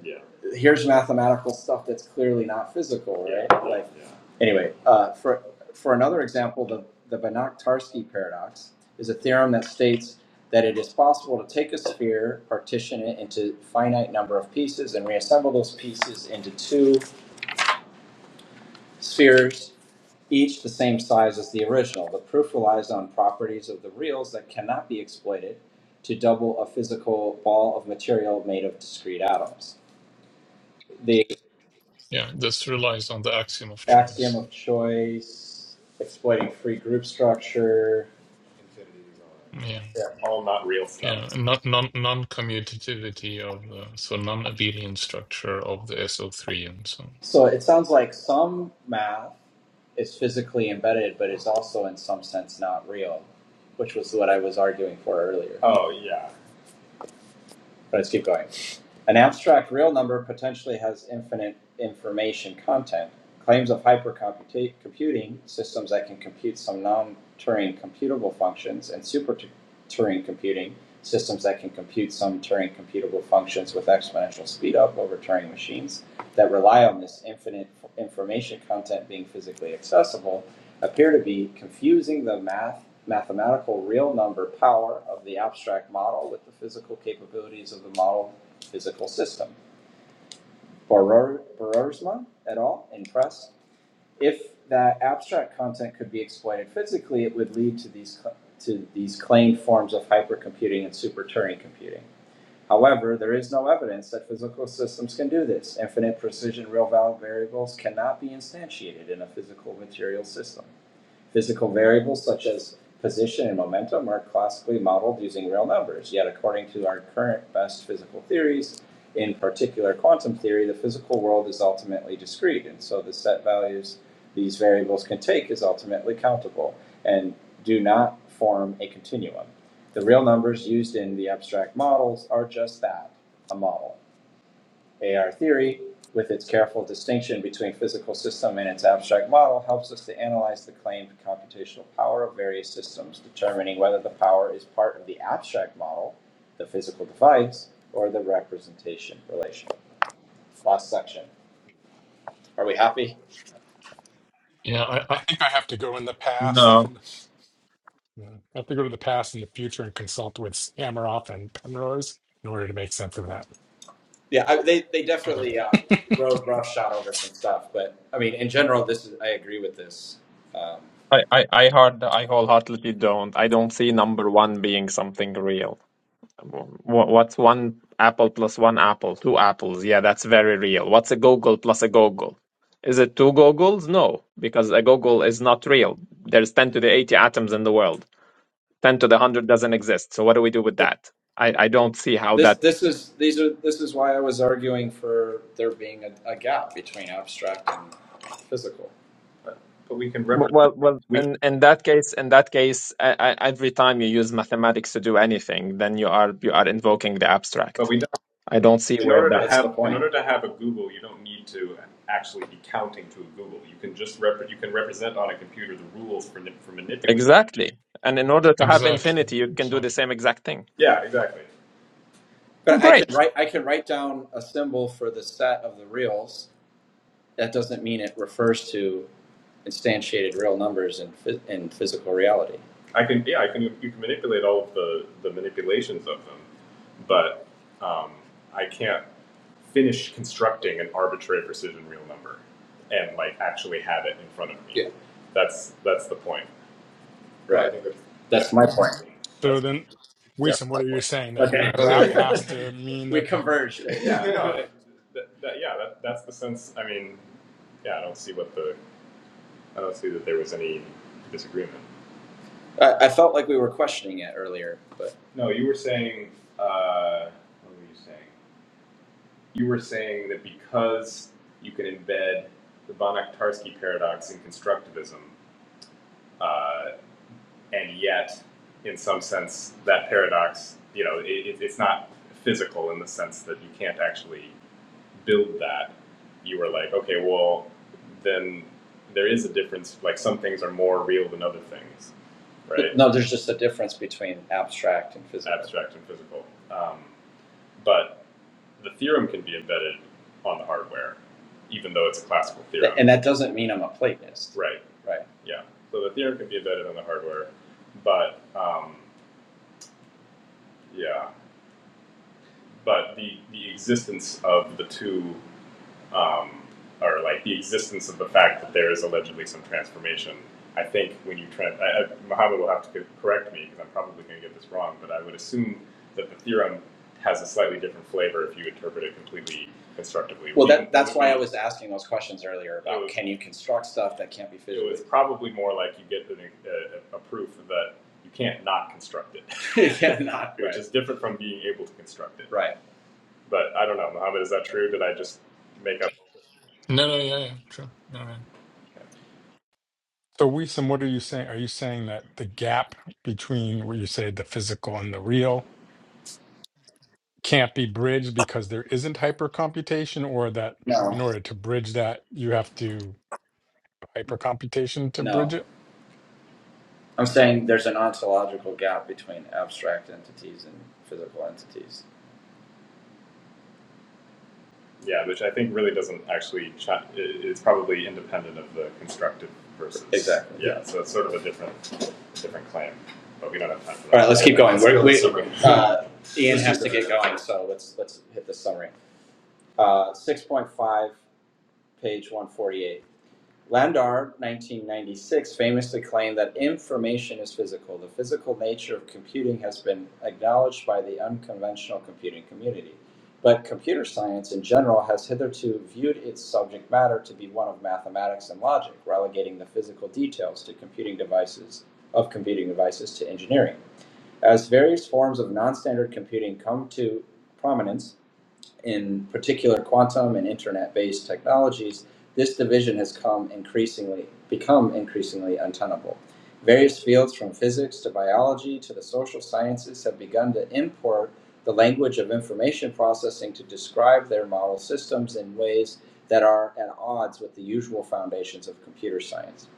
[SPEAKER 7] Yeah. here's mathematical stuff that's clearly not physical, Yeah. right? Yeah. Like yeah. anyway, uh, for for another example, the the Banach-Tarski paradox is a theorem that states that it is possible to take a sphere, partition it into a finite number of pieces, and reassemble those pieces into two spheres, each the same size as the original. The proof relies on properties of the reals that cannot be exploited to double a physical ball of material made of discrete atoms. The
[SPEAKER 3] yeah this relies on the axiom of
[SPEAKER 7] axiom
[SPEAKER 3] choice
[SPEAKER 7] of choice, exploiting free group structure.
[SPEAKER 3] yeah
[SPEAKER 7] Yeah. All not real stuff.
[SPEAKER 3] yeah non non non-commutativity of the so non-abelian structure of the so3 and so on.
[SPEAKER 7] So it sounds like some math is physically embedded, but is also in some sense not real, which was what I was arguing for earlier. Oh yeah. But let's keep going. An abstract real number potentially has infinite information content. Claims of hypercomputing systems that can compute some non-Turing computable functions and super Turing computing systems that can compute some Turing computable functions with exponential speedup over Turing machines that rely on this infinite information content being physically accessible appear to be confusing the math mathematical real number power of the abstract model with the physical capabilities of the model physical system. Borer- Boersma et al. in press. If that abstract content could be exploited physically, it would lead to these to these claimed forms of hypercomputing and super Turing computing. However, there is no evidence that physical systems can do this. Infinite precision real-value variables cannot be instantiated in a physical material system. Physical variables such as position and momentum are classically modeled using real numbers, yet according to our current best physical theories, in particular quantum theory, the physical world is ultimately discrete, and so the set values these variables can take is ultimately countable and do not form a continuum. The real numbers used in the abstract models are just that, a model. AR theory, with its careful distinction between physical system and its abstract model, helps us to analyze the claimed computational power of various systems, determining whether the power is part of the abstract model, the physical device, or the representation relation. Last section. Are we happy?
[SPEAKER 3] yeah I, I
[SPEAKER 5] I think I have to go in the past
[SPEAKER 6] No,
[SPEAKER 5] and yeah, I have to go to the past and the future and consult with Samaroff and Penrose in order to make sense of that.
[SPEAKER 7] Yeah, I, they they
[SPEAKER 3] yeah
[SPEAKER 7] definitely uh, rode roughshod over some stuff, but I mean, in general, this is I agree with this.
[SPEAKER 6] I I I hard I wholeheartedly don't. I don't see number one being something real. Wha- What's one apple plus one apple? Two apples. Yeah, that's very real. What's a goggle plus a goggle? Is it two goggles? No, because a goggle is not real. There's ten to the eighty atoms in the world. Ten to the one hundred doesn't exist. So what do we do with that? I I don't see how
[SPEAKER 7] This
[SPEAKER 6] that.
[SPEAKER 7] this is these are this is why I was arguing for there being a, a gap between abstract and physical. But but we can
[SPEAKER 6] Well,
[SPEAKER 7] represent.
[SPEAKER 6] well, well,
[SPEAKER 7] We
[SPEAKER 6] in, in that case, in that case, I, I, every time you use mathematics to do anything, then you are you are invoking the
[SPEAKER 7] but
[SPEAKER 6] abstract.
[SPEAKER 7] we don't.
[SPEAKER 6] I don't see
[SPEAKER 7] In
[SPEAKER 6] where
[SPEAKER 7] order to
[SPEAKER 6] that
[SPEAKER 7] That's have the have in order to have a Google, you don't need to actually be counting to a Google. You can just rep. You can represent on a computer the rules for for manipulating.
[SPEAKER 6] exactly. And in order to have
[SPEAKER 3] exactly
[SPEAKER 6] infinity, you can do the
[SPEAKER 3] exactly
[SPEAKER 6] same exact thing.
[SPEAKER 7] Yeah, exactly. But I can
[SPEAKER 6] Great.
[SPEAKER 7] write I can write down a symbol for the set of the reals. That doesn't mean it refers to instantiated real numbers in, in physical reality. I can yeah, I can you can manipulate all of the the manipulations of them, but um, I can't finish constructing an arbitrary precision real number and like actually have it in front of me. Yeah. That's that's the point. Right. I think that's- That's that's my point.
[SPEAKER 5] So
[SPEAKER 7] That's
[SPEAKER 5] then, Wiesem, what are you saying? That your gap has to mean that
[SPEAKER 7] We converged. yeah, no, that, that, yeah, that, that's the sense. I mean, yeah, I don't see what the I don't see that there was any disagreement. I, I felt like we were questioning it earlier, but No, you were saying. Uh, what were you saying? You were saying that because you can embed the Banach-Tarski paradox in constructivism, uh, and yet, in some sense, that paradox, you know, it, it's not physical in the sense that you can't actually build that. You were like, okay, well, then there is a difference. Like some things are more real than other things right? No, there's just a difference between abstract and physical. Abstract and physical. Um, but the theorem can be embedded on the hardware, even though it's a classical theorem. And that doesn't mean I'm a Platonist. Right. Right. Yeah. So the theorem can be embedded on the hardware, but um, yeah, but the the existence of the two um, or like the existence of the fact that there is allegedly some transformation. I think when you try, I, I, Muhammad will have to correct me because I'm probably going to get this wrong, but I would assume that the theorem has a slightly different flavor if you interpret it completely constructively. Well, that, that's why I was asking those questions earlier about was- can you construct stuff that can't be physically? It was probably more like you get an, a, a proof that you can't not construct it, yeah, not which right. is different from being able to construct it. right. But I don't know, Mohammed. is that true? Did I just make up?
[SPEAKER 3] No, no, yeah, yeah, true. All right.
[SPEAKER 5] So, Wiesem, what are you saying? Are you saying that the gap between where you say the physical and the real can't be bridged because there isn't hypercomputation, or that
[SPEAKER 7] No,
[SPEAKER 5] in order to bridge that, you have to hypercomputation to
[SPEAKER 7] no.
[SPEAKER 5] bridge it?
[SPEAKER 7] I'm saying there's an ontological gap between abstract entities and physical entities. Yeah, which I think really doesn't actually. Ch- it's probably independent of the constructive versus. Exactly. Yeah, so it's sort of a different, different claim, but we don't have time for that. All right, let's keep going. We're- we- Uh, Ian has to get going, so let's let's hit the summary. Uh, Six point five, page one forty-eight. Landor, 1996, famously claimed that information is physical. The physical nature of computing has been acknowledged by the unconventional computing community. But computer science in general has hitherto viewed its subject matter to be one of mathematics and logic, relegating the physical details to computing devices of computing devices to engineering. As various forms of non-standard computing come to prominence, in particular quantum and internet-based technologies, this division has come increasingly become increasingly untenable. Various fields from physics to biology to the social sciences have begun to import the language of information processing to describe their model systems in ways that are at odds with the usual foundations of computer science.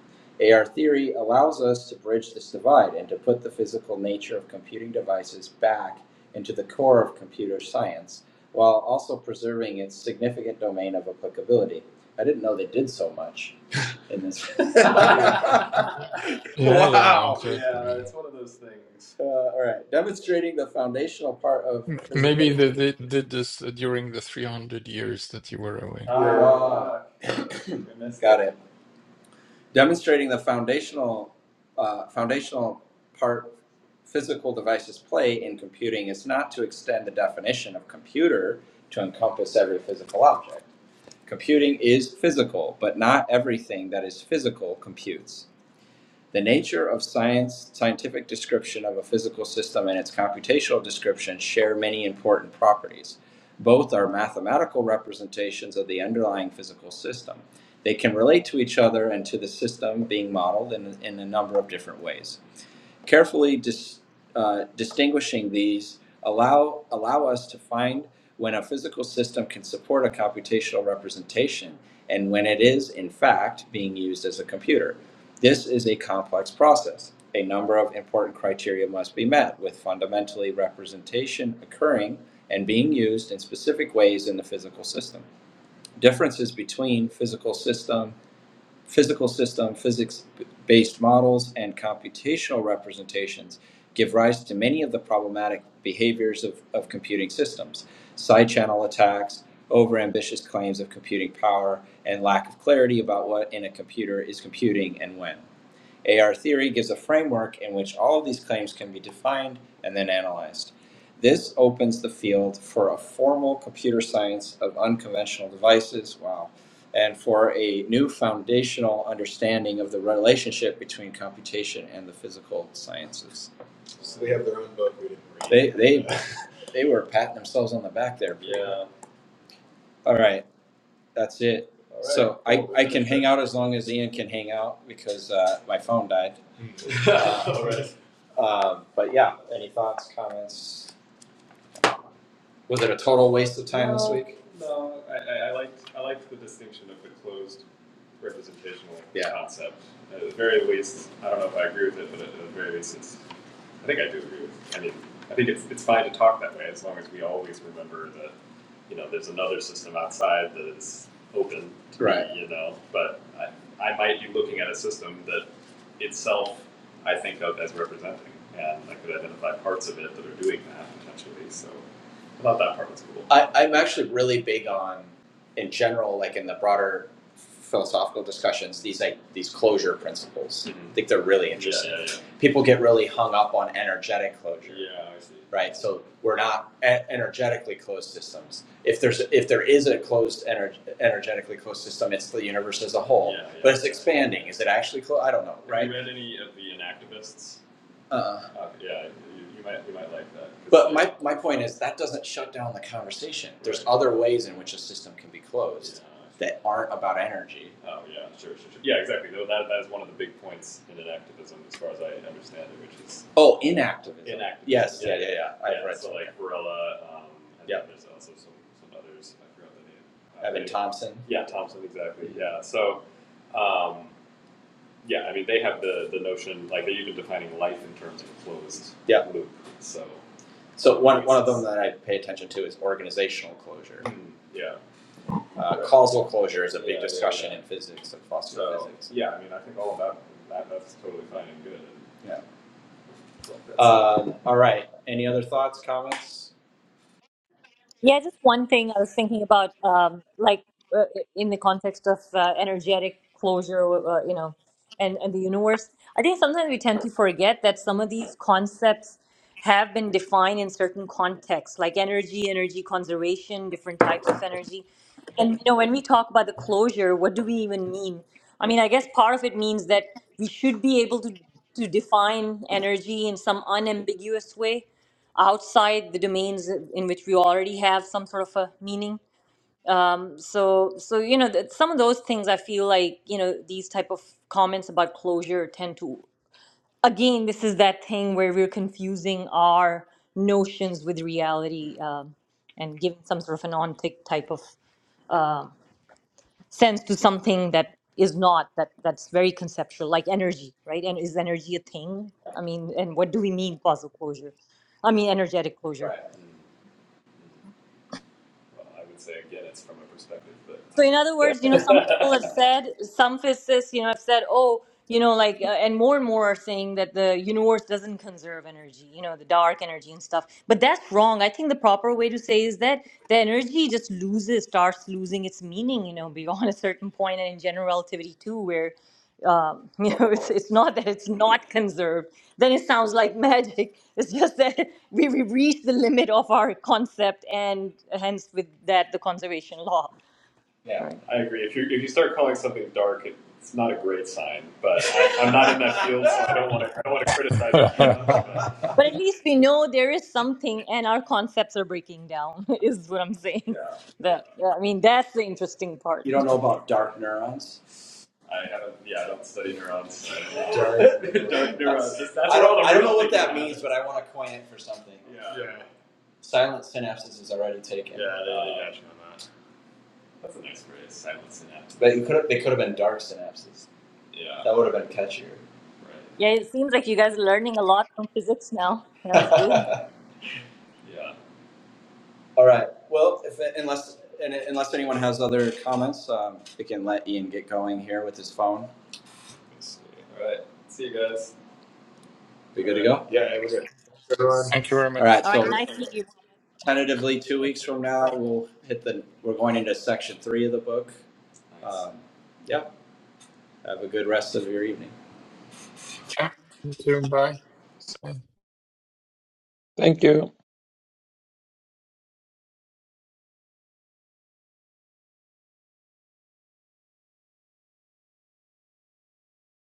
[SPEAKER 7] AR theory allows us to bridge this divide and to put the physical nature of computing devices back into the core of computer science while also preserving its significant domain of applicability. I didn't know they did so much in this. wow.
[SPEAKER 3] Yeah, yeah, exactly.
[SPEAKER 7] Yeah,
[SPEAKER 3] Yeah.
[SPEAKER 7] it's one of those things. Uh, all right. Demonstrating the foundational part of
[SPEAKER 3] M- Maybe
[SPEAKER 7] physical.
[SPEAKER 3] they, they did this uh, during the 300 years that you were away.
[SPEAKER 7] Ah, we Got it. Demonstrating the foundational uh, foundational part physical devices play in computing is not to extend the definition of computer to encompass every physical object. Computing is physical, but not everything that is physical computes. The nature of science, scientific description of a physical system and its computational description share many important properties. Both are mathematical representations of the underlying physical system. They can relate to each other and to the system being modeled in, in a number of different ways. Carefully dis, uh, distinguishing these allow, allow us to find when a physical system can support a computational representation and when it is, in fact, being used as a computer. This is a complex process. A number of important criteria must be met, with fundamentally representation occurring and being used in specific ways in the physical system. Differences between physical system physical system, physics based models, and computational representations give rise to many of the problematic behaviors of, of computing systems side channel attacks, overambitious claims of computing power, and lack of clarity about what in a computer is computing and when. AR theory gives a framework in which all of these claims can be defined and then analyzed. This opens the field for a formal computer science of unconventional devices, wow, and for a new foundational understanding of the relationship between computation and the physical sciences. So they have their own book we didn't read. They, they, they were patting themselves on the back there. yeah. All right, that's it. All right. So I, Well, we I can hang out as long as Ian can hang out because uh, my phone died. that. All right. Um, but yeah, any thoughts, comments? Was it a total waste of time this No, week? No, I, I, liked I liked the distinction of the closed representational Yeah. concept. At the very least, I don't know if I agree with it, but at the very least, it's, I think I do agree with. it. I mean, I think it's it's fine to talk that way as long as we always remember that you know there's another system outside that is open to Right. be, you know. But I, I might be looking at a system that itself I think of as representing, and I could identify parts of it that are doing that potentially. So I thought that part was cool. I, I'm actually really big on, in general, like in the broader philosophical discussions, these like these closure principles. Mm-hmm. I think they're really interesting. Yeah, interesting. yeah, People get really hung up on energetic yeah. closure, Yeah, I see. right? So we're not e- energetically closed systems. If there's if there is a closed ener- energetically closed system, it's the universe as a whole. Yeah, yeah. But it's expanding. Is it actually closed? I don't know, Have right? Have you read any of the Inactivists? Uh, uh, yeah, you, you might you might like that. But yeah, my, my point is that doesn't shut down the conversation. There's right. other ways in which a system can be closed yeah. that aren't about energy. Oh yeah, sure, sure, sure. Yeah, exactly. Though that that is one of the big points in inactivism, as far as I understand it, which is Oh, inactivism. inactivism. Yes, yeah, yeah, yeah. yeah. yeah. I've yeah, read so some. like Varela. Um, Yeah. There's also some some others. I forgot the name. Uh, Evan they- Thompson. Yeah, Thompson. Exactly. Yeah. So, um, yeah, I mean, they have the, the notion, like, they're even defining life in terms of a closed Yeah. loop. So, So one, one sense. of them that I pay attention to is organizational closure. Mm, yeah. Uh, yeah. causal closure is a Yeah, big yeah, discussion yeah, yeah. in physics and philosophy of So, physics. yeah, I mean, I think all of that, that that's totally fine and good. Yeah. Well, Um, all right. Any other thoughts, comments?
[SPEAKER 4] Yeah, just one thing I was thinking about, um, like uh, in the context of uh, energetic closure, uh, uh, you know, and, and the universe. I think sometimes we tend to forget that some of these concepts have been defined in certain contexts, like energy, energy conservation, different types of energy. And you know, when we talk about the closure, what do we even mean? I mean, I guess part of it means that we should be able to to define energy in some unambiguous way outside the domains in which we already have some sort of a meaning so so you know that some of those things i feel like you know these type of comments about closure tend to again this is that thing where we're confusing our notions with reality um, and giving some sort of an ontic type of um sense to something that is not that that's very conceptual like energy right and is energy a thing i mean and what do we mean causal closure i mean energetic closure
[SPEAKER 7] Right. well, I would say, again, it's from a perspective that I've
[SPEAKER 4] So, in other words, you know, some people have said, some physicists, you know, have said, oh, you know, like, uh, and more and more are saying that the universe doesn't conserve energy, you know, the dark energy and stuff. But that's wrong. I think the proper way to say is that the energy just loses, starts losing its meaning, you know, beyond a certain point, and in general relativity too, where, um, you know, it's it's not that it's not conserved. Then it sounds like magic. It's just that we we reach the limit of our concept, and hence with that the conservation law. Right.
[SPEAKER 7] I agree. If you if you start calling something dark, it's not a great sign. But I, I'm not in that field, so I don't want to I don't want to criticize it too much. But
[SPEAKER 4] But at least we know there is something, and our concepts are breaking down. Is what I'm saying. That I mean, that's the interesting part.
[SPEAKER 7] You don't know about dark neurons? I haven't. Yeah, I don't study neurons. So don't Dark. Dark neurons. That's that's I don't, I don't know what that thinking means, but I want to coin it for something. Yeah. yeah. Silent synapses is already taken. Yeah, they they got you on that. That's a nice phrase. Silent synapse. But you could have, they could have been dark synapses. Yeah. That would have been catchier.
[SPEAKER 4] Yeah, it seems like you guys are learning a lot from physics now. That's good.
[SPEAKER 7] Right. Yeah. All right. Well, if, unless and unless anyone has other comments, um, we can let Ian get going here with his phone. Let's see. All right. See you guys. We good to go? Yeah, we're good. Everyone.
[SPEAKER 3] Thank you very
[SPEAKER 7] All right,
[SPEAKER 3] much.
[SPEAKER 4] All right,
[SPEAKER 7] so
[SPEAKER 4] nice seeing you. Mohammed, and
[SPEAKER 7] tentatively, two weeks
[SPEAKER 3] Okay.
[SPEAKER 7] from now,
[SPEAKER 4] everybody.
[SPEAKER 7] we'll hit the, we're going into section three of the book. Nice. Um, Yeah, have a good rest of your evening.
[SPEAKER 3] Yeah, you too. Bye.
[SPEAKER 6] Thank you.